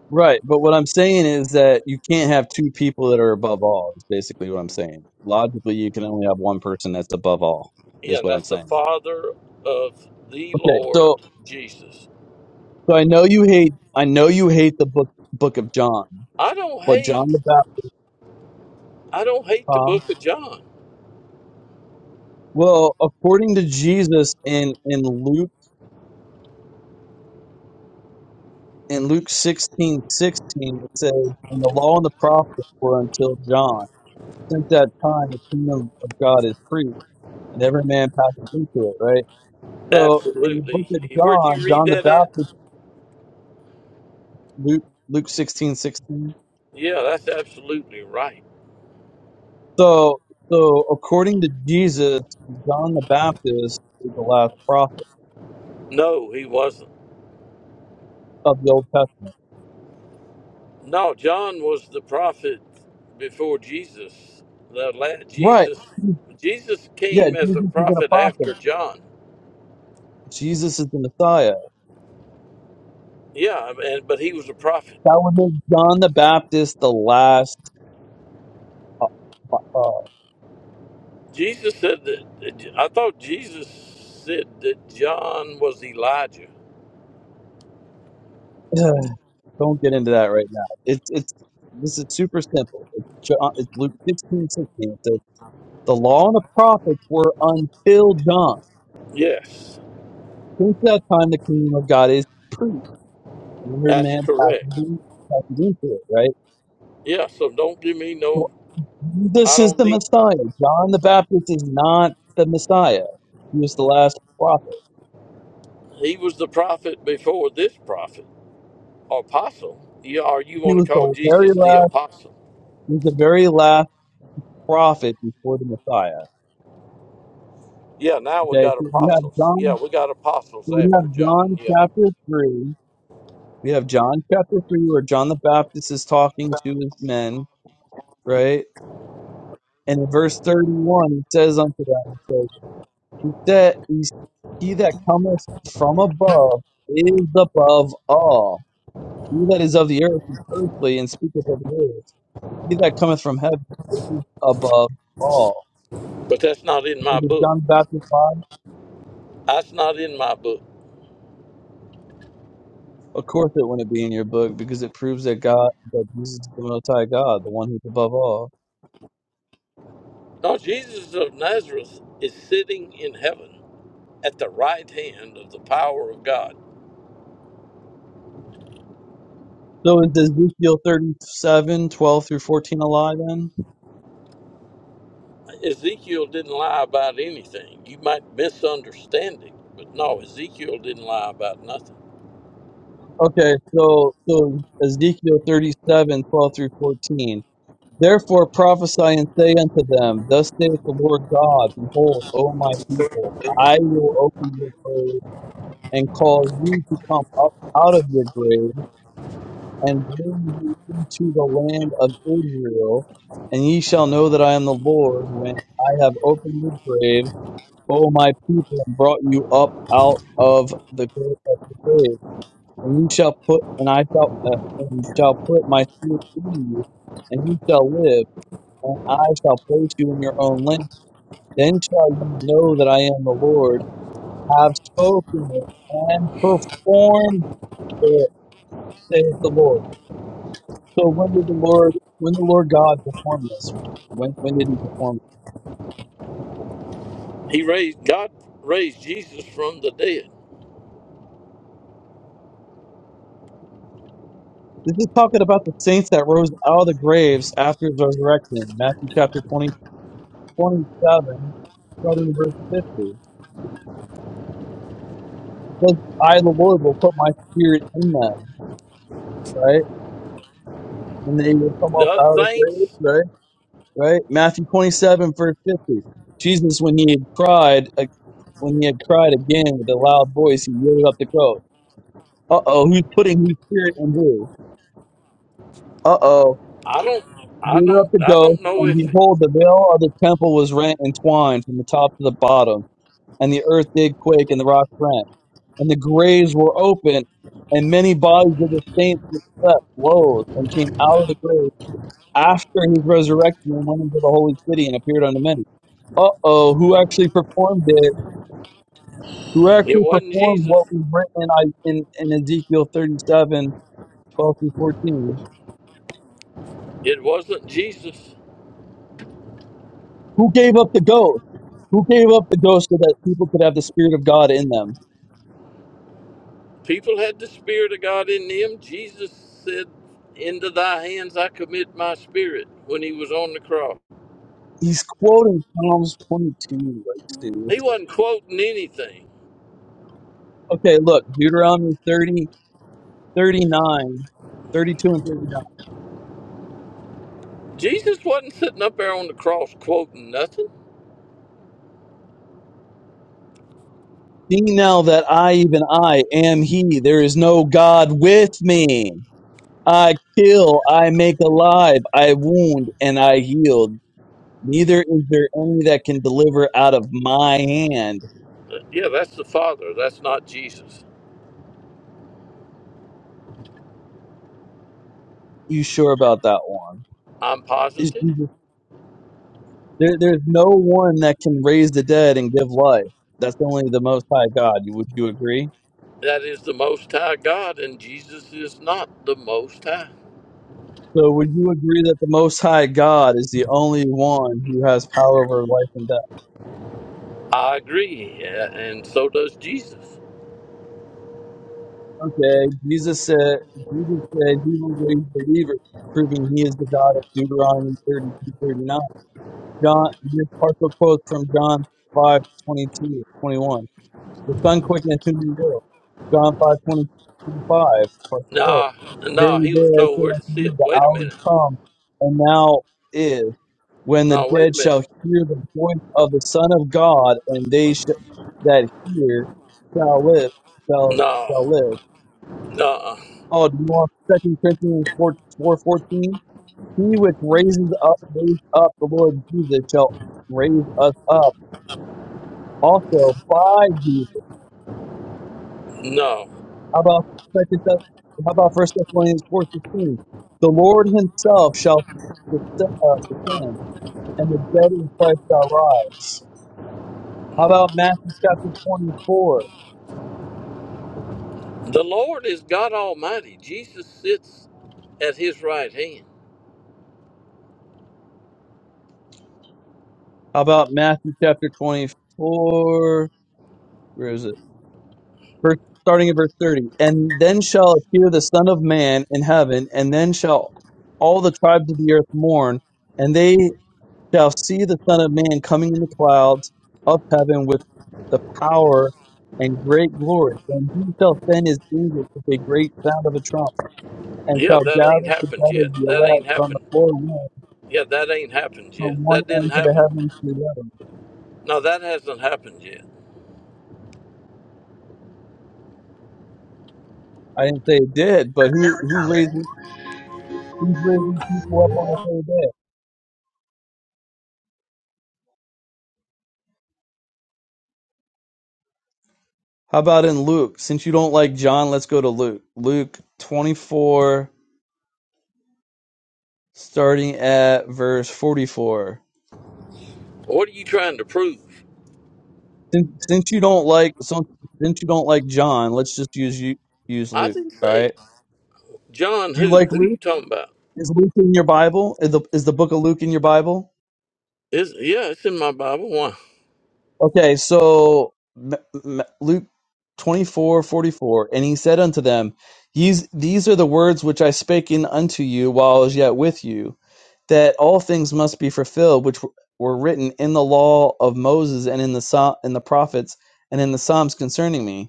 S11: Right. But what I'm saying is that you can't have two people that are above all. Is basically what I'm saying. Logically, you can only have one person that's above all.
S6: Yeah,
S11: Is
S6: and
S11: what I'm
S6: that's the
S11: saying.
S6: Father of the
S11: Okay.
S6: Lord
S11: So
S6: Jesus.
S11: so I know you hate I know you hate the book book of John,
S6: I don't
S11: but John the
S6: hate.
S11: Baptist.
S6: I don't hate the
S11: huh?
S6: Book of John.
S11: Well, according to Jesus in, in Luke in Luke sixteen sixteen, it says, And the law and the prophets were until John. Since that time the kingdom of God is preached, and every man passes into it, right? So in the book of
S6: Absolutely. Where'd you
S11: John,
S6: read
S11: John the
S6: that at?
S11: Baptist Luke Luke sixteen sixteen.
S6: Yeah, that's absolutely right.
S11: So so according to Jesus, John the Baptist is the last prophet
S6: No, he wasn't.
S11: of the Old Testament.
S6: No, John was the prophet before Jesus. The la-
S11: Right.
S6: Jesus, Jesus
S11: Yeah,
S6: came as a
S11: Jesus is a
S6: prophet
S11: prophet.
S6: after John.
S11: Jesus is the Messiah.
S6: Yeah, and but he was a prophet.
S11: That would make John the Baptist the last. Uh, uh, [sighs]
S6: Jesus said that. I thought Jesus said that John was Elijah.
S11: ugh, don't get into that right now. It's it's this is super simple. It's, John, it's Luke sixteen sixteen. It says the law and the prophets were until John.
S6: Yes,
S11: Since that time, the kingdom of God is preached, and the third
S6: that's
S11: man
S6: correct.
S11: passes in- passes into it. Right.
S6: Yeah, so don't give me
S11: So
S6: no. I
S11: this is
S6: don't
S11: the
S6: need.
S11: Messiah. John the Baptist is not the Messiah. He was the last prophet.
S6: He was the prophet before this prophet, apostle. Yeah, or you
S11: He
S6: want
S11: was
S6: to call
S11: the very
S6: Jesus the
S11: last.
S6: apostle?
S11: He was the very last prophet before the Messiah.
S6: Yeah, now we
S11: Okay,
S6: got
S11: so we have
S6: apostles. Yeah,
S11: John.
S6: we got apostles
S11: so We have
S6: after John.
S11: John
S6: Yeah,
S11: chapter three. We have John chapter three, where John the Baptist is talking to his men, right? And in verse thirty-one, it says unto them, it says, "He that he he that cometh from above is above all. He that is of the earth is earthly, and speaketh of the earth. He that cometh from heaven is above all."
S6: but that's not in
S11: So
S6: my
S11: does
S6: book.
S11: John the Baptist lie?
S6: That's not in my book.
S11: Of course, it wouldn't be in your book because it proves that God, that Jesus is the Most High God, the one who's above all.
S6: No, Jesus of Nazareth is sitting in heaven at the right hand of the power of God.
S11: So is Ezekiel thirty-seven, twelve through 14 a lie then?
S6: Ezekiel didn't lie about anything. You might misunderstand it, but no, Ezekiel didn't lie about nothing.
S11: Okay, so, so Ezekiel 37, 12 through 14. Therefore prophesy and say unto them, Thus saith the Lord God, Behold, O my people, I will open your grave and call you to come up out of your grave and bring you into the land of Israel, and ye shall know that I am the Lord when I have opened the grave, O my people, and brought you up out of the grave of the grave. And you shall put, and I shall, uh, and shall put my spirit in you, and you shall live, and I shall place you in your own land. Then shall you know that I am the Lord, have spoken it, and performed it, saith the Lord. So when did the Lord, when the Lord God perform this? When when did He perform? it?
S6: He raised God raised Jesus from the dead.
S11: This is talking about the saints that rose out of the graves after His resurrection. Matthew chapter 20 27, starting in verse fifty. Says, "I, the Lord, will put my spirit in them." Right, and they will come up
S6: The
S11: out of the graves.
S6: saints,
S11: Right, right. Matthew twenty-seven, verse fifty. Jesus, when he had cried, uh, when he had cried again with a loud voice, he yielded up the ghost. Uh oh, who's putting whose spirit in who? Uh oh
S6: I don't, I
S11: Rear up the
S6: don't, I
S11: ghost,
S6: don't know
S11: and
S6: if it,
S11: behold, the veil of the temple was rent in twine from the top to the bottom, and the earth did quake, and the rocks rent, and the graves were opened, and many bodies of the saints which slept rose and came out of the grave after his resurrection and went into the holy city and appeared unto many. Uh oh, who actually performed it? Who
S6: it
S11: actually
S6: wasn't
S11: performed
S6: Jesus.
S11: what we've written in, I- in, in Ezekiel 37, 12 through 14?
S6: It wasn't Jesus.
S11: Who gave up the ghost? Who gave up the ghost so that people could have the spirit of God in them?
S6: People had the Spirit of God in them. Jesus said, "Into Thy hands I commit my spirit." When He was on the cross,
S11: He's quoting Psalms 22, like
S6: He
S11: seriously.
S6: wasn't quoting anything.
S11: Okay, look, Deuteronomy 30, 39, 32, and 39.
S6: Jesus wasn't sitting up there on the cross quoting nothing.
S11: See now that I, even I, am he. There is no God with me. I kill, I make alive, I wound, and I heal. Neither is there any that can deliver out of my hand.
S6: Yeah, that's the Father. That's not Jesus.
S11: You sure about that one?
S6: I'm
S11: Is
S6: positive
S11: Jesus There, there's no one that can raise the dead and give life. That's only the Most High God. You- Would you agree?
S6: that is the Most High God, and Jesus is not the Most High.
S11: So, would you agree that the Most High God is the only one who has power over life and death?
S6: I agree, a- and so does Jesus.
S11: Okay, Jesus said, Jesus said he will raise believers, proving he is the God of Deuteronomy 32 39. John, this partial quote from John 5 22 21. The Son quickeneth whom he will. John five twenty five. 20, 25, verse 12.
S6: Nah, nah,
S11: Verily,
S6: he was
S11: verily, I
S6: told
S11: say
S6: where to
S11: unto you,
S6: sit.
S11: the
S6: Wait a
S11: hour is
S6: minute.
S11: come, and now is, when the
S6: No, wait a
S11: dead shall
S6: minute.
S11: hear the voice of the Son of God, and they sh- that hear shall live, shall, shall
S6: No,
S11: live.
S6: no,
S11: Oh, do you want 2 Corinthians 4, 14? He which raises up, raised up the Lord Jesus shall raise us up also by Jesus
S6: no.
S11: How about second Thess- how about First Thessalonians four fifteen? The Lord Himself shall des- uh, descend, and the dead in Christ shall rise. How about Matthew chapter twenty four?
S6: The Lord is God Almighty. Jesus sits at his right hand.
S11: How about Matthew chapter twenty four? Where is it? Verse, starting at verse thirty. And then shall appear the Son of Man in heaven, and then shall all the tribes of the earth mourn, and they shall see the Son of Man coming in the clouds of heaven with the power and great glory. And he shall send his angels with a great sound of a trump, and
S6: Yeah,
S11: shall
S6: that ain't
S11: gather
S6: happened
S11: together
S6: yet.
S11: the
S6: That
S11: elect
S6: ain't
S11: from the
S6: happened.
S11: four winds,
S6: Yeah, that ain't happened
S11: from
S6: yet.
S11: one
S6: That didn't
S11: end of the
S6: happen.
S11: heavens to the other.
S6: No, that hasn't happened yet.
S11: I didn't say it did, but who who raises who's raising people up on the third day? How about in Luke? Since you don't like John, let's go to Luke. Luke twenty four, starting at verse forty four.
S6: What are you trying to prove?
S11: Since, since you don't like so, since you don't like John, let's just use you use
S6: I
S11: Luke.
S6: didn't
S11: All
S6: say
S11: right.
S6: John
S11: Do you
S6: who?
S11: like
S6: Who you
S11: Luke?
S6: talking about?
S11: Is Luke in your Bible? Is the is the book of Luke in your Bible?
S6: Is yeah, it's in my Bible. Why?
S11: Okay, so M- M- Luke twenty four forty four, and he said unto them, These these are the words which I spake in unto you while I was yet with you, that all things must be fulfilled which were written in the law of Moses and in the Psa- in the prophets and in the Psalms concerning me.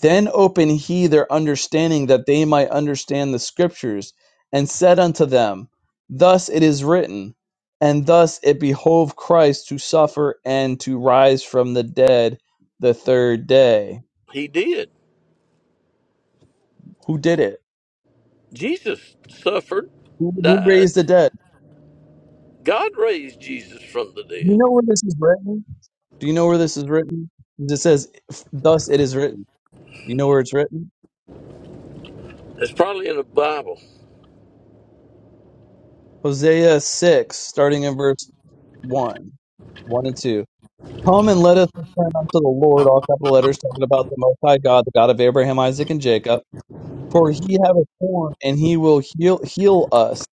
S11: Then opened he their understanding that they might understand the scriptures, and said unto them, Thus it is written, and thus it behoved Christ to suffer and to rise from the dead the third day.
S6: He did.
S11: Who did it?
S6: Jesus suffered,
S11: Who, who
S6: died.
S11: raised the dead?
S6: God raised Jesus from the
S11: Do you
S6: dead.
S11: know where this is written? Do you know where this is written? It says, Thus it is written. You know where it's written?
S6: It's probably in the Bible.
S11: Hosea 6, starting in verse 1, 1 and 2. Come and let us return unto the Lord, all capital letters, talking about the Most High God, the God of Abraham, Isaac, and Jacob. For he have a form, and he will heal, heal us.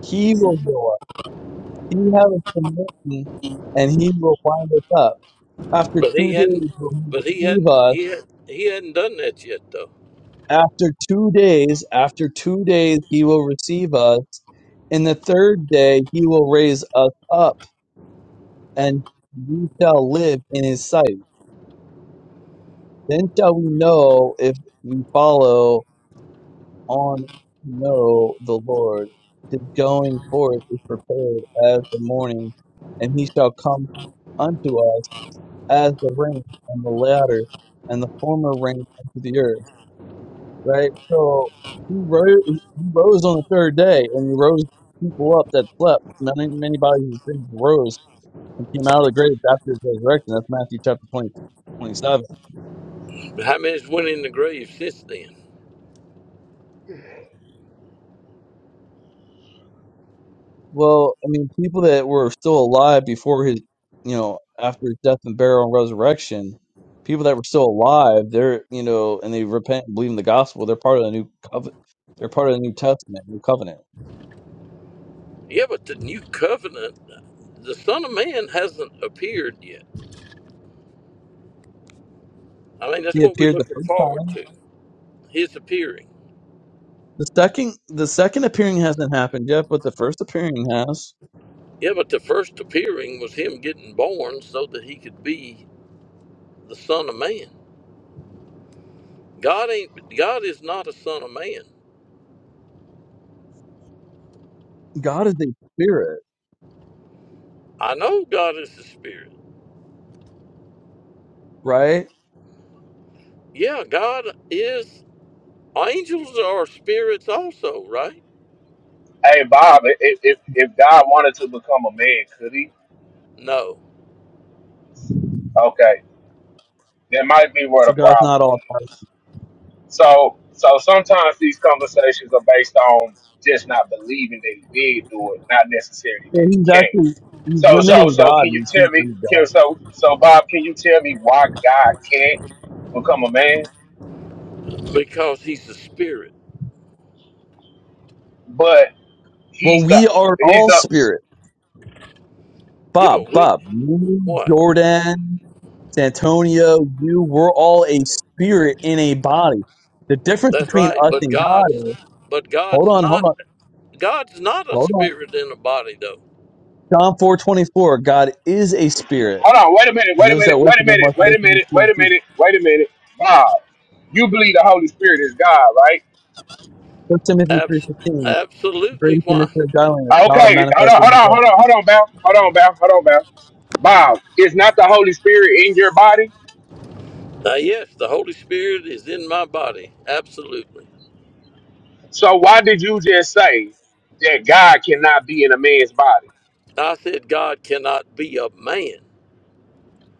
S11: He will heal us. He have a commitment, and he will wind us up. After
S6: But
S11: two
S6: he hadn't
S11: days will he
S6: but he
S11: receive
S6: hadn't
S11: us.
S6: he had he hadn't done that yet though.
S11: After two days, after two days he will receive us. In the third day he will raise us up, and we shall live in his sight. Then shall we know if we follow on to know the Lord. His going forth is prepared as the morning, and he shall come unto us as the rain and the latter and the former rain unto the earth. Right? So he rose, he rose on the third day, and he rose people up that slept. Many, many bodies of things rose and came out of the grave after his resurrection. That's Matthew chapter 20, 27.
S6: How many's went in the grave since then?
S11: Well, I mean, people that were still alive before his, you know, after his death and burial and resurrection, people that were still alive, they're, you know, and they repent and believe in the gospel, they're part of the new covenant. They're part of the New Testament, New Covenant.
S6: Yeah, but the new covenant the Son of Man hasn't appeared yet. I mean that's
S11: He
S6: what we're
S11: appeared the
S6: looking
S11: first
S6: forward
S11: time.
S6: to. His appearing.
S11: The second, the second appearing hasn't happened yet, but the first appearing has.
S6: Yeah, but the first appearing was him getting born so that he could be the son of man. God ain't God is not a son of man.
S11: God is a spirit,
S6: I know God is a spirit.
S11: right?
S6: Yeah, God is angels are spirits also, right?
S10: Hey Bob, i- if if, if God wanted to become a man, could he?
S6: No.
S10: Okay, that might be where the
S11: So God's
S10: problem
S11: not all powerful.
S10: is. So so sometimes these conversations are based on just not believing that he did do it, not necessarily
S11: So
S10: that
S11: he's
S10: he can.
S11: actually he's
S10: So so
S11: limiting
S6: No.
S10: so
S11: God.
S10: can you
S11: and he's
S10: tell me
S11: limiting
S10: can-
S11: God.
S10: so so Bob, can you tell me why God can't become a man?
S6: Because he's a spirit.
S10: But
S11: Well,
S10: he's the
S11: we are
S10: he's
S11: all
S10: the
S11: spirit.
S6: Yeah,
S11: Bob,
S6: but we
S11: Bob, you,
S6: what?
S11: Jordan, Santonio, you, we're all a spirit in a body. The difference
S6: That's
S11: between
S6: right.
S11: us
S6: But
S11: and God
S6: God's
S11: is,
S6: but
S11: hold
S6: God's
S11: on, hold
S6: not
S11: on,
S6: God's not a
S11: hold on.
S6: spirit in a body though.
S11: John four twenty four. God is a spirit,
S10: hold on, wait a minute,
S11: and
S10: wait a
S11: those
S10: minute,
S11: that
S10: wait
S11: worship
S10: a
S11: him
S10: minute,
S11: must
S10: wait
S11: worship
S10: a
S11: in
S10: minute,
S11: spirit
S10: wait
S11: and
S10: a
S11: truth.
S10: minute, wait a minute. Bob, you believe the Holy Spirit is God, right?
S11: First Timothy
S6: Abs-
S11: 3.15, the
S6: absolutely
S11: greatest
S6: why?
S11: mystery of godliness,
S10: Uh,
S11: God
S10: Okay, hold on,
S11: manifested in
S10: hold
S11: the
S10: on,
S11: flesh.
S10: hold on, hold on, Bob. Hold on, Bob, hold on, Bob. Bob, is not the Holy Spirit in your body?
S6: Uh, yes, the Holy Spirit is in my body. Absolutely.
S10: So why did you just say that God cannot be in a man's body?
S6: I said God cannot be a man.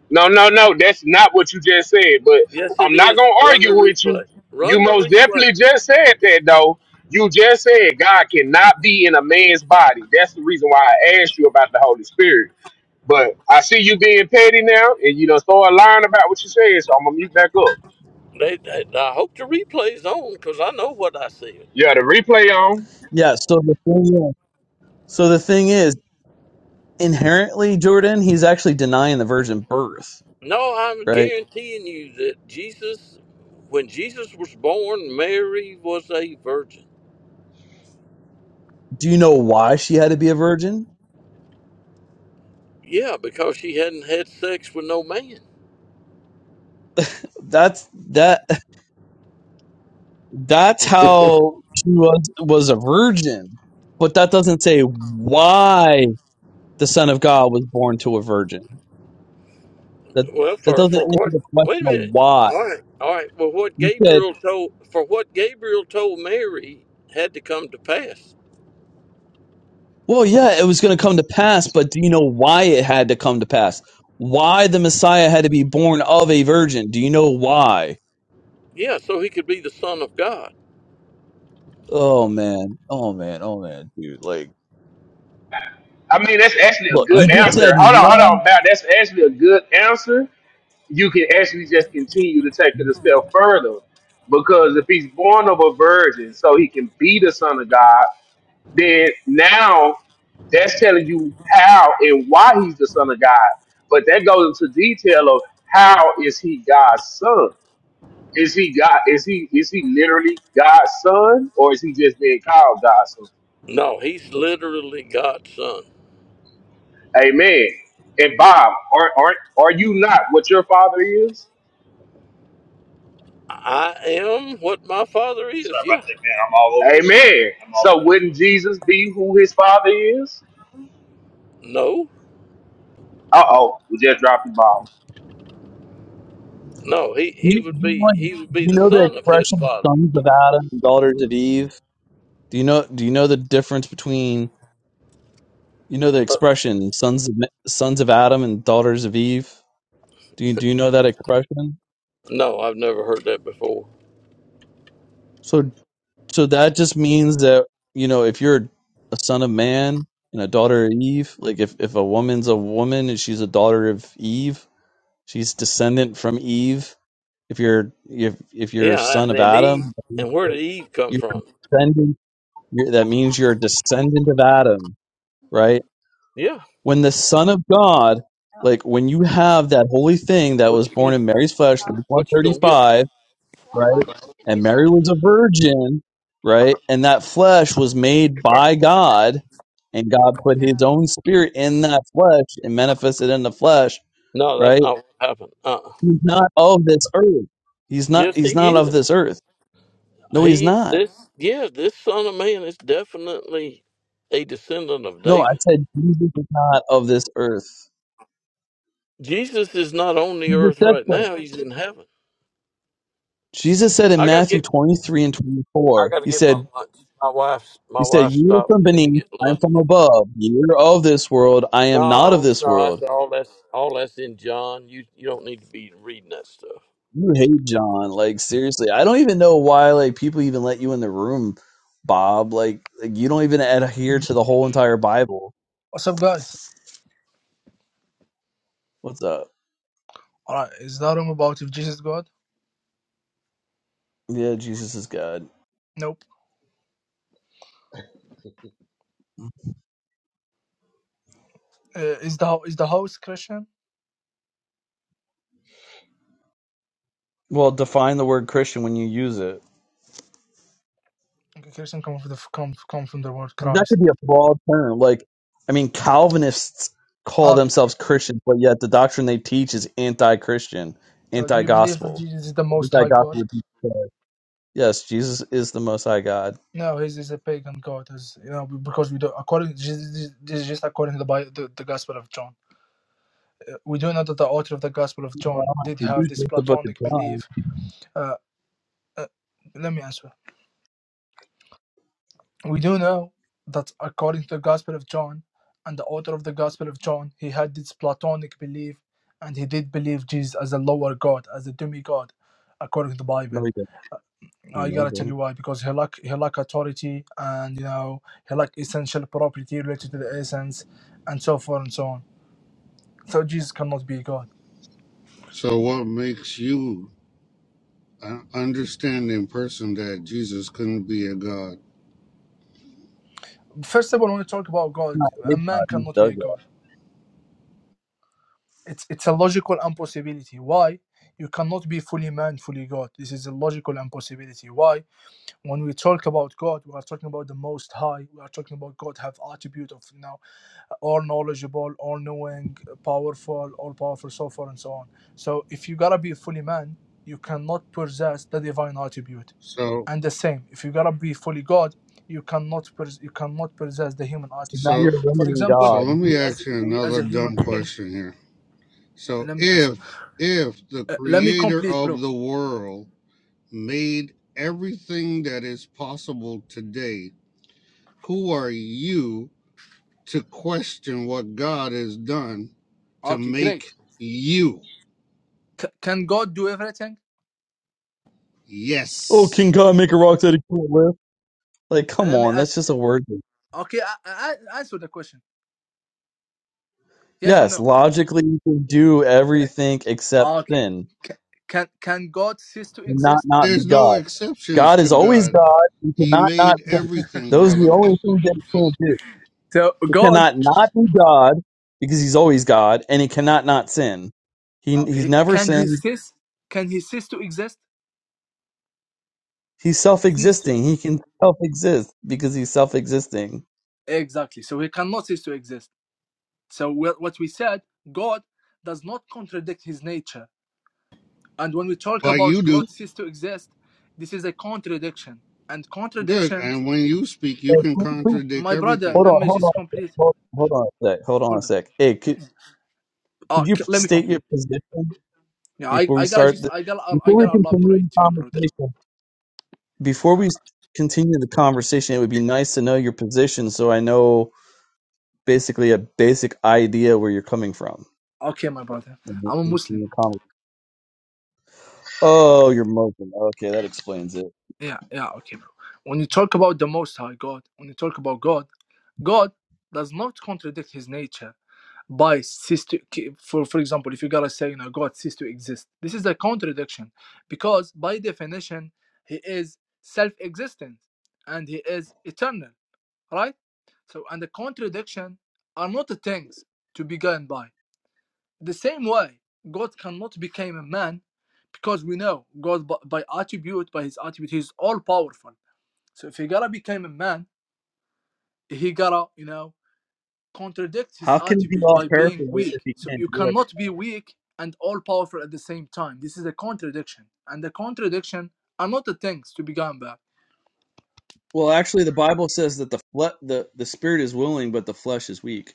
S10: No, no, no. That's not what you just said. But
S6: Yes, it
S10: I'm not
S6: is.
S10: gonna
S6: Run the
S10: argue with you.
S6: replay.
S10: You
S6: Run the
S10: most
S6: replay.
S10: definitely just said that, though. You just said God cannot be in a man's body. That's the reason why I asked you about the Holy Spirit. But I see you being petty now, and you don't start lying about what you said. So I'm gonna mute back up.
S6: They, they- I hope the replay's on because I know what I said.
S10: Yeah, the replay on.
S11: Yeah, so the thing is, so the thing is, inherently, Jordan, he's actually denying the virgin birth,
S6: No, I'm
S11: right?
S6: guaranteeing you that Jesus, when Jesus was born, Mary was a virgin.
S11: Do you know why she had to be a virgin?
S6: Yeah, because she hadn't had sex with no man.
S11: that's that That's
S1: [laughs]
S11: how she was, was a virgin. But that doesn't say why the Son of God was born to a virgin. That
S6: Well,
S11: that
S6: for
S11: doesn't
S6: for
S11: answer
S6: what?
S11: the
S6: Wait a
S11: question of
S6: minute.
S11: why.
S6: All right. All right. Well, what
S11: He said,
S6: Gabriel told for what Gabriel told Mary had to come to pass.
S11: Well, yeah, it was gonna come to pass, but do you know why it had to come to pass? Why the Messiah had to be born of a virgin? Do you know why?
S6: Yeah, so he could be the son of God.
S11: Oh man, oh man, oh man, dude. Like
S10: I mean, that's actually a
S11: look,
S6: I
S11: you
S10: good
S6: mean,
S11: just
S6: that's
S10: answer.
S11: said
S10: Hold on, hold
S11: no
S10: on, Bow. That's actually a good answer. you can actually just continue to take it a step further. Because if he's born of a virgin, so he can be the son of God, then now that's telling you how and why he's the son of God. But that goes into detail of how is he God's son? Is he God? Is he is he literally God's son, or is he just being called God's son?
S6: no. He's literally God's son.
S10: Amen. And Bob, are are are you not what your father is?
S6: I am what my father is. Yeah.
S10: Amen. So over. wouldn't Jesus be who his father is?
S6: No.
S10: Uh oh, we just dropped the ball.
S6: No. He
S11: you,
S6: he would
S11: you
S6: be
S11: know
S6: he would be
S11: you
S6: the
S11: know the
S6: son of his
S11: expression
S6: father.
S11: sons of Adam and daughters of Eve? Do you know? Do you know the difference between you know the expression "sons of sons of Adam" and "daughters of Eve"? Do you do you know that expression?
S6: No, I've never heard that before.
S11: So so that just means that you know if you're a son of man and a daughter of Eve, like if if a woman's a woman and she's a daughter of Eve, she's descendant from Eve. If you're if if you're a
S6: Yeah,
S11: son
S6: and
S11: of
S6: then Eve.
S11: Adam,
S6: And where did Eve come
S11: you're
S6: from?
S11: descendant. You're, that means you're a descendant of Adam, right?
S6: Yeah.
S11: when the Son of God, like when you have that holy thing that
S6: What
S11: was
S6: you
S11: born
S6: gonna-
S11: in Mary's flesh, Luke one
S6: what you
S11: thirty
S6: gonna get?
S11: five, right? And Mary was a virgin, right? And that flesh was made by God, and God put His own Spirit in that flesh and manifested in the flesh,
S6: No, that's
S11: right?
S6: not what happened. Uh. uh
S11: He's not of this earth. He's not.
S6: Yes, he
S11: He's not of
S6: is.
S11: this earth. No, he's
S6: He
S11: not.
S6: this yeah, this son of man is definitely a descendant of
S11: No, I
S6: David.
S11: said Jesus is not of this earth.
S6: Jesus is not on the
S11: Jesus
S6: earth
S11: said
S6: right
S11: so.
S6: now, he's in heaven.
S11: Jesus said in
S6: I gotta
S11: Matthew
S6: get
S11: 23 and
S6: I
S11: 24,
S6: gotta
S11: he
S6: get
S11: said,
S6: my lunch. My wife's
S11: He
S6: my
S11: said,
S6: wife
S11: You are
S6: stopped
S11: from
S6: for me to
S11: beneath,
S6: get
S11: I am
S6: lunch.
S11: from above. You are of this world, I am not of
S6: No,
S11: this
S6: no, that's
S11: world.
S6: all that's all that's in John. You you don't need to be reading that stuff.
S11: You hate John. Like, seriously, I don't even know why, like, people even let you in the room, Bob. Like, like you don't even adhere to the whole entire Bible.
S12: What's up, guys?
S11: What's up?
S12: All right, is that room about if Jesus is God?
S11: Yeah, Jesus is God.
S12: Nope. Uh, is the is the house Christian?
S11: Well, define the word Christian when you use it.
S12: Okay, Christian come from the come come from the word
S11: That
S12: Christ.
S11: could be a broad term. Like, I mean, Calvinists call
S12: Okay.
S11: themselves Christians, but yet the doctrine they teach is anti Christian,
S12: So, do
S11: anti
S12: you believe that
S11: gospel,
S12: Jesus is the Most
S11: anti
S12: High God?
S11: gospel. Yes, Jesus is the Most High God.
S12: No, he's, he's a pagan god, as you know, because we do according Jesus this is just according to the, Bi- the the Gospel of John. Uh, we do know that the author of the Gospel of
S11: Well,
S12: John did
S11: you
S12: have this
S11: just the book of
S12: Platonic
S11: John.
S12: belief. Uh, uh, let me answer. We do know that according to the Gospel of John and the author of the Gospel of John, he had this Platonic belief and he did believe Jesus as a lower God, as a demigod, according to the
S11: No,
S12: Bible.
S11: he didn't. You
S12: I
S11: know,
S12: gotta tell
S11: but
S12: you
S11: it's
S12: why, because he lack he lack authority and you know he lack essential property related to the essence and so forth and so on. So Jesus cannot be God.
S13: So, what makes you an understanding person that Jesus couldn't be a God?
S12: First of all, when we talk about God,
S11: not
S12: a
S11: really
S12: man
S11: God. He's
S12: cannot be a
S11: dug that.
S12: God. It's it's a logical impossibility. Why? You cannot be fully man, fully God. This is a logical impossibility. Why? When we talk about God, we are talking about the Most High. We are talking about God have attribute of now all knowledgeable, all knowing, powerful, all powerful, so forth and so on. So if you gotta be fully man, you cannot possess the divine attribute.
S13: So,
S12: And the same, if you gotta be fully God, you cannot pers- you cannot possess the human
S11: So now
S12: attribute.
S13: so,
S11: you're
S12: For
S11: limiting
S12: example,
S13: so, let
S11: God.
S13: me
S12: we as
S13: ask you
S12: we as
S13: another
S12: a human
S13: dumb
S12: being,
S13: question here. So,
S12: let me answer.
S13: if if the
S12: Uh, let me
S13: Creator
S12: complete, bro.
S13: of the world made everything that is possible today, who are you to question what God has done to
S12: Okay, great.
S13: make you?
S12: C- can God do everything?
S11: Oh, can
S13: Yes.
S11: God make a rock that he can't lift? Like,
S12: Uh,
S11: come
S12: Let me
S11: on, that's
S12: ask.
S11: just a word.
S12: Okay, I, I, I- answer the question. Yes or
S11: Yes,
S12: no?
S11: logically you can do
S12: Great.
S11: everything except
S12: Okay.
S11: sin
S12: Can can, can God cease to
S11: and not
S12: exist?
S11: not be
S13: There's no
S11: God.
S13: exceptions
S11: God
S13: to
S11: is always
S13: God.
S11: God. You
S13: He
S11: cannot not
S13: made
S11: sin.
S13: everything,
S11: Those are
S13: brother,
S11: the only things that he can't do.
S12: So
S11: He
S12: God,
S11: cannot not be God because he's always God, and he
S12: uh,
S11: cannot not sin.
S12: uh,
S11: He he
S12: he,
S11: never
S12: can he
S11: sins.
S12: cease? Can he cease to exist?
S11: He's
S12: Cease to,
S11: self-existing. He can self-exist because he's self-existing.
S12: exactly. So he cannot cease to exist. So we what we said, God does not contradict his nature. And when we talk
S13: like
S12: about
S13: you do.
S12: God cease to exist, this is a contradiction. And
S13: Good.
S12: contradiction
S13: And when you speak, you
S11: Hey,
S13: can
S11: who- who-
S13: contradict
S12: My brother,
S13: everything.
S11: Hold
S12: let
S11: on,
S12: me
S11: hold on,
S12: just
S11: a sec.
S12: complete.
S11: hold, hold on a sec. Hold on a
S12: Hold on.
S11: sec. Hey, could, could
S12: Uh,
S11: you
S12: c- let me
S11: state your
S12: complete.
S11: position
S12: Yeah, I,
S11: before we
S12: I gotta
S11: start?
S12: just
S11: The,
S12: I gotta I
S11: before we
S12: gotta
S11: continue the
S12: elaborate to you, brother.
S11: conversation, before we s- continue the conversation, it would be nice to know your position so I know basically a basic idea where you're coming from.
S12: Okay, my brother.
S11: in
S12: I'm a
S11: the- in
S12: Muslim.
S11: the conver- Oh, you're Muslim. Okay, that explains it.
S12: Yeah, yeah, okay, bro. When you talk about the Most High God, when you talk about God, God does not contradict His nature by cease to for for example, if you gotta say you know God cease to exist, this is a contradiction because by definition He is self-existent and He is eternal. All right? So, and the contradiction are not things to be gone by. The same way, God cannot become a man because we know God by, by attribute, by his attribute, he's all powerful. So if he gotta become a man, he gotta, you know, contradict his
S11: How can it be
S12: attribute
S11: all
S12: by being
S11: powerful if
S12: weak.
S11: you
S12: So
S11: can't
S12: you
S11: do it?
S12: cannot be weak and all powerful at the same time. This is a contradiction. And the contradiction are not the things to be gone by.
S11: Well, actually, the Bible says that the fle- the the spirit is willing, but the flesh is weak.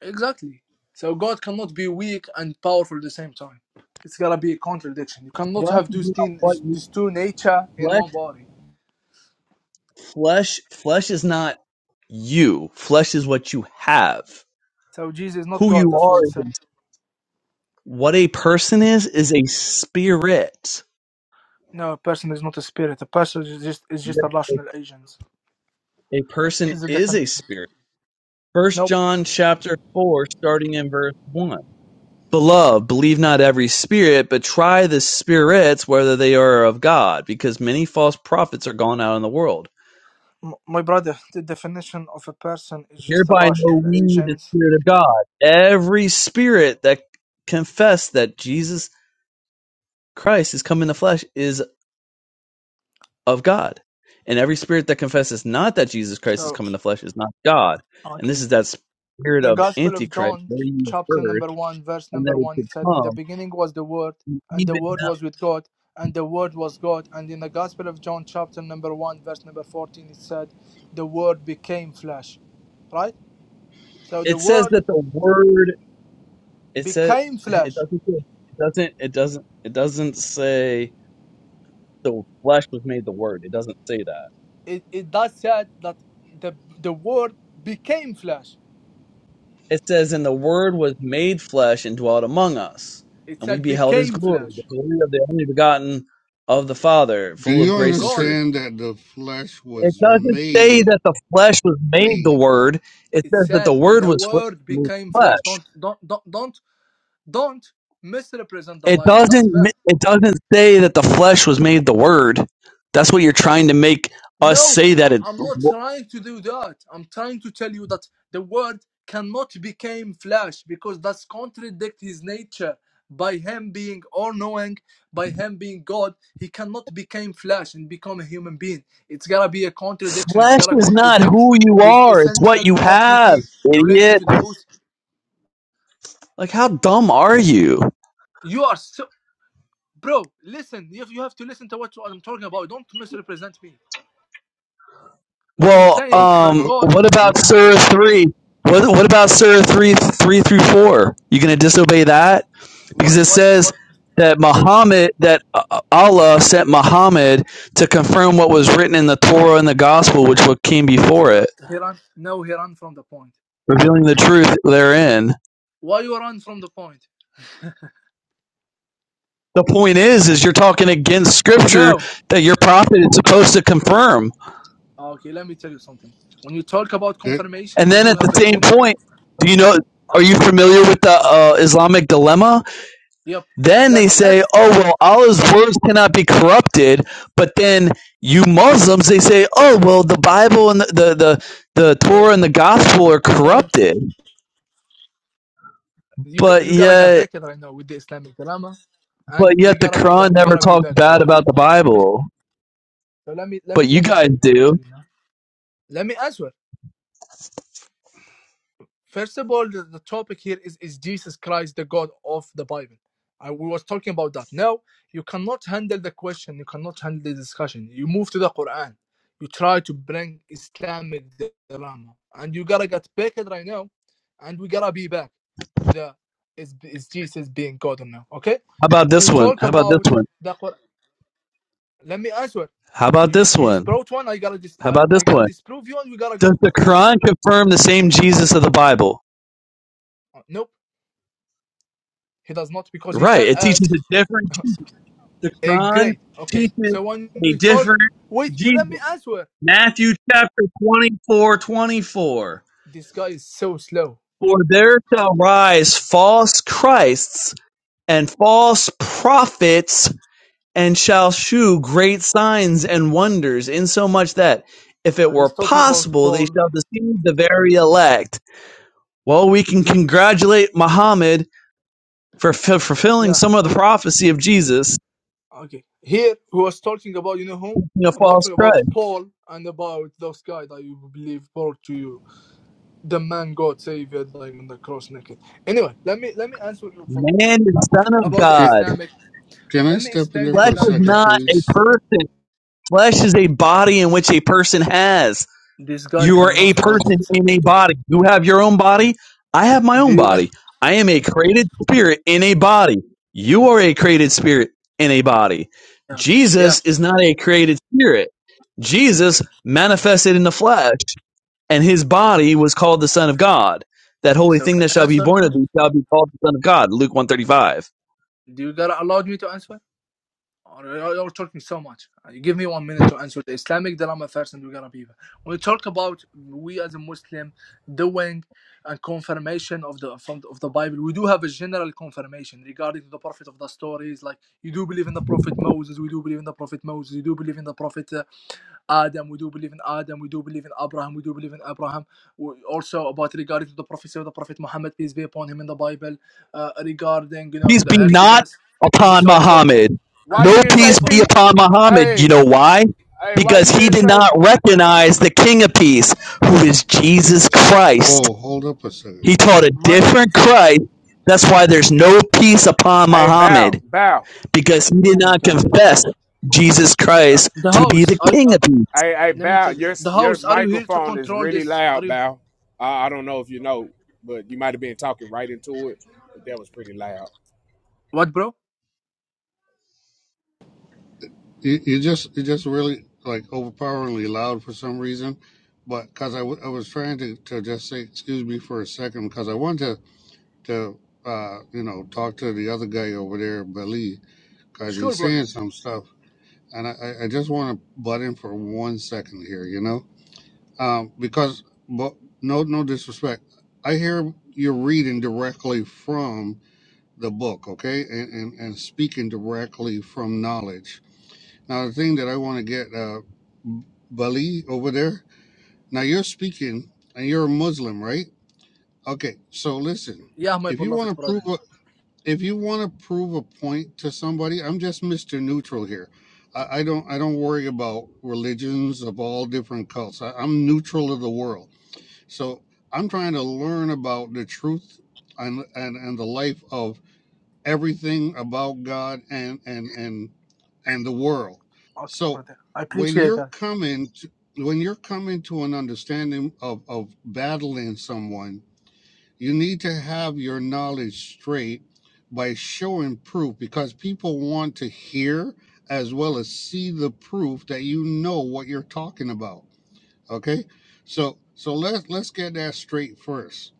S12: Exactly. So God cannot be weak and powerful at the same time. It's gotta be a contradiction. You cannot
S11: Flesh
S12: have
S11: is
S12: these
S11: not
S12: two,
S11: what you
S12: these two nature in
S11: flesh
S12: one body.
S11: flesh flesh is not you. Flesh is what you have.
S12: So Jesus is not
S11: Who
S12: God.
S11: you
S12: That's what he
S11: are
S12: said.
S11: is what a person is is a spirit.
S12: No, a person is not a spirit. A person is just is just a rational agent.
S11: A person
S12: Is the
S11: is a
S12: definition?
S11: spirit. First
S12: Nope.
S11: John chapter four, starting in verse one. Beloved, believe not every spirit, but try the spirits whether they are of God, because many false prophets are gone out in the world.
S12: M- my brother, the definition of a person is just a
S11: Hereby
S12: rational
S11: know we the
S12: agent.
S11: Spirit of God. Every spirit that confess that Jesus Christ is come in the flesh is of God. And every spirit that confesses not that Jesus Christ is
S12: So
S11: come in the flesh is not God. And this
S12: okay,
S11: is that spirit
S12: The
S11: of
S12: Gospel of
S11: Antichrist,
S12: John,
S11: where you have
S12: chapter
S11: heard,
S12: number 1, verse
S11: and that
S12: number
S11: it
S12: 1,
S11: could
S12: it said, In the
S11: come.
S12: beginning was the Word,
S11: and
S12: and the
S11: Even
S12: Word
S11: now,
S12: was with God, and the Word was God. And in the Gospel of John, chapter number 1, verse number 14, it said, The Word became flesh. Right? So the
S11: it says
S12: Word
S11: that the word It said
S12: became
S11: [laughs] it
S12: flesh.
S11: doesn't say- it doesn't it doesn't it doesn't say the flesh was made the word. It doesn't say that.
S12: It, it does said that the, the Word became flesh.
S11: It says and the word was made flesh and dwelt among us,
S12: It
S11: and we
S12: said
S11: beheld his
S12: became
S11: glory, the
S12: flesh.
S11: glory of the only begotten of the Father,
S13: Do
S11: full of
S13: you
S12: So
S11: grace and
S12: God,
S11: truth.
S13: understand that the flesh
S11: It
S13: was
S11: doesn't say
S13: made,
S11: that the flesh was made the
S13: made,
S11: word. It
S12: it
S11: says that
S12: said
S11: the word
S13: made?
S12: the
S11: was fl-
S12: Word
S11: made
S12: became flesh.
S11: flesh.
S12: Don't, don't, don't, don't, don't misrepresent the
S11: It
S12: Bible. That's
S11: doesn't mi-
S12: bad.
S11: it doesn't say that the flesh was made the word. That's what you're trying to make us
S12: Nope,
S11: say
S12: I-
S11: that it
S12: I'm not trying to do that. I'm trying to tell you that the word cannot become flesh because that's contradict his nature. By him being all knowing, by him being God, he cannot become flesh and become a human being. It's gotta be a contradiction. It's
S11: Flesh
S12: gotta
S11: is not
S12: contradict
S11: who you
S12: his
S11: are, it's what
S12: essential
S11: you have,
S12: property related
S11: idiot.
S12: to the oath.
S11: Like how dumb are you?
S12: You are so, bro. Listen, you you have to listen to what I'm talking about. Don't misrepresent me. What I'm
S11: Well,
S13: Oh,
S12: saying that
S11: um
S13: oh,
S12: God,
S11: what
S13: oh.
S11: about Surah 3? What what about Surah 3 3 through 4? You going to disobey that?
S12: why,
S11: Because it
S12: why, why?
S11: says that Muhammad that uh, Allah sent Muhammad to confirm what was written in the Torah and the gospel which what came
S12: Okay,
S11: before
S12: so
S11: it,
S12: he ran. No, he ran from the point.
S11: revealing the truth therein.
S12: Why you run from the point?
S11: The point is is you're talking against scripture
S12: No.
S11: that your prophet is supposed to confirm.
S12: Okay, let me tell you something. When you talk about
S13: That,
S12: confirmation,
S11: And
S12: we
S11: then
S12: do
S11: at the
S12: have a
S11: same
S12: general.
S11: point, do you know?
S12: Uh,
S11: Are you familiar with the uh, Islamic dilemma?
S12: yep.
S11: Then they
S12: Let's let's.
S11: say, "Oh well, Allah's words cannot be corrupted." But then you Muslims, they say, "Oh well, the Bible and the the the, the Torah
S12: Hey,
S11: and the Gospel are
S12: uh,
S11: corrupted."
S12: you g-
S11: But
S12: you gotta get
S11: yet,
S12: back it right now with the Islamic drama, and
S11: but
S12: we
S11: yet, the
S12: gotta be back.
S11: Quran
S12: We
S11: never
S12: gotta be
S11: talks
S12: back to
S11: bad
S12: it with the
S11: about the
S12: point. Okay.
S11: Bible.
S12: So let me let me
S11: But you
S12: let me
S11: guys
S12: tell you. Let me tell
S11: do.
S12: you now. Let me answer. First of all, the, the topic here is is Jesus Christ the God of the Bible? I, we was talking about that. Now you cannot handle the question. You cannot handle the discussion. You move to the Quran. You try to bring Islamic drama, and you gotta get back right now, and we gotta be back to the is is Jesus being God or not? Okay.
S11: How about
S12: When we
S11: this one?
S12: talk
S11: How about this
S12: about
S11: one?
S12: the Quran, let me answer.
S11: How about
S12: You just
S11: this
S12: you just
S11: one?
S12: brought one. I gotta dis
S11: How
S12: I,
S11: about this
S12: I gotta
S11: one?
S12: disprove you, and we gotta
S11: Does
S12: go.
S11: the Quran confirm the same Jesus of the Bible?
S12: uh, Nope, he does not because he
S11: Right.
S12: tell
S11: It teaches
S12: us.
S11: a different
S12: [laughs]
S11: Jesus. The
S12: Eh,
S11: Quran
S12: great. Okay.
S11: teaches
S12: So when
S11: a
S12: we talk,
S11: different
S12: wait. Well, let me
S11: Jesus.
S12: answer.
S11: Matthew chapter 24, 24:
S12: This guy is so slow.
S11: For there shall rise false Christs and false prophets and shall shew great signs and wonders, insomuch that if it
S12: Uh,
S11: were
S12: he's talking about
S11: possible, they
S12: Paul.
S11: shall deceive the very elect. Well, we can congratulate Muhammad for f- fulfilling
S12: Yeah.
S11: some of the prophecy of Jesus,
S12: Okay. Here he was talking about you know whom
S11: a
S12: about
S11: false
S12: about
S11: Christ.
S12: Paul and about those guy that you believe brought to you the man God Savior dying on the cross naked. Anyway, let me let me answer you for,
S11: Man is son of
S12: about the
S13: can,
S11: God.
S12: Islamic.
S13: can I
S12: Let me
S13: step in
S12: explain
S13: there
S12: the
S13: for
S11: Flesh
S13: a
S11: is
S12: Islamic
S13: second,
S11: not
S12: drama to you.
S11: a
S13: please?
S11: person. Flesh is a body in which a person has.
S12: This guy
S11: You are a
S12: cannot hold
S11: person
S12: himself.
S11: in a body. You have your own body. I have my
S12: Do
S11: own
S12: you guys?
S11: body. I am a
S12: do-
S11: created spirit in a body. You are a created spirit in a body.
S12: Yeah. Yeah.
S11: Jesus is not a created spirit. Jesus
S12: Uh,
S11: manifested in the flesh, and his body was called the Son of God. That
S12: Okay.
S11: holy
S12: So
S11: thing
S12: can
S11: that
S12: I
S11: shall be
S12: answer now?
S11: born of thee shall be called the Son of God. Luke 135.
S12: Do you gotta allow me to answer? Or you- are talking so much. Uh, You give me one minute to answer the Islamic dilemma first, and we're gonna be. When we talk about we as a Muslim doing a confirmation of the from, of the Bible, we do have a general confirmation regarding the prophet of the stories. Like you do believe in the prophet Moses, we do believe in the prophet Moses. You do believe in the prophet. uh, Adam, we do believe in Adam, we do believe in Abraham, we do believe in Abraham. We- Also about regarding to the prophecy of the Prophet Muhammad, peace be upon him in the Bible, uh, regarding you know to
S11: peace
S12: the
S11: be not
S12: Exodus and
S11: upon
S12: so forth,
S11: Muhammad.
S12: and
S11: No
S12: and so
S11: peace
S12: forth.
S11: be upon Muhammad. You know why? Because he did not recognize the King of Peace, who is Jesus Christ.
S13: Oh, hold up a second.
S11: He taught a
S12: My
S13: second.
S11: different
S13: Oh,
S11: Christ. That's why there's no peace upon Muhammad, because he
S12: oh
S11: did
S12: my
S11: not
S12: god,
S11: confess Jesus
S12: uh,
S11: Christ
S12: the
S11: to be
S12: host.
S11: the
S12: Are, you-
S11: King
S12: uh,
S11: of Peace.
S12: let me tell you, the host. Are you here to control this? Are you what, bro?
S13: You, you just, you just really like overpoweringly loud for some reason. But because I w- I was trying to, to just say, excuse me for a second, because I wanted to to uh, you know talk to the other guy over there, Bali, because
S12: Sure,
S13: he's
S12: brother.
S13: saying some stuff, and I, I I just want to butt in for one second here, you know, um, because but no no disrespect, I hear you're reading directly from the book, okay, and and, and speaking directly from knowledge. Now the thing that I want to get uh, Bali over there. Now you're speaking and you're a Muslim, right? Okay, so listen.
S12: Yeah, my
S13: If you
S12: beloved
S13: want to prove
S12: brother.
S13: a, if you want to prove a point to somebody, I'm just Mr. Neutral here. I, I don't I don't worry about religions of all different cults. I, I'm neutral of the world. So I'm trying to learn about the truth and and, and the life of everything about God and and and and the world.
S12: Okay,
S13: So
S12: brother. I
S13: when
S12: appreciate
S13: you're
S12: that.
S13: coming to when you're coming to an understanding of, of battling someone you need to have your knowledge straight by showing proof because people want to hear as well as see the proof that you know what you're talking about. Okay? So so let's let's get that straight first.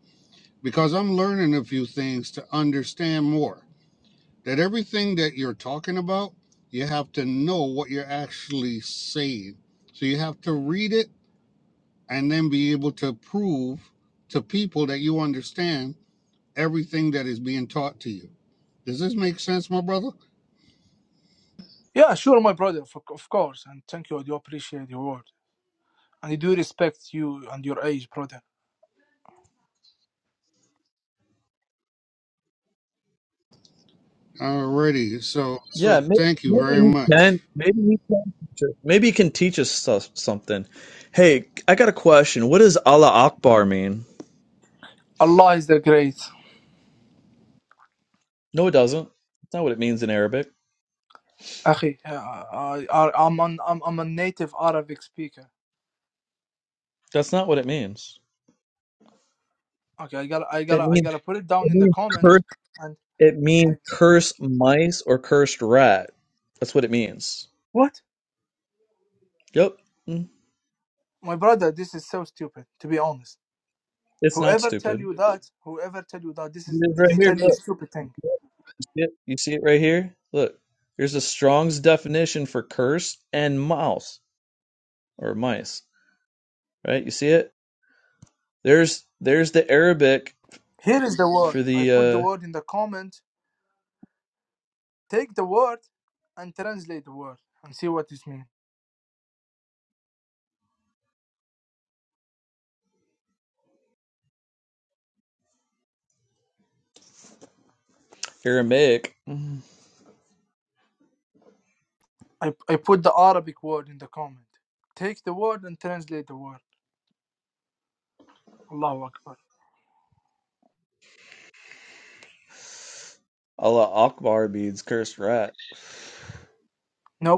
S13: Because I'm learning a few things to understand more. That everything that you're talking about, you have to know what you're actually saying. So you have to read it and then be able to prove to people that you understand everything that is being taught to you. Does this make sense, my brother?
S12: Yeah, sure, my brother. Of of course, and thank you. I do appreciate your word, and I do respect you and your age, brother.
S13: Alrighty. So,
S11: Yeah,
S13: so
S11: maybe,
S13: thank you
S11: maybe
S13: very much.
S11: he can. Maybe he can. teach us- Maybe he can teach us so- something. Hey, I got a question. What does Allah Akbar mean?
S12: Allah is the Great.
S11: No, it doesn't. That's not what it means in Arabic.
S12: Akhi, yeah, I, I, I'm, an, I'm I'm a native Arabic speaker.
S11: That's not what it means.
S12: Okay, I gotta I
S11: It
S12: gotta I
S11: means,
S12: gotta put it down
S11: it
S12: in the
S11: means
S12: comment.
S11: curse.
S12: And
S11: It
S12: I,
S11: means curse mice or cursed rat. That's what it means.
S12: what?
S11: Yep. Mm.
S12: My brother, this is so stupid. To be honest,
S11: It's not
S12: whoever tell
S11: stupid.
S12: you that, whoever tell you that, this is
S11: It is right
S12: he
S11: here.
S12: tell you a
S11: Look,
S12: stupid thing.
S11: you see it, you see it right here. Look, here's the Strong's definition for curse and mouse or mice. Right? You see it? There's there's the Arabic
S12: Here is the word.
S11: for
S12: I put the
S11: the
S12: word in the comment. Take the word and translate the word and see what it means.
S11: uh, Aramaic. Mhm.
S12: I, I put the Arabic word in the comment. Take the word and translate the word. Allahu Akbar.
S11: Allah Akbar means cursed rat.
S12: No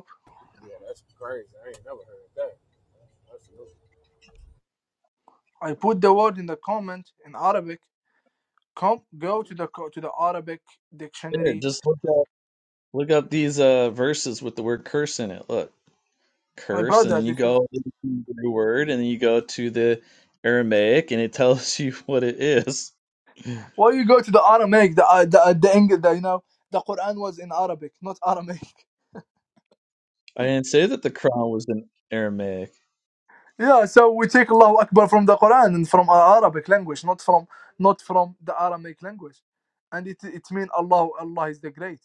S12: I put the word in the comment in Arabic. Come, go to the co- to the Arabic
S11: There,
S12: dictionary,
S11: just look Look up these uh verses with the word curse in it. Look,
S12: my
S11: curse, and
S12: brother.
S11: then you
S12: This is
S11: go to the word, and then you go to the Aramaic, and it tells [laughs] you what it is.
S12: why you go to the Aramaic. The uh, the uh, the, English, the you know the Quran was in Arabic, not Aramaic. [laughs]
S11: I didn't say that the crown was in Aramaic.
S12: Yeah, so we take Allahu Akbar from the Quran and from our Arabic language, not from not from the Aramaic language, and it it means Allah Allah is the great.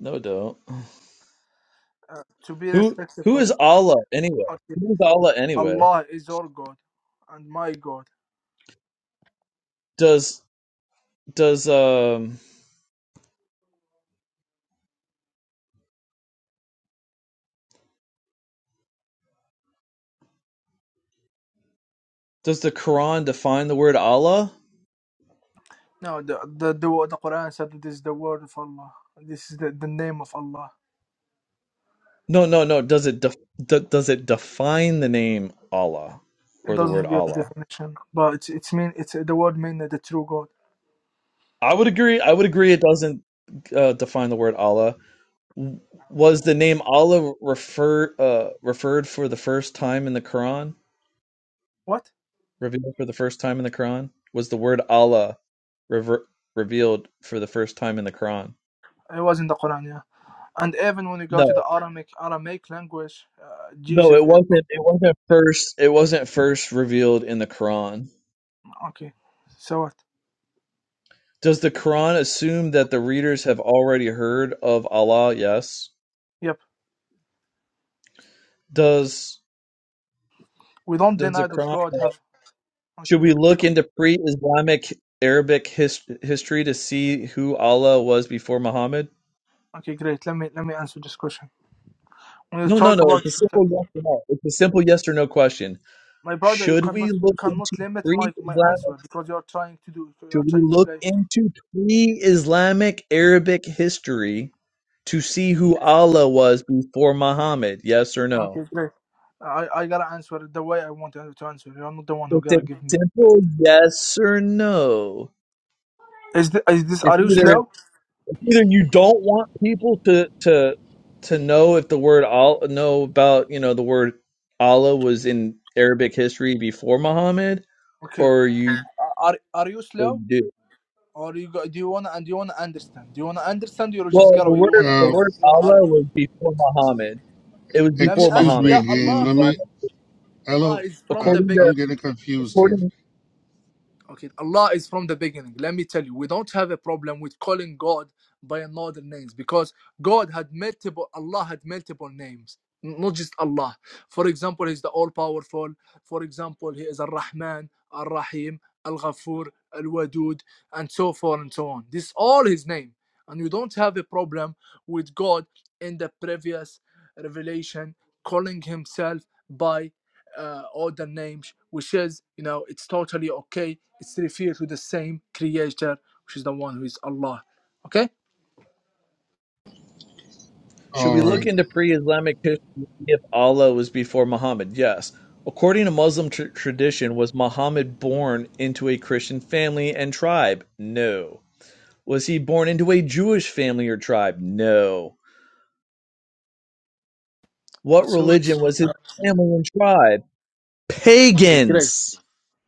S11: No, don't.
S12: Uh, to be
S11: Who who
S12: respectful,
S11: is Allah anyway?
S12: okay.
S11: Who is Allah anyway?
S12: Allah is your God, and my God.
S11: Does does um does the Quran define the word Allah?
S12: No, the the the, wo- the Quran said that this is the word of Allah. This is the, the name of Allah.
S11: No, no, no. Does it def- d- does it define the name Allah
S12: It
S11: or the word
S12: doesn't give a
S11: Allah?
S12: definition, but it's it's mean it's the word mean the true God.
S11: I would agree. I would agree. It doesn't uh, define the word Allah. W- Was the name Allah refer uh, referred for the first time in the Quran?
S12: What?
S11: Revealed for the first time in the Quran? Was the word Allah rever- revealed for the first time in the Quran?
S12: It was in the Quran, yeah. And even when you go to
S11: No,
S12: the Aramaic Aramaic language, uh,
S11: no,
S12: Jesus.
S11: it
S12: is-
S11: wasn't. It wasn't first. It wasn't first revealed in the Quran.
S12: Okay, so what?
S11: Does the Quran assume that the readers have already heard of Allah? Yes.
S12: Yep.
S11: Does
S12: We don't
S11: does the
S12: deny that
S11: Quran?
S12: God
S11: uh,
S12: have. Okay.
S11: should we
S12: We
S11: look
S12: don't,
S11: into pre-Islamic Arabic his- history to see who Allah was before Muhammad?
S12: okay, great. Let me let me answer this question. When you
S11: No, no,
S12: talk
S11: no.
S12: about
S11: It's a simple yes or no. It's a simple yes or no question.
S12: my brother, you
S11: Should we
S12: cannot you
S11: look into
S12: cannot limit my my
S11: pre-Islamic?
S12: answer because you are trying to do you
S11: Should
S12: are
S11: we
S12: trying to
S11: look
S12: play.
S11: into pre-Islamic Arabic history to see who Allah was before Muhammad? Yes or
S12: Okay,
S11: no?
S12: great. I, I gotta answer it the way I want to to answer. You're not the one who
S11: It's a
S12: gotta give me.
S11: simple yes or no.
S12: Is this, is this are
S11: It's
S12: you
S11: either
S12: slow?
S11: it's either you don't want people to to to know if the word all know about you know the word Allah was in Arabic history before Muhammad,
S12: Okay.
S11: or you
S12: Are are you
S11: or
S12: slow?
S11: you do.
S12: Or you go, do you wanna and you wanna understand? Do you wanna understand? You're just
S11: Well,
S12: gotta
S11: the
S12: you just got to
S11: word the
S12: you
S13: Uh,
S12: wanna
S11: word
S12: you wanna
S11: Allah
S12: argue.
S11: was before Muhammad. It was
S12: Let me
S11: before
S12: ask.
S13: excuse me
S11: Muhammad.
S12: Yeah,
S11: And
S13: again.
S12: Allah,
S13: Let
S11: pre-Islam-
S13: me.
S12: Allah
S13: Hello.
S12: is from
S13: Uh,
S12: the
S11: according to
S13: I'm
S12: beginning.
S13: getting confused here.
S11: according,
S12: Okay, Allah is from the beginning. Let me tell you, we don't have a problem with calling God by another names because God had multiple, Allah had multiple names, not just Allah. For example, He's the All Powerful. For example, He is Al Rahman, Al Rahim, Al Ghafur, Al Wadud, and so forth and so on. This is all His name, and you don't have a problem with God in the previous revelation calling Himself by uh, other names, which is, you know, it's totally okay. It's referred to the same creator, which is the one who is Allah. Okay?
S11: should we
S13: All
S11: look
S13: right,
S11: into pre-Islamic history to see if Allah was before Muhammad? Yes. According to Muslim tr- tradition, was Muhammad born into a Christian family and tribe? No. Was he born into a Jewish family or tribe? No. What
S12: What's good?
S11: religion was his family and tribe?
S12: Okay, great.
S11: Pagans.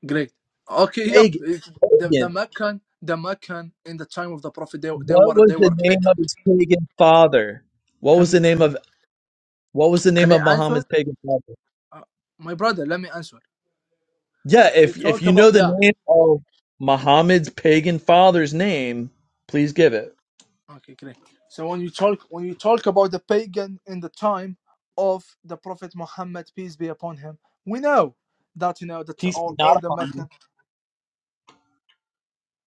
S12: Great. Okay, yep.
S11: Pag-
S12: It's- The,
S11: Pagans.
S12: the Meccan, the Meccan in the time of the Prophet, they, they
S11: What
S12: were
S11: was
S12: they
S11: the
S12: were
S11: name
S12: fit.
S11: of his pagan father? What was
S12: Can
S11: the name of what was the name
S12: can
S11: of
S12: I
S11: Muhammad's
S12: answer?
S11: pagan father?
S12: Uh, my brother, let me answer.
S11: Yeah,
S12: When you
S11: if if
S12: talk
S11: you
S12: about
S11: know the
S12: yeah,
S11: name of Muhammad's pagan father's name, please give it.
S12: Okay, great. So when you talk when you talk about the pagan in the time of the Prophet Muhammad, peace be upon him, we know that you know that
S11: Peace
S12: all,
S11: be not
S12: all the
S11: upon you.
S12: Meccan.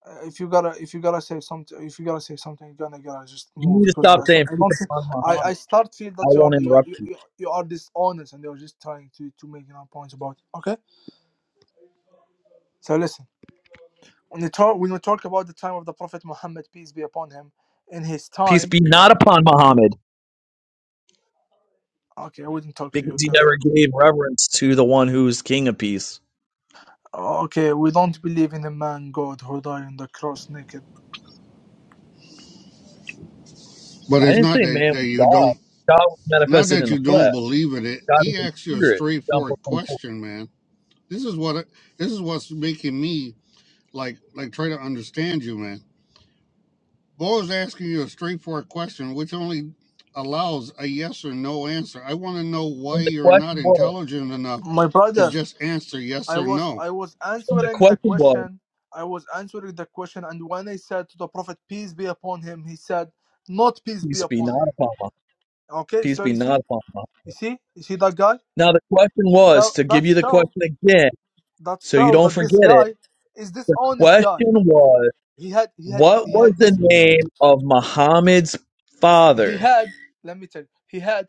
S12: Uh, if you gotta if you gotta say something if you gotta say something, you're gonna gotta just
S11: You
S12: move
S11: need to
S12: because I,
S11: stop saying
S12: I
S11: peace
S12: don't think-
S11: upon
S12: I I
S11: Muhammad.
S12: start feel
S11: I
S12: that you are
S11: won't
S12: you
S11: interrupt
S12: you,
S11: you.
S12: you are dishonest and you're just trying to to make you know points about. it. Okay, so listen when you talk when you talk about the time of the Prophet Muhammad, peace be upon him, in his
S11: Peace
S12: time.
S11: be not upon Muhammad
S12: Okay, I wouldn't talk to you.
S11: because he
S12: Can
S11: never gave reverence to the one who's king of peace.
S12: Okay, we don't believe in a man God who died on the cross naked.
S13: but
S11: I
S13: it's
S11: didn't
S13: not
S11: say
S13: that
S11: man
S13: that
S11: was
S13: you
S11: God.
S13: don't.
S11: God was
S13: Not
S11: manifested
S13: that
S11: in the
S13: you don't
S11: flesh.
S13: believe in it.
S11: God is
S13: He
S11: a
S13: asked you a
S11: spirit. John
S13: straightforward
S11: 4:24.
S13: question, man. This is what. This is what's making me like like try to understand you, man. Bo is asking you a straightforward question, which only allows a yes or no answer. I want to know why
S11: And the
S13: you're not
S11: question was,
S13: intelligent enough
S12: My
S13: to
S12: brother,
S13: just answer yes
S12: I
S13: or
S12: was
S13: no.
S12: I was
S11: and the
S12: answering the
S11: question was.
S12: question. I was answering the question, and when I said to the Prophet, peace be upon him, he said, not peace be
S11: Peace be
S12: upon
S11: not
S12: him.
S11: upon us.
S12: Okay,
S11: Peace
S12: so
S11: be
S12: you see,
S11: not upon us.
S12: you see, you see that guy.
S11: Now the question
S12: Now
S11: was to give
S12: that
S11: you the
S12: show
S11: question again,
S12: that
S11: so you
S12: show
S11: don't
S12: that this
S11: forget it.
S12: guy is this
S11: The
S12: honest
S11: question
S12: guy.
S11: was,
S12: He had he had
S11: what
S12: he
S11: was
S12: had
S11: the
S12: this
S11: name of Muhammad's
S12: he
S11: father?
S12: had let me tell you he had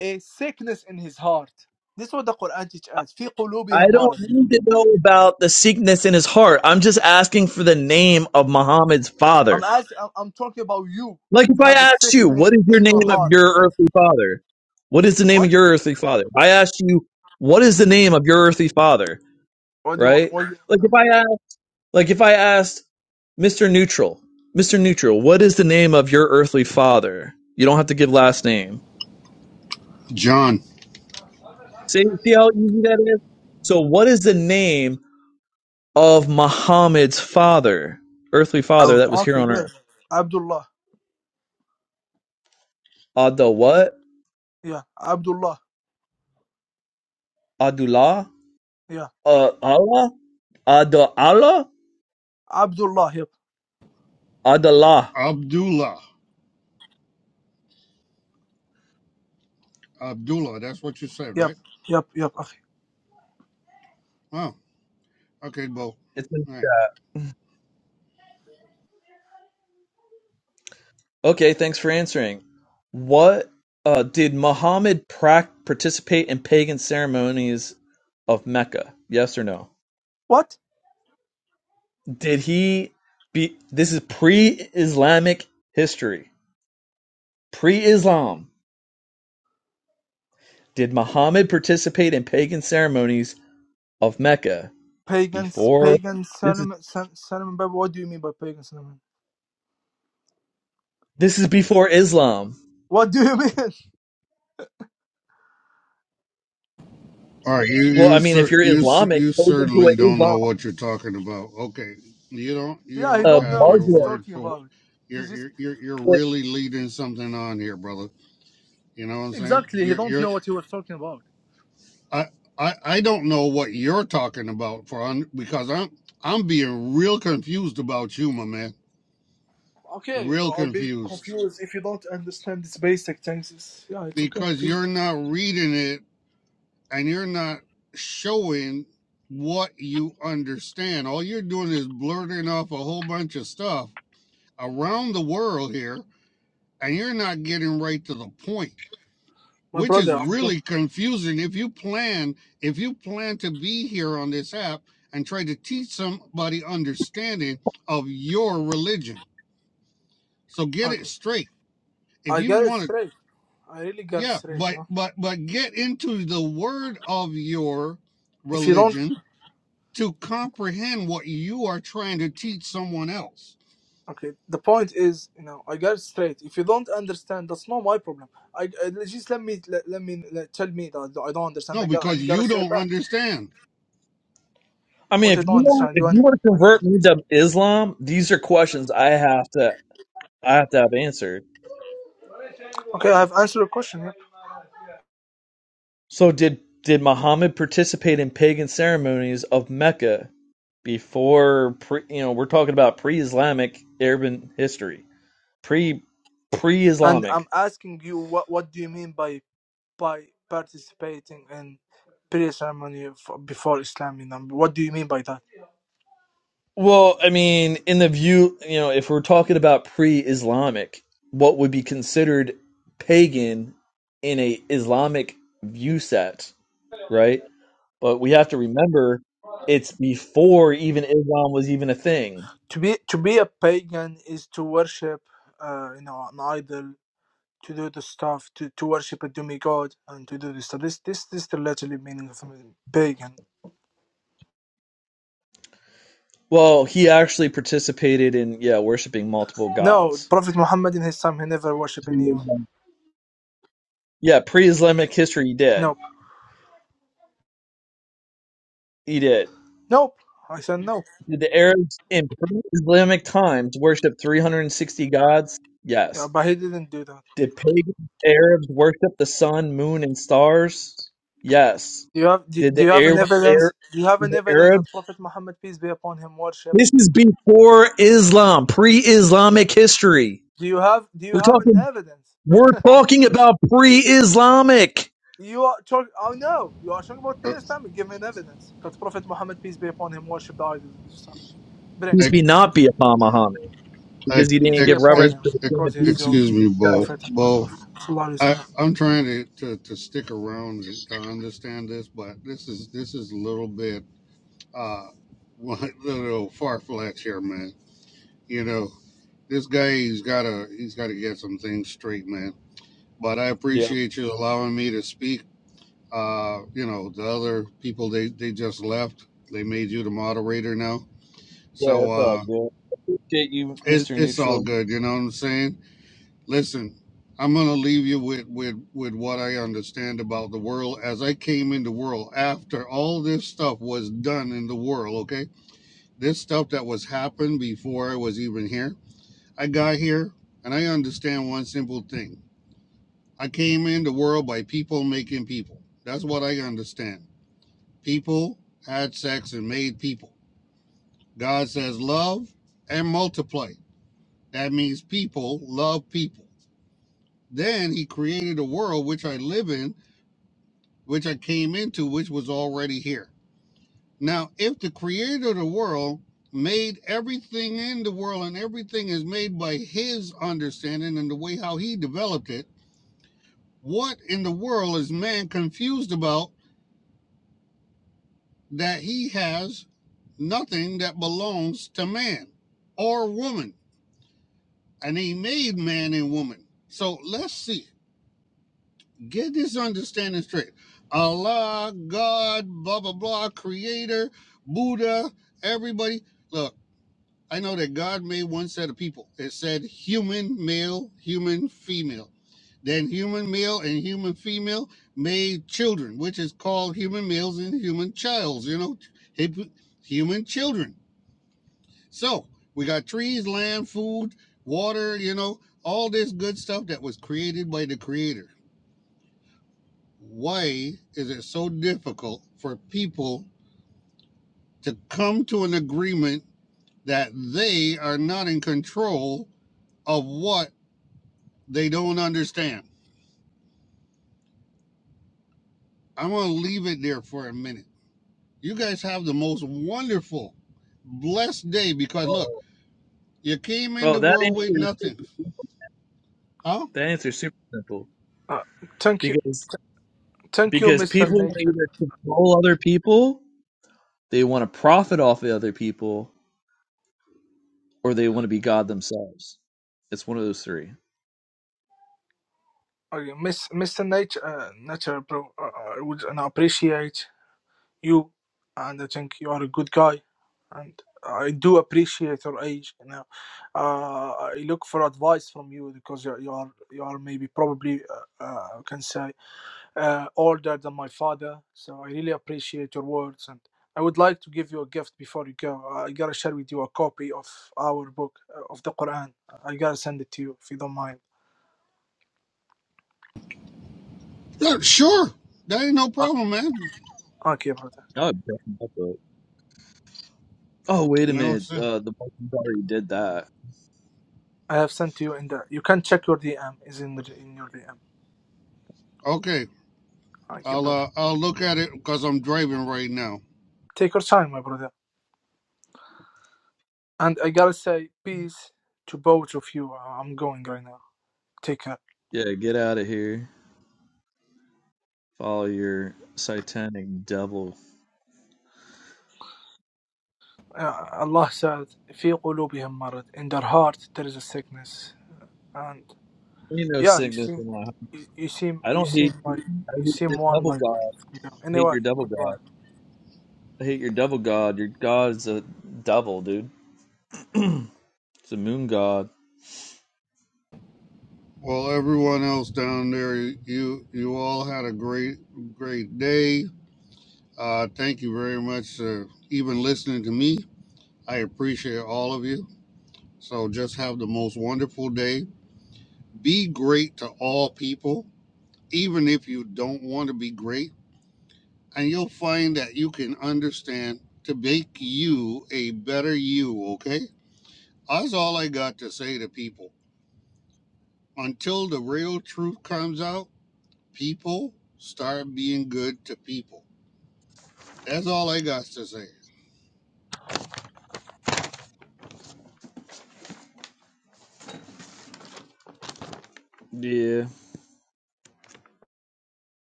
S12: a sickness in his heart. This is what the Quran teaches us. في
S11: I
S12: قلوبهم
S11: don't
S12: مرض.
S11: need to know about the sickness in his heart. I'm just asking for the name of Muhammad's
S12: I'm
S11: father.
S12: asking. I'm, I'm talking about you
S11: Like if I
S12: have a
S11: asked you,
S12: sickness
S11: what is your
S12: in your
S11: name of
S12: heart.
S11: your earthly father? What is the name
S12: What?
S11: of your earthly father? I asked you, what is the name of your earthly father?
S12: What do you want?
S11: Right?
S12: What do you want?
S11: Like
S12: now?
S11: if I ask. Like if I asked Mr. Neutral, Mr. Neutral, what is the name of your earthly father? You don't have to give last name.
S13: John
S11: See, see how easy that is? So what is the name of Muhammad's father? Earthly father that was
S12: Oh,
S11: here
S12: okay,
S11: on
S12: great.
S11: earth.
S12: Abdullah.
S11: Adda what?
S12: Yeah, Abdullah.
S11: Adullah?
S12: Yeah,
S11: Uh Allah? Adda Allah?
S12: Abdullah. Yep,
S11: Adallah.
S13: Abdullah. Abdullah, that's what you said,
S12: yep,
S13: right?
S12: yep, yep. Okay.
S13: Oh, okay, Bo. All
S11: It's
S13: right.
S11: an- okay, thanks for answering. What uh, did Muhammad prac- participate in pagan ceremonies of Mecca? Yes or no?
S12: What?
S11: Did he be this is pre-Islamic history. Pre-Islam. Did Muhammad participate in pagan ceremonies of Mecca
S12: Pagans,
S11: before
S12: pagan
S11: this is
S12: cinnamon, cin- cinnamon baby. What do you mean by pagan cinnamon?
S11: this is before Islam.
S12: What do you mean? [laughs]
S13: All right, you
S11: Well, I
S13: you
S11: mean if
S13: cer-
S11: you're
S13: you cer-
S11: Islamic,
S13: you
S11: go into
S13: certainly
S11: an
S13: don't know
S11: Islam
S13: what you're talking about. Okay, you don't you
S12: yeah, he
S13: don't
S11: a
S12: don't
S13: have
S12: know what
S13: your
S12: he's
S11: Muslim.
S13: word
S12: talking
S13: for
S12: about. He's
S13: you're
S12: just
S13: you're you're you're really leading something on here, brother. You know what I'm saying?
S12: exactly. He
S13: You're
S12: don't
S13: you're
S12: know what he was talking about.
S13: I, I I don't know what you're talking about, for because I'm I'm being real confused about you, my man.
S12: Okay, you
S13: Real
S12: are being
S13: confused
S12: confused if you don't understand these basic things. It's- Yeah, it's okay
S13: because
S12: too.
S13: you're not reading it and you're not showing what you understand. All you're doing is blurting off a whole bunch of stuff around the world here, and you're not getting right to the point.
S12: My
S13: which is
S12: brother, I'm go.
S13: really confusing if you plan if you plan to be here on this app and try to teach somebody understanding of your religion so get
S12: okay.
S13: it straight if
S12: I
S13: you
S12: got it
S13: want to
S12: straight. I really got it
S13: yeah
S12: straight.
S13: but
S12: No?
S13: but but get into the word of your
S12: If you don't,
S13: religion to comprehend what you are trying to teach someone else
S12: okay. The point is, you know, I got it straight. If you don't understand, that's not my problem. I, I just let me let, let me let, tell me that I don't understand.
S13: no
S12: I got I
S13: because
S12: gotta
S13: you
S12: say
S13: don't
S12: back
S13: understand
S11: I mean
S12: what I
S11: if you
S12: don't
S11: want
S12: understand.
S11: if
S12: You
S11: you
S12: understand?
S11: want to
S12: My,
S11: convert me to Islam, these are questions I have to I have to have answered.
S12: okay, I have answered your question, yeah?
S11: So did did Muhammad participate in pagan ceremonies of Mecca before pre, you know, we're talking about pre-Islamic urban history, pre
S12: and I'm
S11: pre-Islamic.
S12: asking you what what do you mean by by participating in prayer ceremony f- before Islam? You know, what do you mean by that?
S11: Well, I mean, in the view, you know, if we're talking about pre-Islamic, what would be considered pagan in a Islamic view set, right? But we have to remember it's before even Islam was even a thing.
S12: To be to be a pagan is to worship, uh, you know, an idol to do the stuff to, to worship a demigod and to do this stuff. This this this is the literally meaning of pagan.
S11: Well, he actually participated in yeah, worshiping multiple
S12: No,
S11: gods.
S12: Prophet Muhammad in his time he never worshipped anyone.
S11: Yeah, pre-Islamic history he did.
S12: Nope,
S11: He did.
S12: nope. I said no,
S11: Did the Arabs in pre-Islamic times worship 360 gods?
S12: yeah,
S11: Yes.
S12: but he didn't do that.
S11: Did pagan Arabs worship the sun, moon, and stars? Yes.
S12: Do you have do,
S11: Did
S12: do you
S11: the
S12: have an
S11: Arab, Arab
S12: evidence? Do you have an
S11: the
S12: evidence
S11: Arab?
S12: that Prophet Muhammad peace be upon him worship?
S11: This is before Islam, pre-Islamic history.
S12: Do you have do you
S11: We're
S12: have an
S11: talking.
S12: evidence?
S11: We're talking about pre-Islamic.
S12: You are talking. Oh no, you are talking about
S13: Uh,
S12: pre-Islamic. Give me an evidence that Prophet Muhammad peace be upon him worship the idols and stuff. Bring.
S11: Peace
S13: ex-
S11: be not be upon Muhammad
S13: ex-
S11: because he
S12: Peace
S11: didn't
S12: be
S11: give
S13: ex-
S12: upon
S13: ex-
S11: reverence
S12: him,
S11: to the
S12: God
S11: king
S12: is
S11: of
S12: your
S11: Peace.
S13: excuse me bo
S12: prophet and my
S13: bo
S12: prophet. Sallallahu Alaihi
S13: I,
S12: Wasallam.
S13: I'm trying to, to, to stick around and to understand this, but this is this is a little bit uh [laughs] a little far fetched here, man. You know, this guy he's gotta he's gotta get some things straight, man. But I
S11: Yep.
S13: appreciate you allowing me to speak. Uh, you know, the other people they, they just left. They made you the moderator now.
S11: Yeah,
S13: So
S11: that's all
S13: uh
S11: good. Appreciate you,
S13: it's
S11: Mr.
S13: it's all
S11: Neutral.
S13: good, you know what I'm saying? Listen, I'm gonna leave you with with with what I understand about the world as I came in the world after all this stuff was done in the world. Okay, this stuff that was happened before I was even here. I got here and I understand one simple thing. I came in the world by people making people. That's what I understand. People had sex and made people. God says love and multiply. That means people love people. Then he created a world which I live in which I came into, which was already here. Now, if the creator of the world made everything in the world and everything is made by his understanding and the way how he developed it, what in the world is man confused about that he has nothing that belongs to man or woman? And he made man and woman. So let's see. Get this understanding straight. Allah, God, blah, blah, blah, creator, Buddha, everybody. Look, I know that God made one set of people. It said human male, human female. Then human male and human female made children, which is called human males and human childs, you know, hip- human children. So we got trees, land, food, water, you know, all this good stuff that was created by the creator why is it so difficult for people to come to an agreement that they are not in control of what they don't understand? I'm going to leave it there for a minute. You guys have the most wonderful, blessed day because look, you came in
S11: Oh,
S13: the
S11: that
S13: world
S11: answer
S13: with
S11: is super
S13: nothing.
S11: simple.
S13: Huh?
S11: that answer is super simple
S12: Uh, thank you,
S11: because
S12: thank you,
S11: because
S12: Mr.
S11: people want to
S12: Nature.
S11: either control other people, they want to profit off the other people, or they want to be God themselves. It's one of those three.
S12: Okay, Miss, Mr. Nature, uh, Nature, bro, uh, uh, I would and I appreciate you, and I think you are a good guy, and I do appreciate your age. You know, uh, I look for advice from you because you, you are you are maybe probably uh, uh, can say. uh, older than my father. So I really appreciate your words, and I would like to give you a gift before you go. I gotta share with you a copy of our book uh, of the Quran. I gotta send it to you if you don't mind.
S13: Yeah, sure. That ain't no
S12: Okay,
S13: problem, man.
S12: okay brother.
S11: No, I'm definitely up for it. oh wait
S13: You
S11: a
S13: know what I'm
S11: minute,
S13: saying?
S11: uh, the Vikings already did that.
S12: I have sent to you in the. You can check your DM. Is in the, in your DM.
S13: Okay.
S12: Okay,
S13: I'll
S12: brother.
S13: uh, I'll look at it because I'm driving right now.
S12: Take your time, my brother. And I gotta say peace to both of you. Uh, I'm going right now. Take care.
S11: Yeah, get out of here. Follow your satanic devil.
S12: Uh, Allah said, "في قلوبهم مرض." In their heart there is a sickness. and.
S11: Ain't no
S12: Yeah, you
S11: sickness
S12: seem,
S11: in my heart.
S12: you, you seem,
S11: I
S12: you
S11: don't
S12: seem
S11: hate
S12: like
S11: you. I
S12: you
S11: hate
S12: seem
S11: your
S12: one
S11: devil
S12: like it.
S11: god.
S12: Yeah.
S11: I hate
S12: Anyway,
S11: your devil
S12: goodbye.
S11: god. I hate your devil god. Your god's a devil, dude. [clears throat] It's a moon god.
S13: Well, everyone else down there, you you all had a great great day. Uh, thank you very much for even listening to me. I appreciate all of you. So just have the most wonderful day. Be great to all people, even if you don't want to be great, and you'll find that you can understand to make you a better you. Okay, that's all I got to say to people. Until the real truth comes out. People start being good to people. That's all I got to say.
S11: Yeah.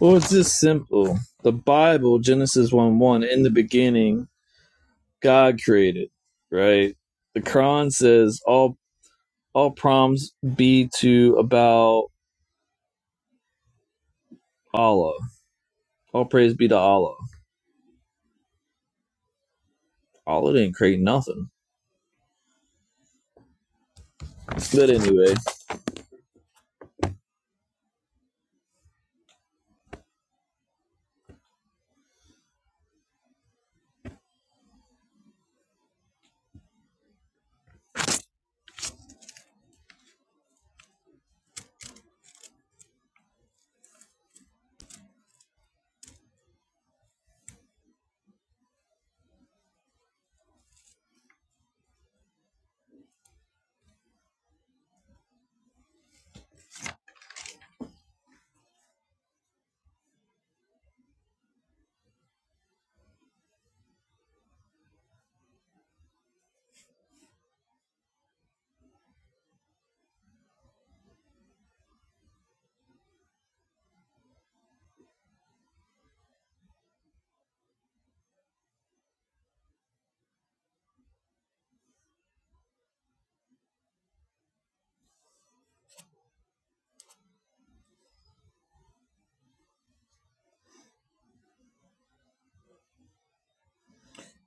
S11: Well, it's just simple. The Bible, Genesis 1 1, in the beginning, God created, right? The Quran says, all all proms be to about Allah. All praise be to Allah. Allah didn't create nothing. But anyway,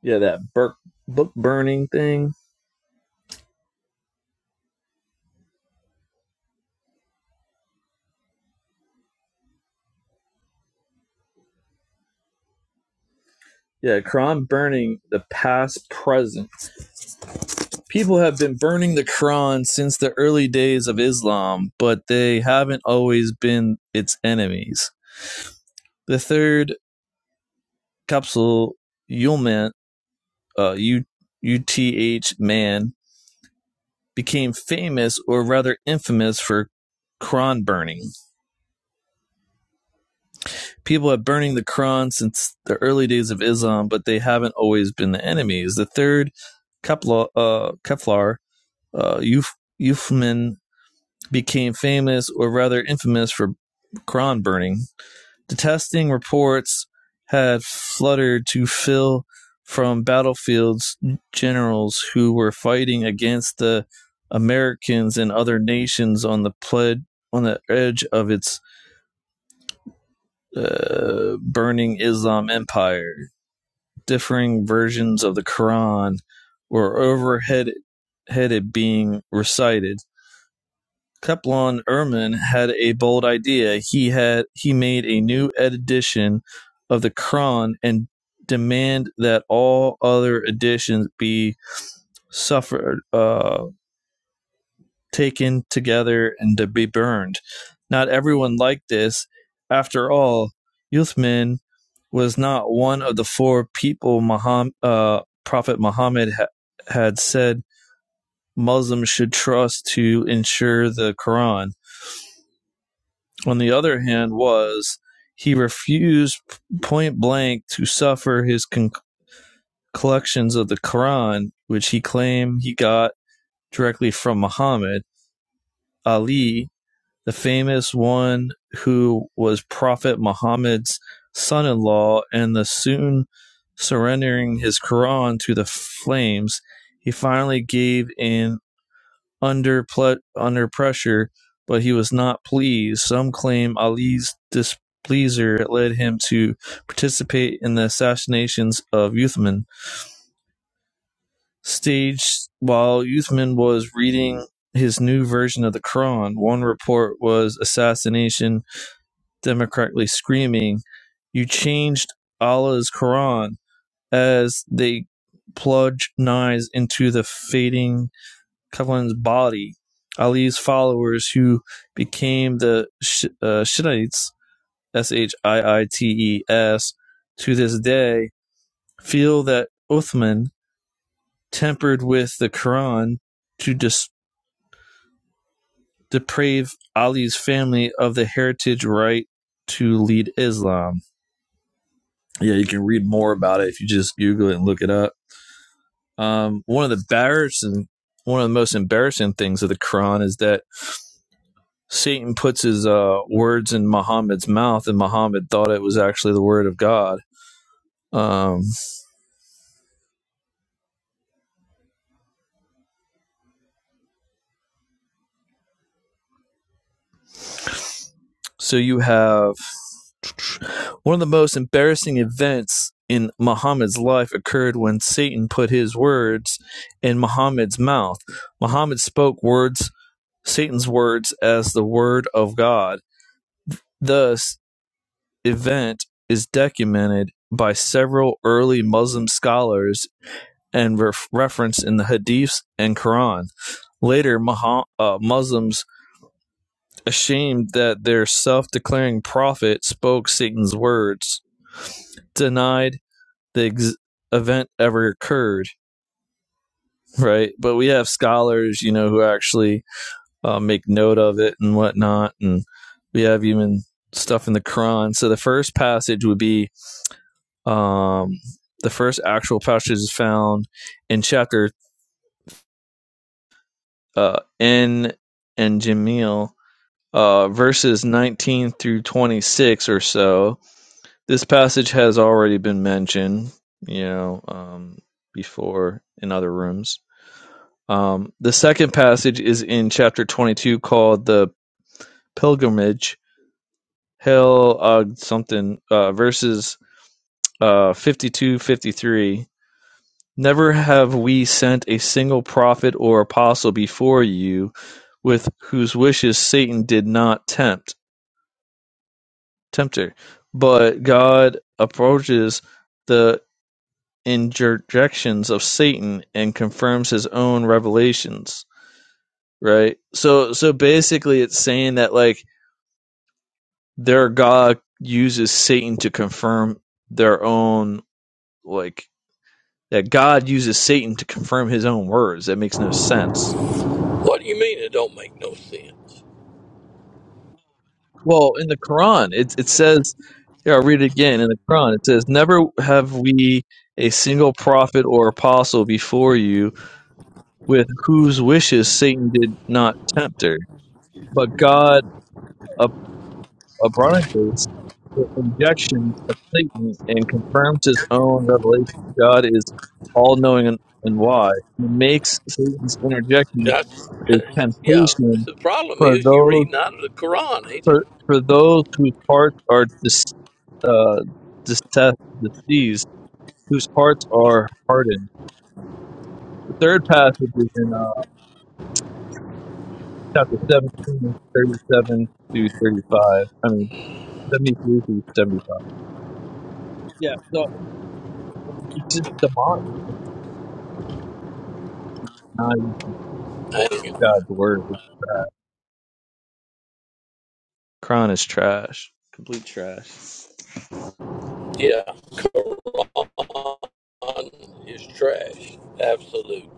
S11: yeah, that bur- book burning thing. Yeah, Quran burning the past, present. people have been burning the Quran since the early days of Islam, but they haven't always been its enemies. The third capsule, Yulman, uh, U- UTH Man, became famous or rather infamous for Quran burning. People have burning the Quran since the early days of Islam, but they haven't always been the enemies. The third Kepler, uh, Keflar, uh, Euf- Eufman became famous or rather infamous for Quran burning. Detesting reports had fluttered to Phil from battlefields generals who were fighting against the Americans and other nations on the pled- on the edge of its uh, burning Islam empire. Differing versions of the Quran were overhead headed being recited, Keplon Erman had a bold idea. He had he made a new edition of the Quran and demand that all other editions be suffered, uh, taken together, and to be burned. Not everyone liked this. After all, Uthman was not one of the four people Muhammad, uh, Prophet Muhammad ha- had said Muslims should trust to ensure the Quran. on the other hand, was he refused point blank to suffer his collections of the Quran, which he claimed he got directly from Muhammad. Ali, the famous one who was Prophet Muhammad's son in law, and the soon surrendering his Quran to the flames, he finally gave in under pl- under pressure, but he was not pleased. Some claim Ali's displeasure led him to participate in the assassinations of Uthman, staged while Uthman was reading his new version of the Quran. One report was assassination, democratically screaming, "You changed Allah's Quran!" as they plunge knives into the fading Cleveland's body. Ali's followers, who became the Sh- uh, Shittites, S H I I T E S, to this day, feel that Uthman tempered with the Quran to dis- deprave Ali's family of the heritage right to lead Islam. Yeah, you can read more about it if you just Google it and look it up. Um, one of the embarrassing, one of the most embarrassing things of the Quran is that Satan puts his uh, words in Muhammad's mouth, and Muhammad thought it was actually the word of God. Um, so you have one of the most embarrassing events in Muhammad's life occurred when Satan put his words in Muhammad's mouth. Muhammad spoke words, Satan's words, as the word of God. Thus, event is documented by several early Muslim scholars and ref- referenced in the Hadiths and Quran. Later, Maho- uh, Muslims, ashamed that their self declaring prophet spoke Satan's words, denied the ex- event ever occurred, right? But we have scholars, you know, who actually uh, make note of it and whatnot. And we have even stuff in the Quran. So the first passage would be um, the first actual passage is found in chapter uh, in and Jamil uh, verses 19 through 26 or so. This passage has already been mentioned, you know, um, before in other rooms. Um, the second passage is in chapter 22 called the pilgrimage, hell uh, something, uh, verses uh, 52 fifty-three. Never have we sent a single prophet or apostle before you with whose wishes Satan did not tempt tempter, but God approaches the interjections of Satan and confirms his own revelations, right? So so basically it's saying that like their God uses Satan to confirm their own like that God uses Satan to confirm his own words. That makes no sense.
S6: What do you mean it don't make no sense?
S11: Well, in the Quran, it it says here I'll read it again in the Quran. It says, Never have we a single prophet or apostle before you with whose wishes Satan did not tempt her. But God ab- abrogates the injection of Satan and confirms his own revelation. God is all knowing and, and wise. He makes Satan's interjection
S6: That's
S11: a
S6: [laughs] yeah.
S11: temptation
S6: The problem
S11: for
S6: is you
S11: those
S6: reading out of the Quran, ain't you?
S11: for, for those whose hearts are dis, uh, dis- diseased, whose hearts are hardened. The third passage is in uh, chapter seventeen, thirty-seven 37 through 35. I mean, 73 through 75. Yeah, so it's just the mock not even
S6: Ain't you?
S11: God's word. Kron is trash. Complete trash.
S6: Yeah. on is trash. Absolutely.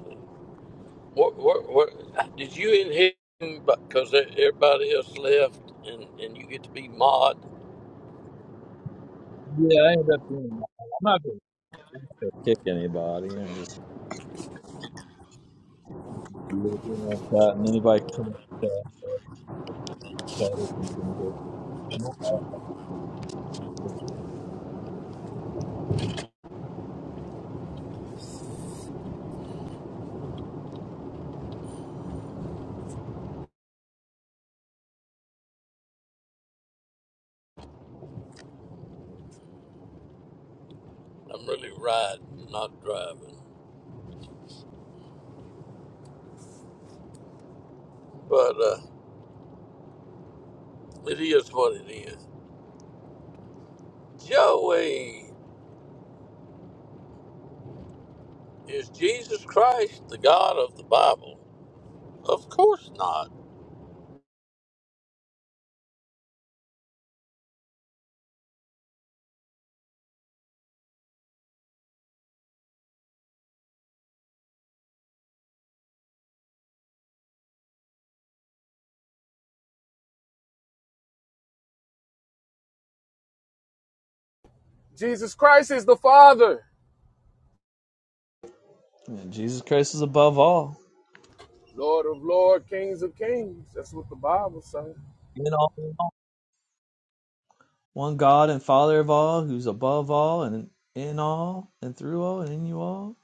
S6: What? What? What? Did you inherit? him? Because everybody else left, and and you get to be mod.
S11: Yeah, I ended up being I'm not going to kick anybody. I'm just you know, that, and anybody can come up and things like that.
S6: I'm really riding, not driving. But uh, it is what it is. Joey, is Jesus Christ the God of the Bible? Of course not.
S11: Yeah, Jesus Christ is above all. In all, in all. One God and Father of all, who's above all and in all and through all and in you all.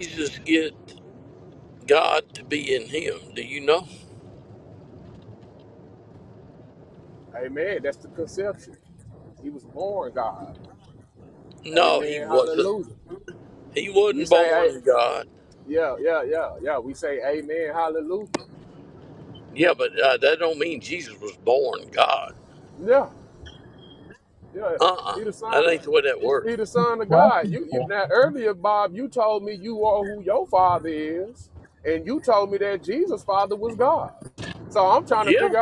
S6: Jesus get God to be in him. Do you know? No, he wasn't. He wasn't born God. Yeah, but uh, that don't mean Jesus was born God. Uh-uh. That ain't the way that works.
S11: What?
S6: Yeah.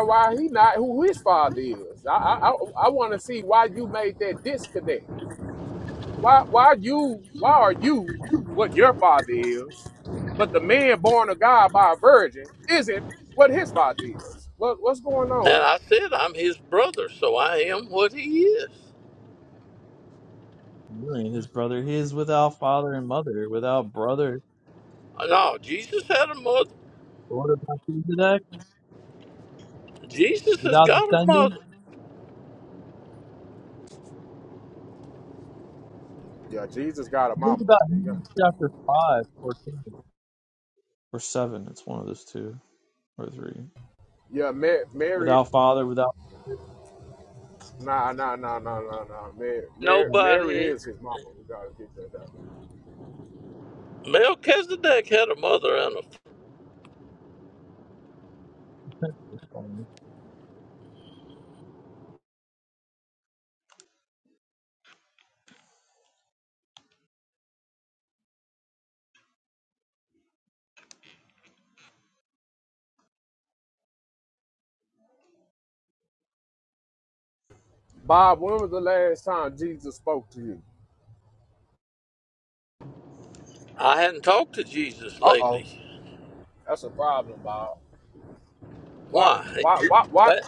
S6: And I said I'm his brother, so I am what he is.
S11: Really, his brother. He is without father and mother, without brother
S6: Uh, No, Jesus had a mother.
S11: or to Melchizedek,
S6: Jesus has
S11: without
S6: got a
S11: descendant.
S6: mother.
S11: Think about Hebrews chapter 5 or 7. Or 7, it's one of those two or three. Without father, without.
S6: Nobody. Melchizedek had a mother and a. I hadn't talked to Jesus lately. Why? But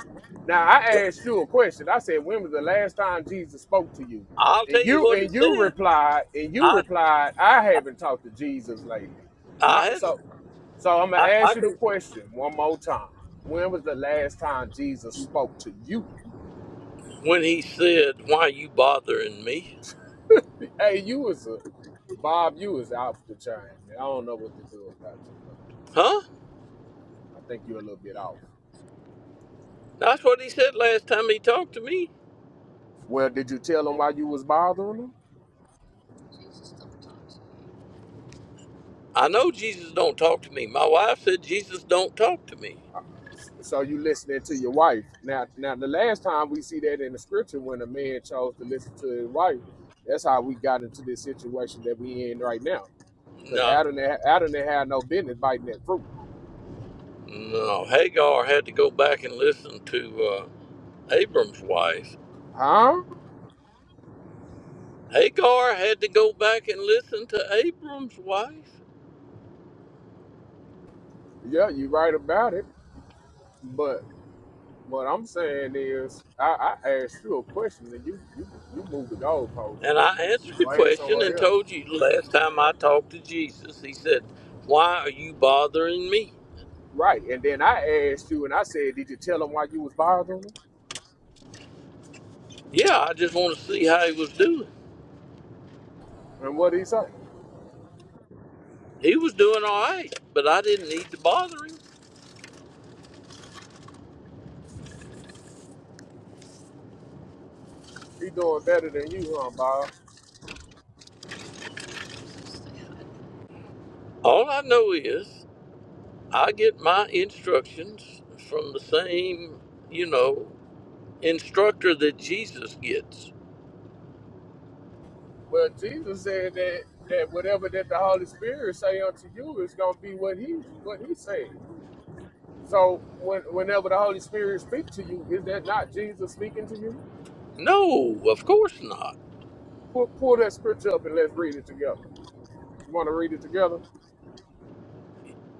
S6: I'll tell you what he said. I I hadn't. I, I can. When he said, "Why are you bothering me?" Huh? That's what he said last time he talked to me. I know Jesus don't talk to me. My wife said Jesus don't talk to me. No, no. Hagar had to go back and listen to uh, Abram's wife. Hagar had to go back and listen to Abram's wife. And I answered the question and told you last time I talked to Jesus, he said, Why are you bothering me? Yeah, I just want to see how he was doing. He was doing all right, but I didn't need to bother him. All I know is I get my instructions from the same, you know, instructor that Jesus gets. No, of course not.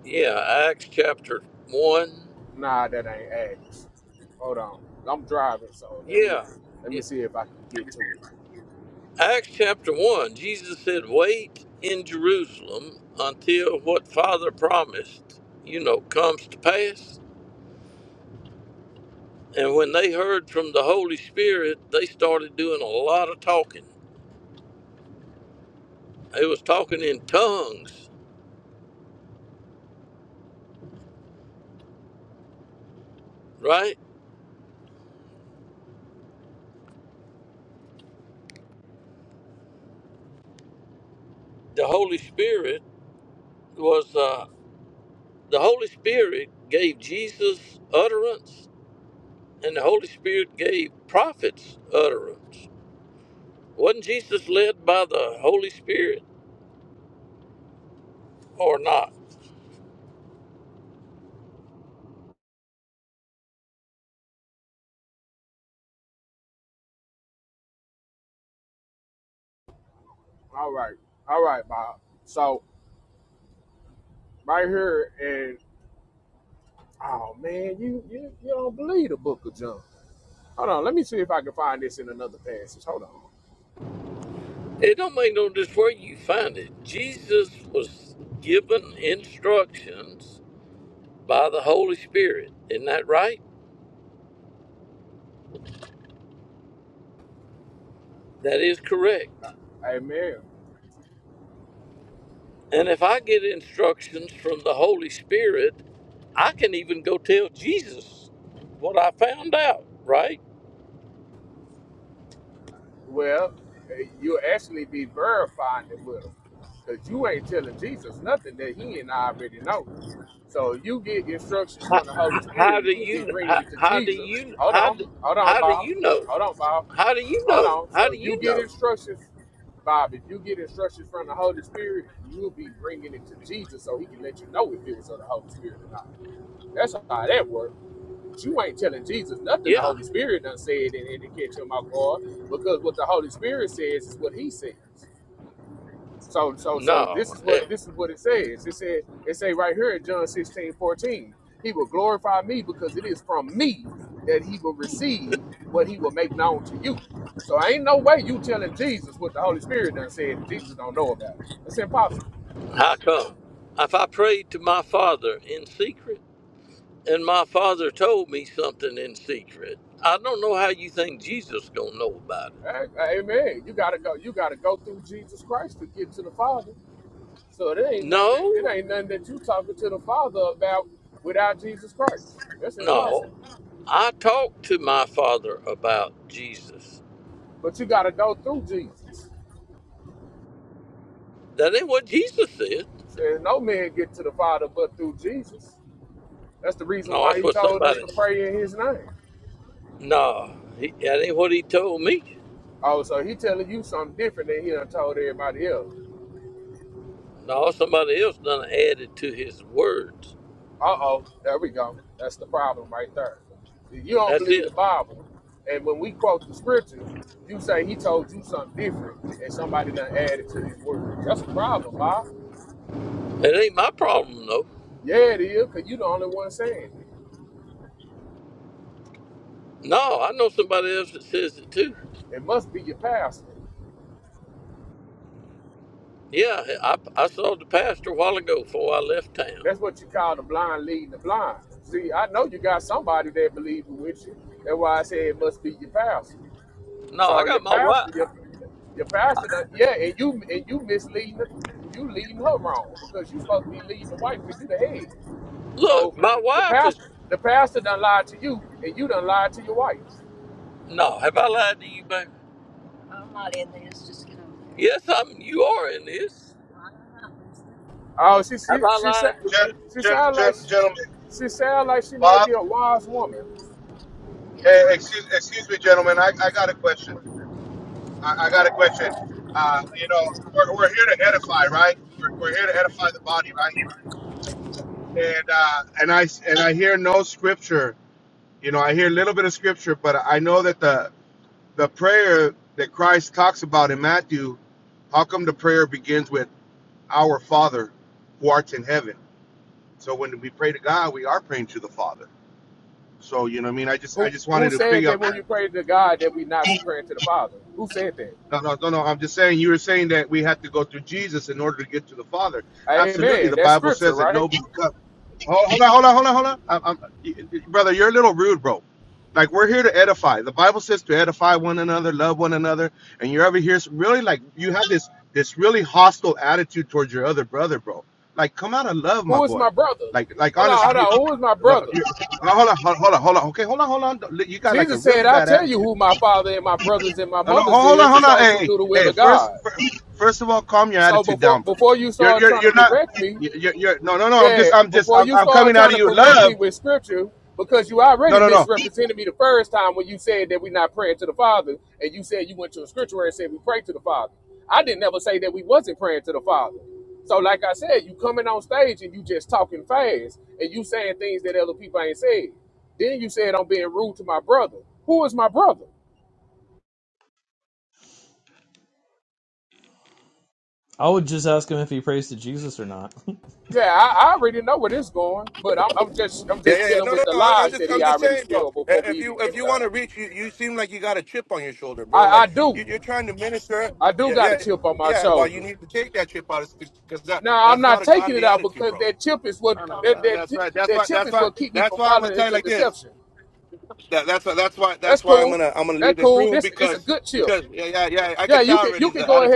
S6: Yeah, Acts chapter 1. Yeah. yeah. Acts chapter 1, Jesus said, Wait in Jerusalem until what Father promised, you know, comes to pass. And when they heard from the Holy Spirit, they started doing a lot of talking. They was talking in tongues, right? The Holy Spirit was uh, the Holy Spirit gave Jesus utterance, and the Holy Spirit gave prophets utterance. Wasn't Jesus led by the Holy Spirit or not? It don't make no difference where you find it. Jesus was given instructions by the Holy Spirit. Isn't that right? That is correct. And if I get instructions from the Holy Spirit, I can even go tell Jesus what I found out, right? How, how do you? How, how do you? How do, how do you know? How do you know? How do you know? Yeah. No. Eh, How come? If I prayed to my father in secret, and my father told me something in secret, I don't know how you think Jesus gonna know about it. No. No. I talked to my father about Jesus. That ain't what Jesus said. No, that's what somebody. No, he, that ain't what he told me. No, somebody else done added to his words. That's it. It ain't my problem though. No, I know somebody else that says it too. Yeah, I, I saw the pastor a while ago before I left town. No, I got my wife. Look, my wife is. No, have I lied to you, babe? Yes, I'm. You are in this. Have I lied to
S14: Gen, gen, gen, gentlemen, Bob, eh, excuse, excuse me, gentlemen. I, I got a question. I, I got a question. Uh, you know, we're, we're here to edify, right? We're, we're here to edify the body, right? And uh, and I and I hear no scripture. You know, I hear a little bit of scripture, but I know that the the prayer that Christ talks about in Matthew, how come the prayer begins with "Our Father, who art in heaven"? So when we pray to God, we are praying to the Father. So you know, what I mean, I just I just wanted to piggyback No, no, no, no. I'm just saying you were saying that we had to go through Jesus in order to get to the Father. Absolutely, the Bible says that no. Hold, hold on, hold on, hold on, hold on. I'm, I'm, y- y- brother, you're a little rude, bro. Like we're here to edify. The Bible says to edify one another, love one another, and you're over here s- really like you have this this really hostile attitude towards your other brother, bro. Like come out of love, my boy. Like like honestly, you. No, you, no, hold on, hold hold on, hold on. Okay, hold on, hold on. You got like a really bad attitude. No, no, ho- hold on, hold on. Hey, hey, hey, first, fir- first of all, calm your attitude down, brother. You're, you're, you're not. You're, you're, you're no, no, no. I'm just, I'm just, I'm, I'm coming out of you, love. No, no, no.
S11: I would just ask him if he prays to Jesus or not. [laughs]
S14: Yeah, yeah, yeah. No, no, no. I- I'm just, I'm just saying, bro. i- If you, if you want to reach, you, you seem like you got a chip on your shoulder, bro. Like you, you're trying to minister. Yeah, yeah, yeah. Well, you need to take that chip out, because that, that's not a godly attitude, bro. No, no, no, That's right. That's why. That's why. That's why I'm gonna tell you like this. that, that's that's why that's why I'm gonna I'm gonna leave this room because because yeah yeah yeah I could tell already the attitude.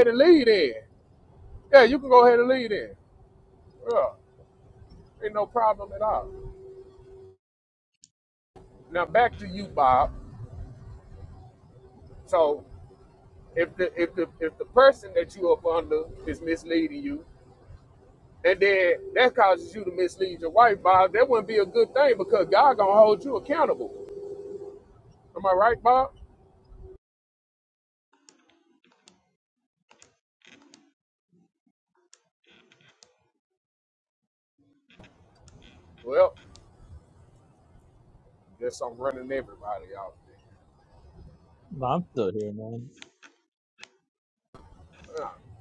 S11: But I'm still here, man.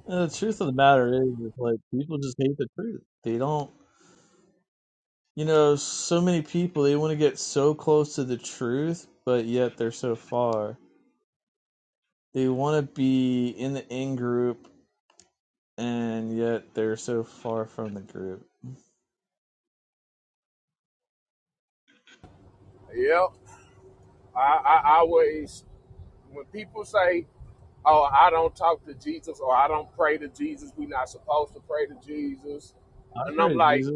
S11: And the truth of the matter is, is, like, people just hate the truth. They don't, you know, so many people, they want to get so close to the truth, but yet they're so far. They want to be in the in group, and yet they're so far from the group. I pray to Jesus.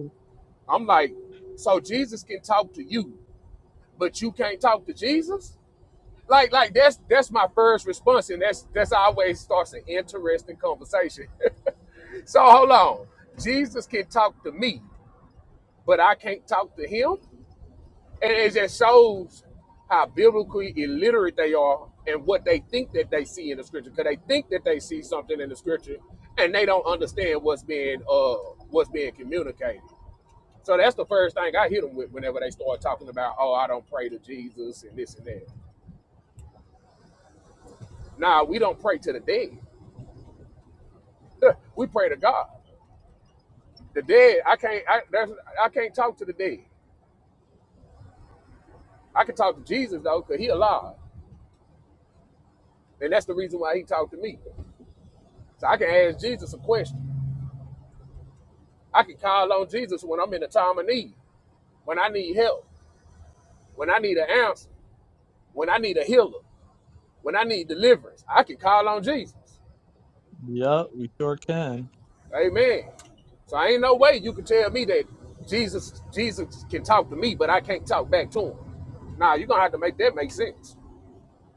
S11: Yep, we sure can.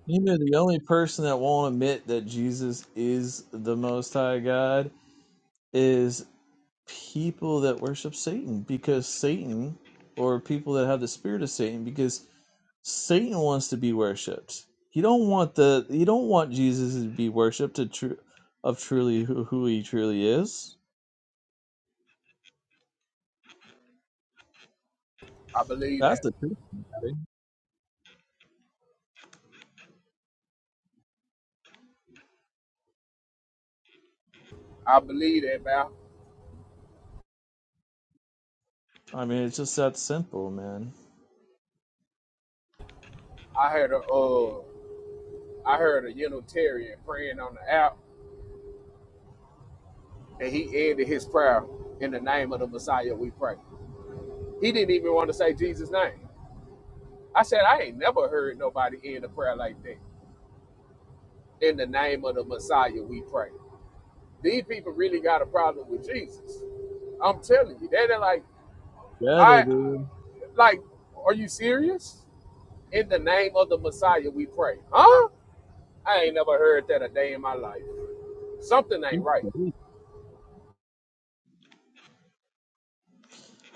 S11: You know, the only person that won't admit that Jesus is the Most High God is people that worship Satan, because Satan, or people that have the spirit of Satan, because Satan wants to be worshipped. You don't want the you don't want Jesus to be worshipped to tru- of truly who, who he truly is. That's the truth. I mean, it's just that simple, man. Yeah, they do.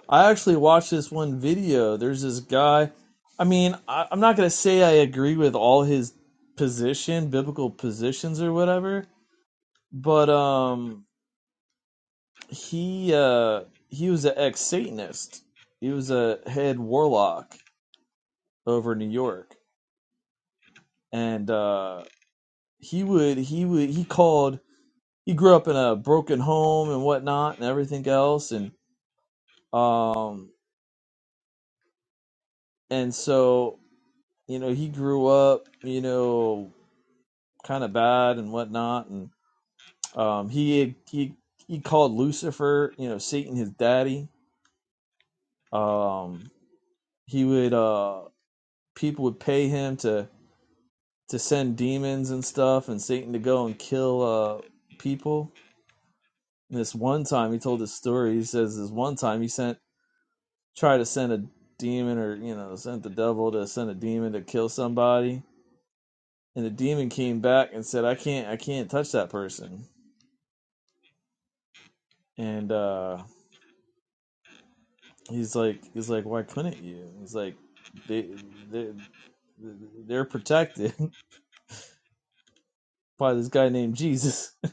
S11: I actually watched this one video. There's this guy. I mean, I, I'm not gonna say I agree with all his position, biblical positions or whatever, but um, he uh, he was an ex Satanist. He was a head warlock over in New York, and uh, he would he would he called. He grew up in a broken home and whatnot and everything else, and um and so you know he grew up you know kind of bad and whatnot and um he he he called lucifer you know satan his daddy um he would uh people would pay him to to send demons and stuff and satan to go and kill uh people and this one time he told this story he says this one time he sent tried to send a demon or you know sent the devil to send a demon to kill somebody and the demon came back and said, "I can't, I can't touch that person." And uh, he's like, he's like, "Why couldn't you?" He's like, "They, they, they're protected [laughs] by this guy named Jesus." [laughs]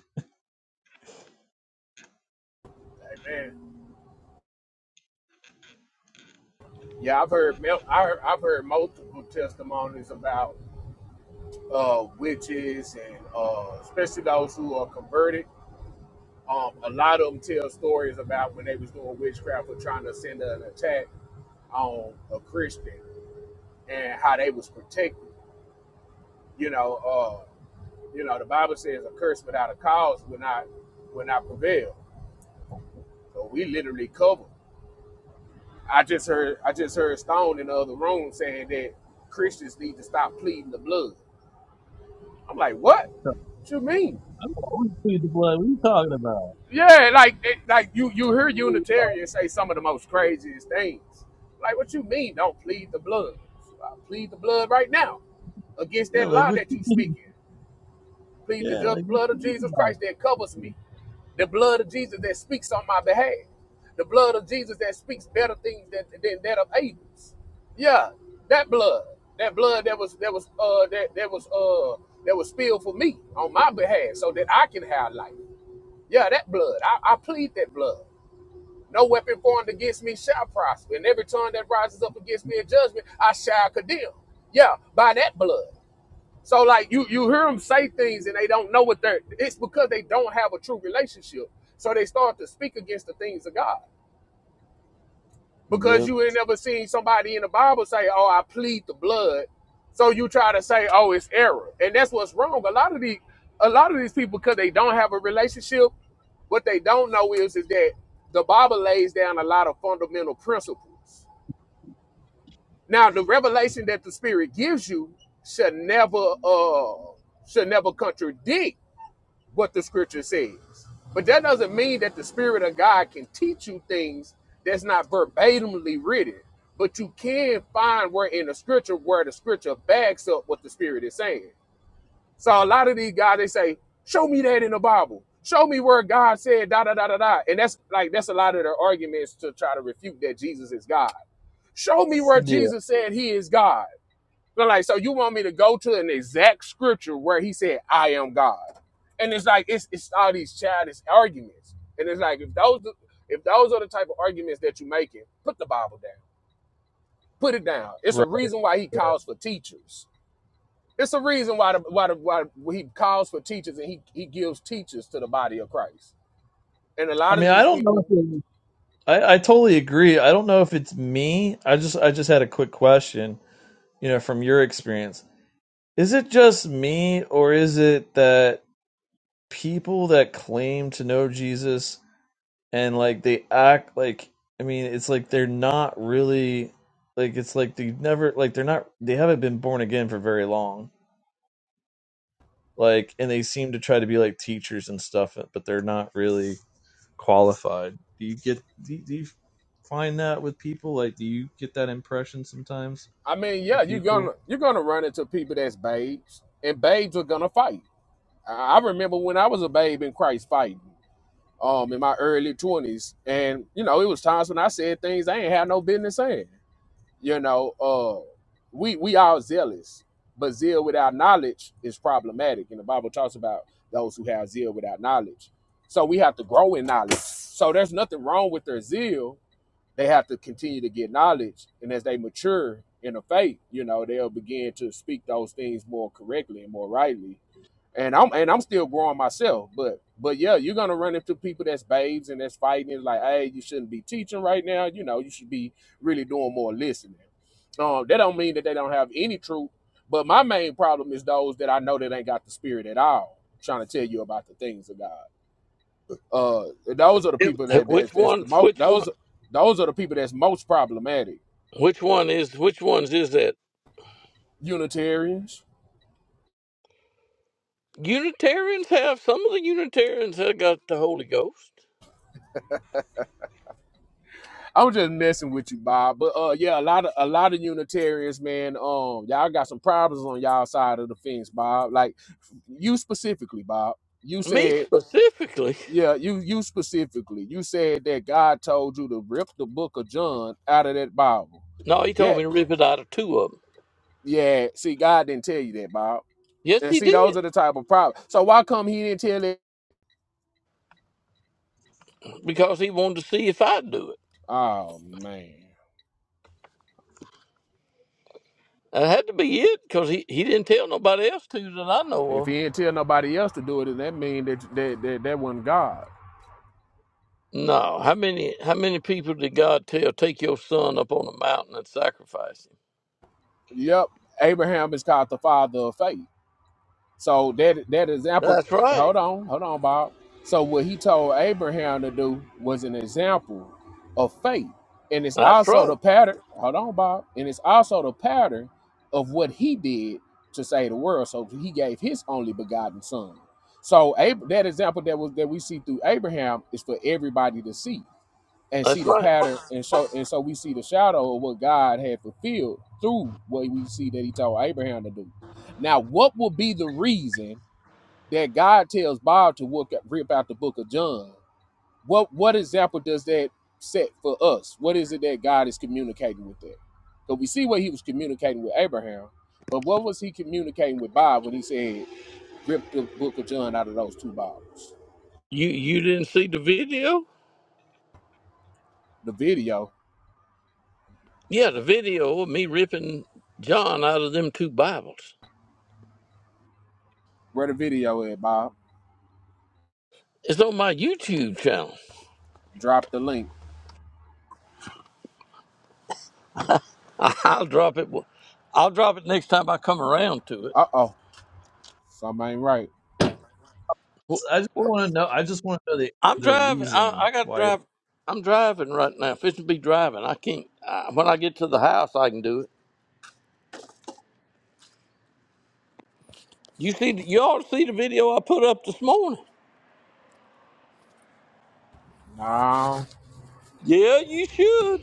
S11: I'm always plead the blood. What are you talking about? Yeah, like what? You mean? Yeah, like what? You mean by it? Yep. Yeah. Right. I mean, I don't know. If it, I I totally agree. I don't know if it's me. I just I just had a quick question. You know, from your experience, Is it just me, or is it that people that claim to know Jesus and like they act like I mean, it's like they're not really like it's like they never like they're not they haven't been born again for very long. Like and they seem to try to be like teachers and stuff, but they're not really qualified. Do you get do you, do you find that with people? Like do you get that impression sometimes with people?
S6: you? Yep. Which ones? Which one? Which one is? Which ones is that? Unitarians have some of the Unitarians have got the Holy Ghost. Me specifically. No, he told me to rip it out of two of them. Yes, he did, because he wanted to see if I'd do it. That had to be it, because he, he didn't tell nobody else to that I know of. No, how many how many people did God tell take your son up on a mountain and sacrifice him? That's right. That's right. That's right. You you didn't see the video? Yeah, the video of me ripping John out of them two Bibles. It's on my YouTube channel. [laughs] I'll drop it. I'll drop it next time I come around to
S11: I just
S6: it.
S11: want to know I just want to know the
S6: I'm
S11: the
S6: driving. I,
S11: reason
S6: I got to
S11: why it
S6: drive. I'm driving right now. Fishing be driving. I can't. Uh, when I get to the house, I can do it. You see, the- you ought to see the video I put up this morning. Yeah, you should.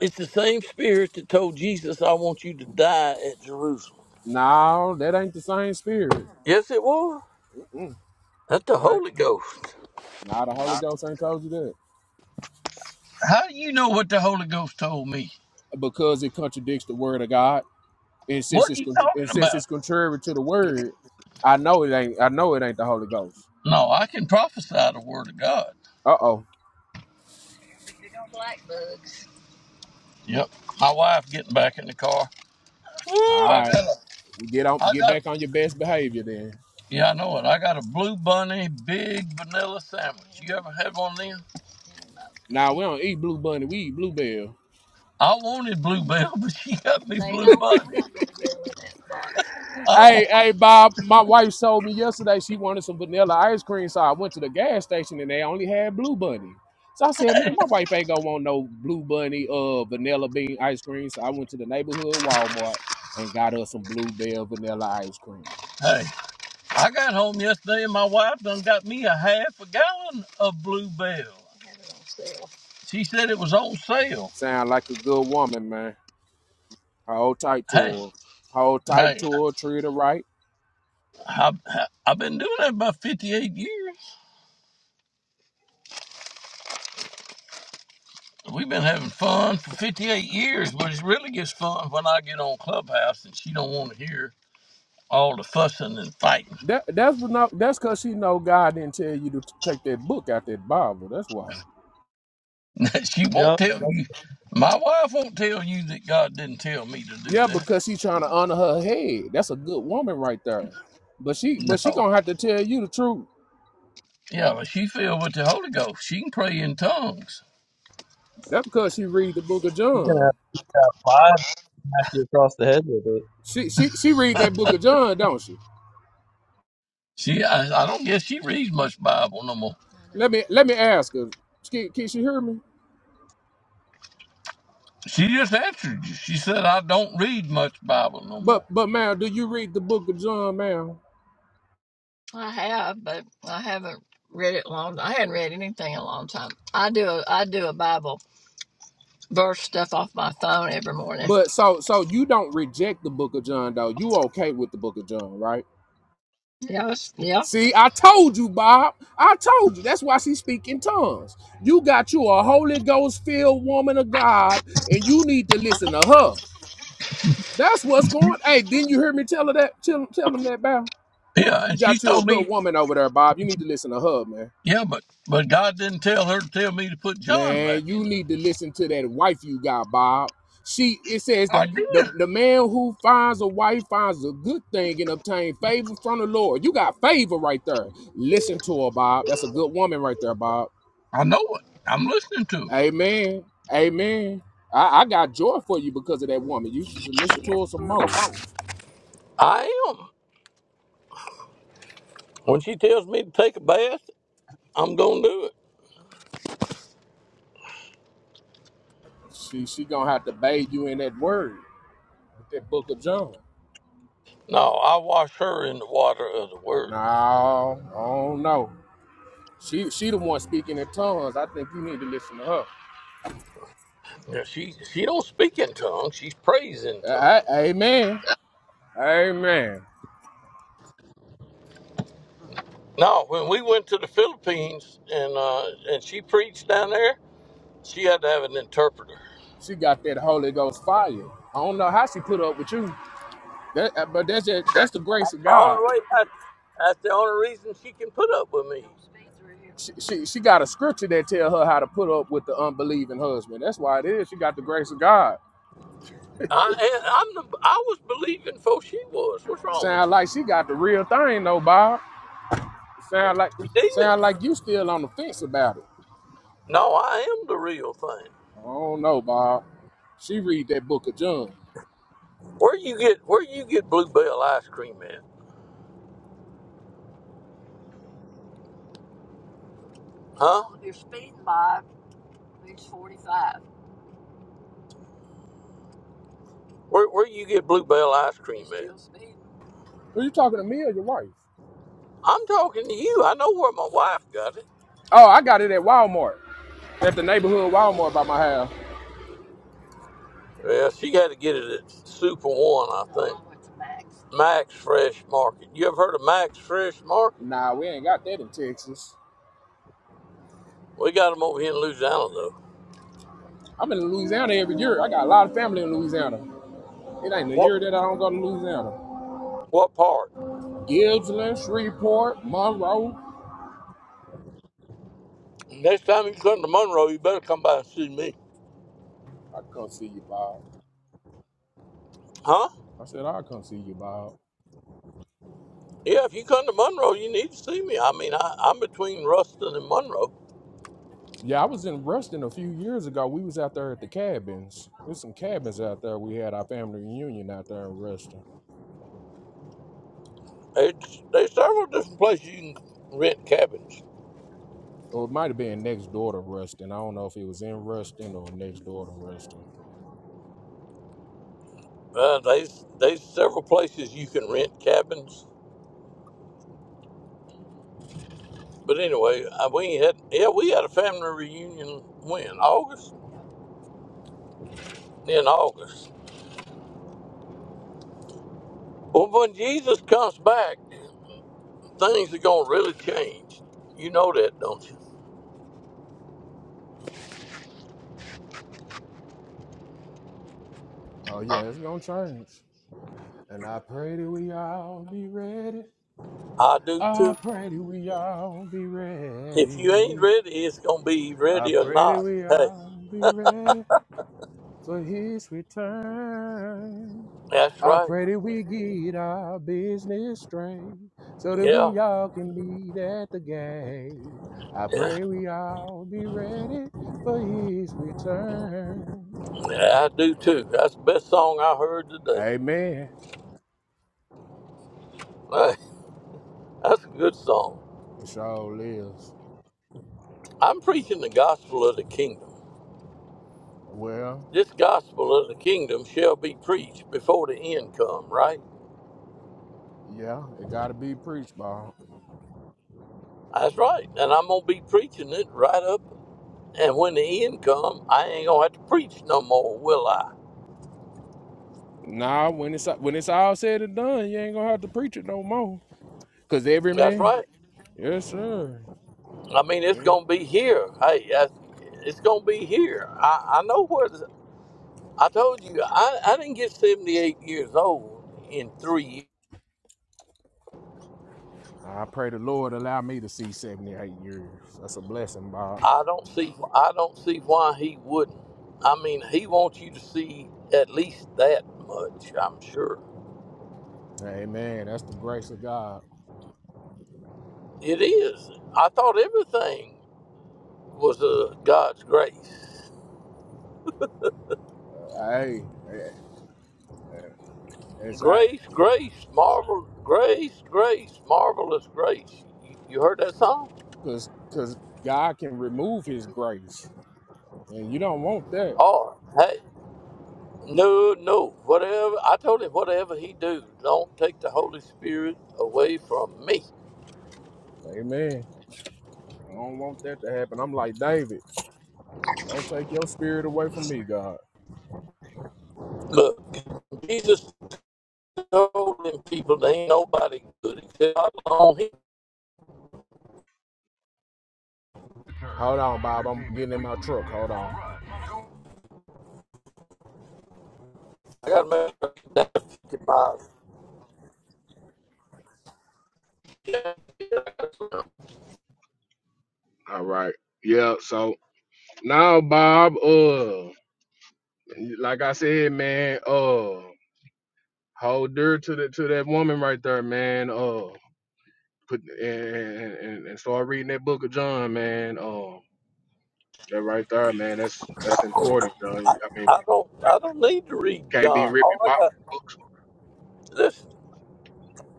S6: It's the same spirit that told Jesus, "I want you to die at Jerusalem." Yes, it was. That's the Holy Ghost. How do you know what the Holy Ghost told me? What are you talking about? No, I can prophesy the Word of God. Yep. My wife getting back in the car. Ooh, I got a, I got Yeah, I know it. I got a Blue Bunny big vanilla sandwich. You ever had one of them? I wanted Bluebell, [laughs] but she got me They Blue don't Bunny. put Bluebell in that box. [laughs] I want, hey, I got home yesterday and my wife done got me a half a gallon of Bluebell. She said it was on sale. Hey, hey, I, I, I've been doing that about 58 years. We've been having fun for 58 years, but it really gets fun when I get on Clubhouse and she don't want to hear all the fussing and fighting. [laughs] she won't
S11: Yep.
S6: tell you. My wife won't tell you that God didn't tell me to do that. [laughs] No. Yeah, but she filled with the Holy Ghost. She can pray in tongues.
S11: He's gonna have five smack you across the head with it.
S6: She, I, I don't guess she reads much Bible no more. She just answered you. She said, "I don't read much Bible no more." Yeah, and she told me, "Yeah, but but God didn't tell her to tell me to put John back in it. I did. I know it. I'm listening to her. I am. When she tells me to take a bath, I'm gonna do it." No, I wash her in the water of the word. Now, she she don't speak in tongues. She prays in tongues. No, when we went to the Philippines and uh, and she preached down there, she had to have an interpreter. That's the only way. That, that's the only reason she can put up with me. I I'm the I was believing before she was. What's wrong with you? You did. No, I am the real thing. Where you get where you get bluebell ice cream at? Huh? Where where you get bluebell ice cream at? I'm talking to you. I know where my wife got it. Well, she got to get it at Super One, I think. Max Fresh Market. You ever heard of Max Fresh Market? We got them over here in Louisiana, though. What? What part? Next time you come to Monroe, you better come by and see me. Huh? Yeah, if you come to Monroe, you need to see me. I mean, I, I'm between Ruston and Monroe. It's, there's several different places you can rent cabins. Uh, there's, there's several places you can rent cabins But anyway, I, we had yeah we had a family reunion when August in August. Well, when Jesus comes back, things are gonna really change. You know that, don't you? I do too. If you ain't ready, it's gonna be ready or not. Hey, that's right. Yeah, yeah, yeah, I do too. That's the best song I heard today. Hey, that's a good song. I'm preaching the gospel of the kingdom. This gospel of the kingdom shall be preached before the end come, right? That's right. And I'm going to be preaching it right up. And when the end come, I ain't going to have to preach no more, will I? That's right. I mean, it's going to be here. Hey, that's- it's going to be here. I, I know where the, I told you, I, I didn't get 78 years old in three years. I don't see, I don't see why he wouldn't. I mean, he wants you to see at least that much, I'm sure. It is. I thought everything was uh, God's grace. Grace, grace, marvel, grace, grace, marvelous grace. You you heard that song? Oh, hey, no, no, whatever. I told him, whatever he do, don't take the Holy Spirit away from me. Look, Jesus told them people, there ain't nobody good except God alone. He, I got to make sure I get that 50 miles. I don't, I don't need to read John. All I got, listen,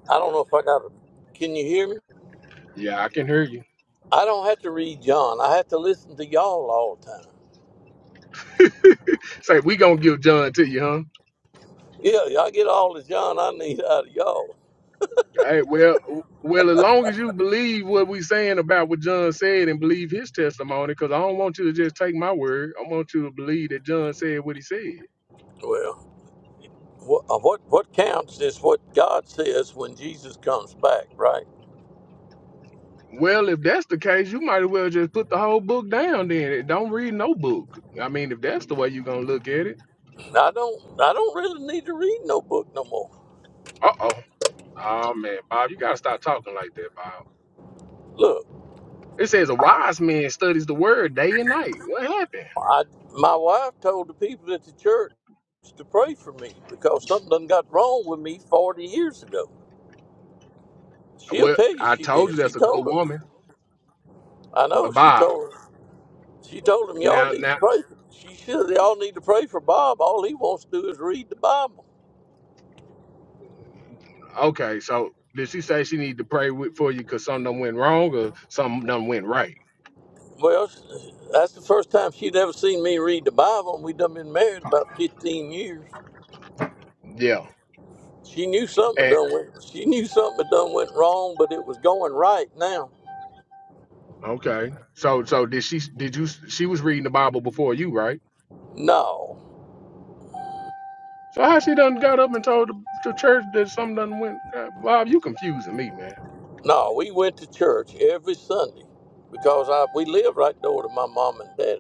S6: I don't know if I got to, can you hear me? I don't have to read John. I have to listen to y'all all the time. Yeah, y'all get all the John I need out of y'all. Well, what uh, what, what counts is what God says when Jesus comes back, right? I don't I don't really need to read no book no more. Look, I my wife told the people at the church to pray for me because something done got wrong with me forty years ago. She'll tell you she did. She told her. I know she told her. She told him, y'all need to pray. For, she should. Y'all need to pray for Bob. All he wants to do is read the Bible. Well, that's the first time she'd ever seen me read the Bible, and we done been married about 15 years. She knew something had done went. She knew something had done went wrong, but it was going right now. No, no, we went to church every Sunday because I we lived right door to my mom and dad,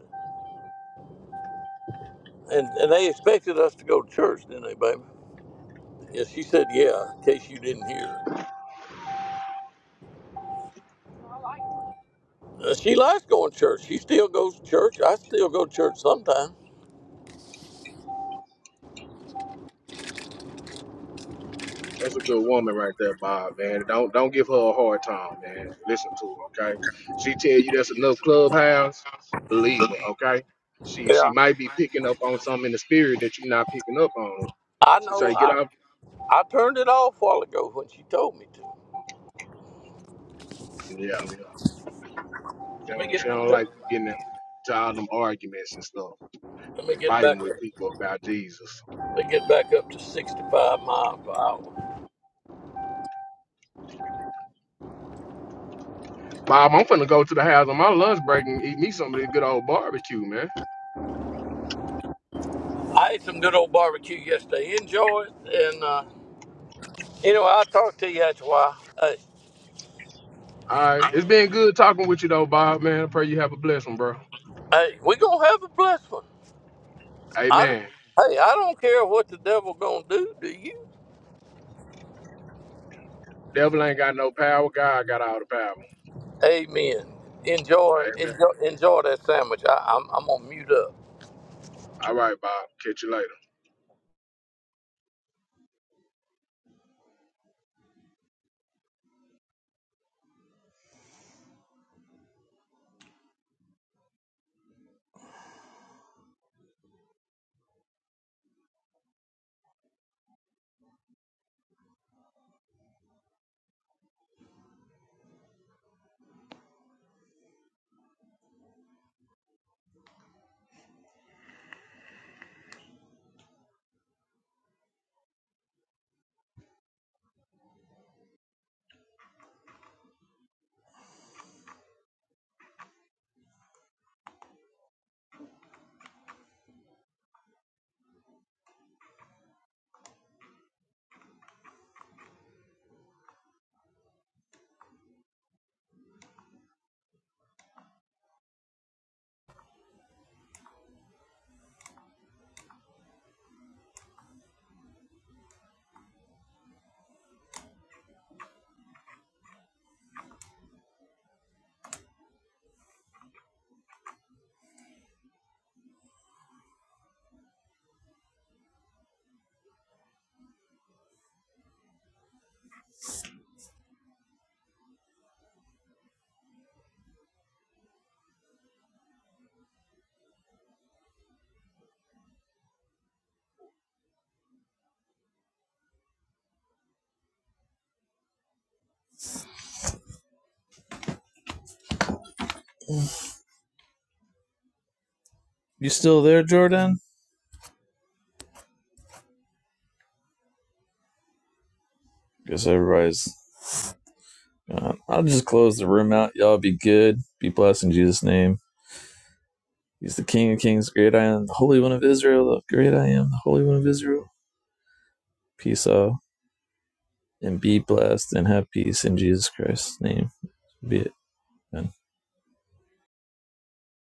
S6: and and they expected us to go to church, didn't they, baby? Yeah, she said, yeah. In case you didn't hear. Uh, She likes going to church. She still goes to church. I still go to church sometimes. Yeah. I know. I I turned it off a while ago when she told me to. Let me get let me get back let me get back up to sixty five miles per hour. I ate some good old barbecue yesterday. Enjoy it, and uh, anyway, I'll talk to you after a while. Hey, hey, we gonna have a blessed one. I don't. Hey, I don't care what the devil gonna do. Do you? Amen. Enjoy, enjoy, enjoy that sandwich. I, I'm, I'm gonna mute up.
S11: You still there, Jordan? Guess everybody's. gone. I'll just close the room out. Y'all be good. Be blessed in Jesus' name. He's the King of Kings, great I am, the Holy One of Israel, the great I am, the Holy One of Israel. Peace out, and be blessed, and have peace in Jesus Christ's name. Be it. Amen.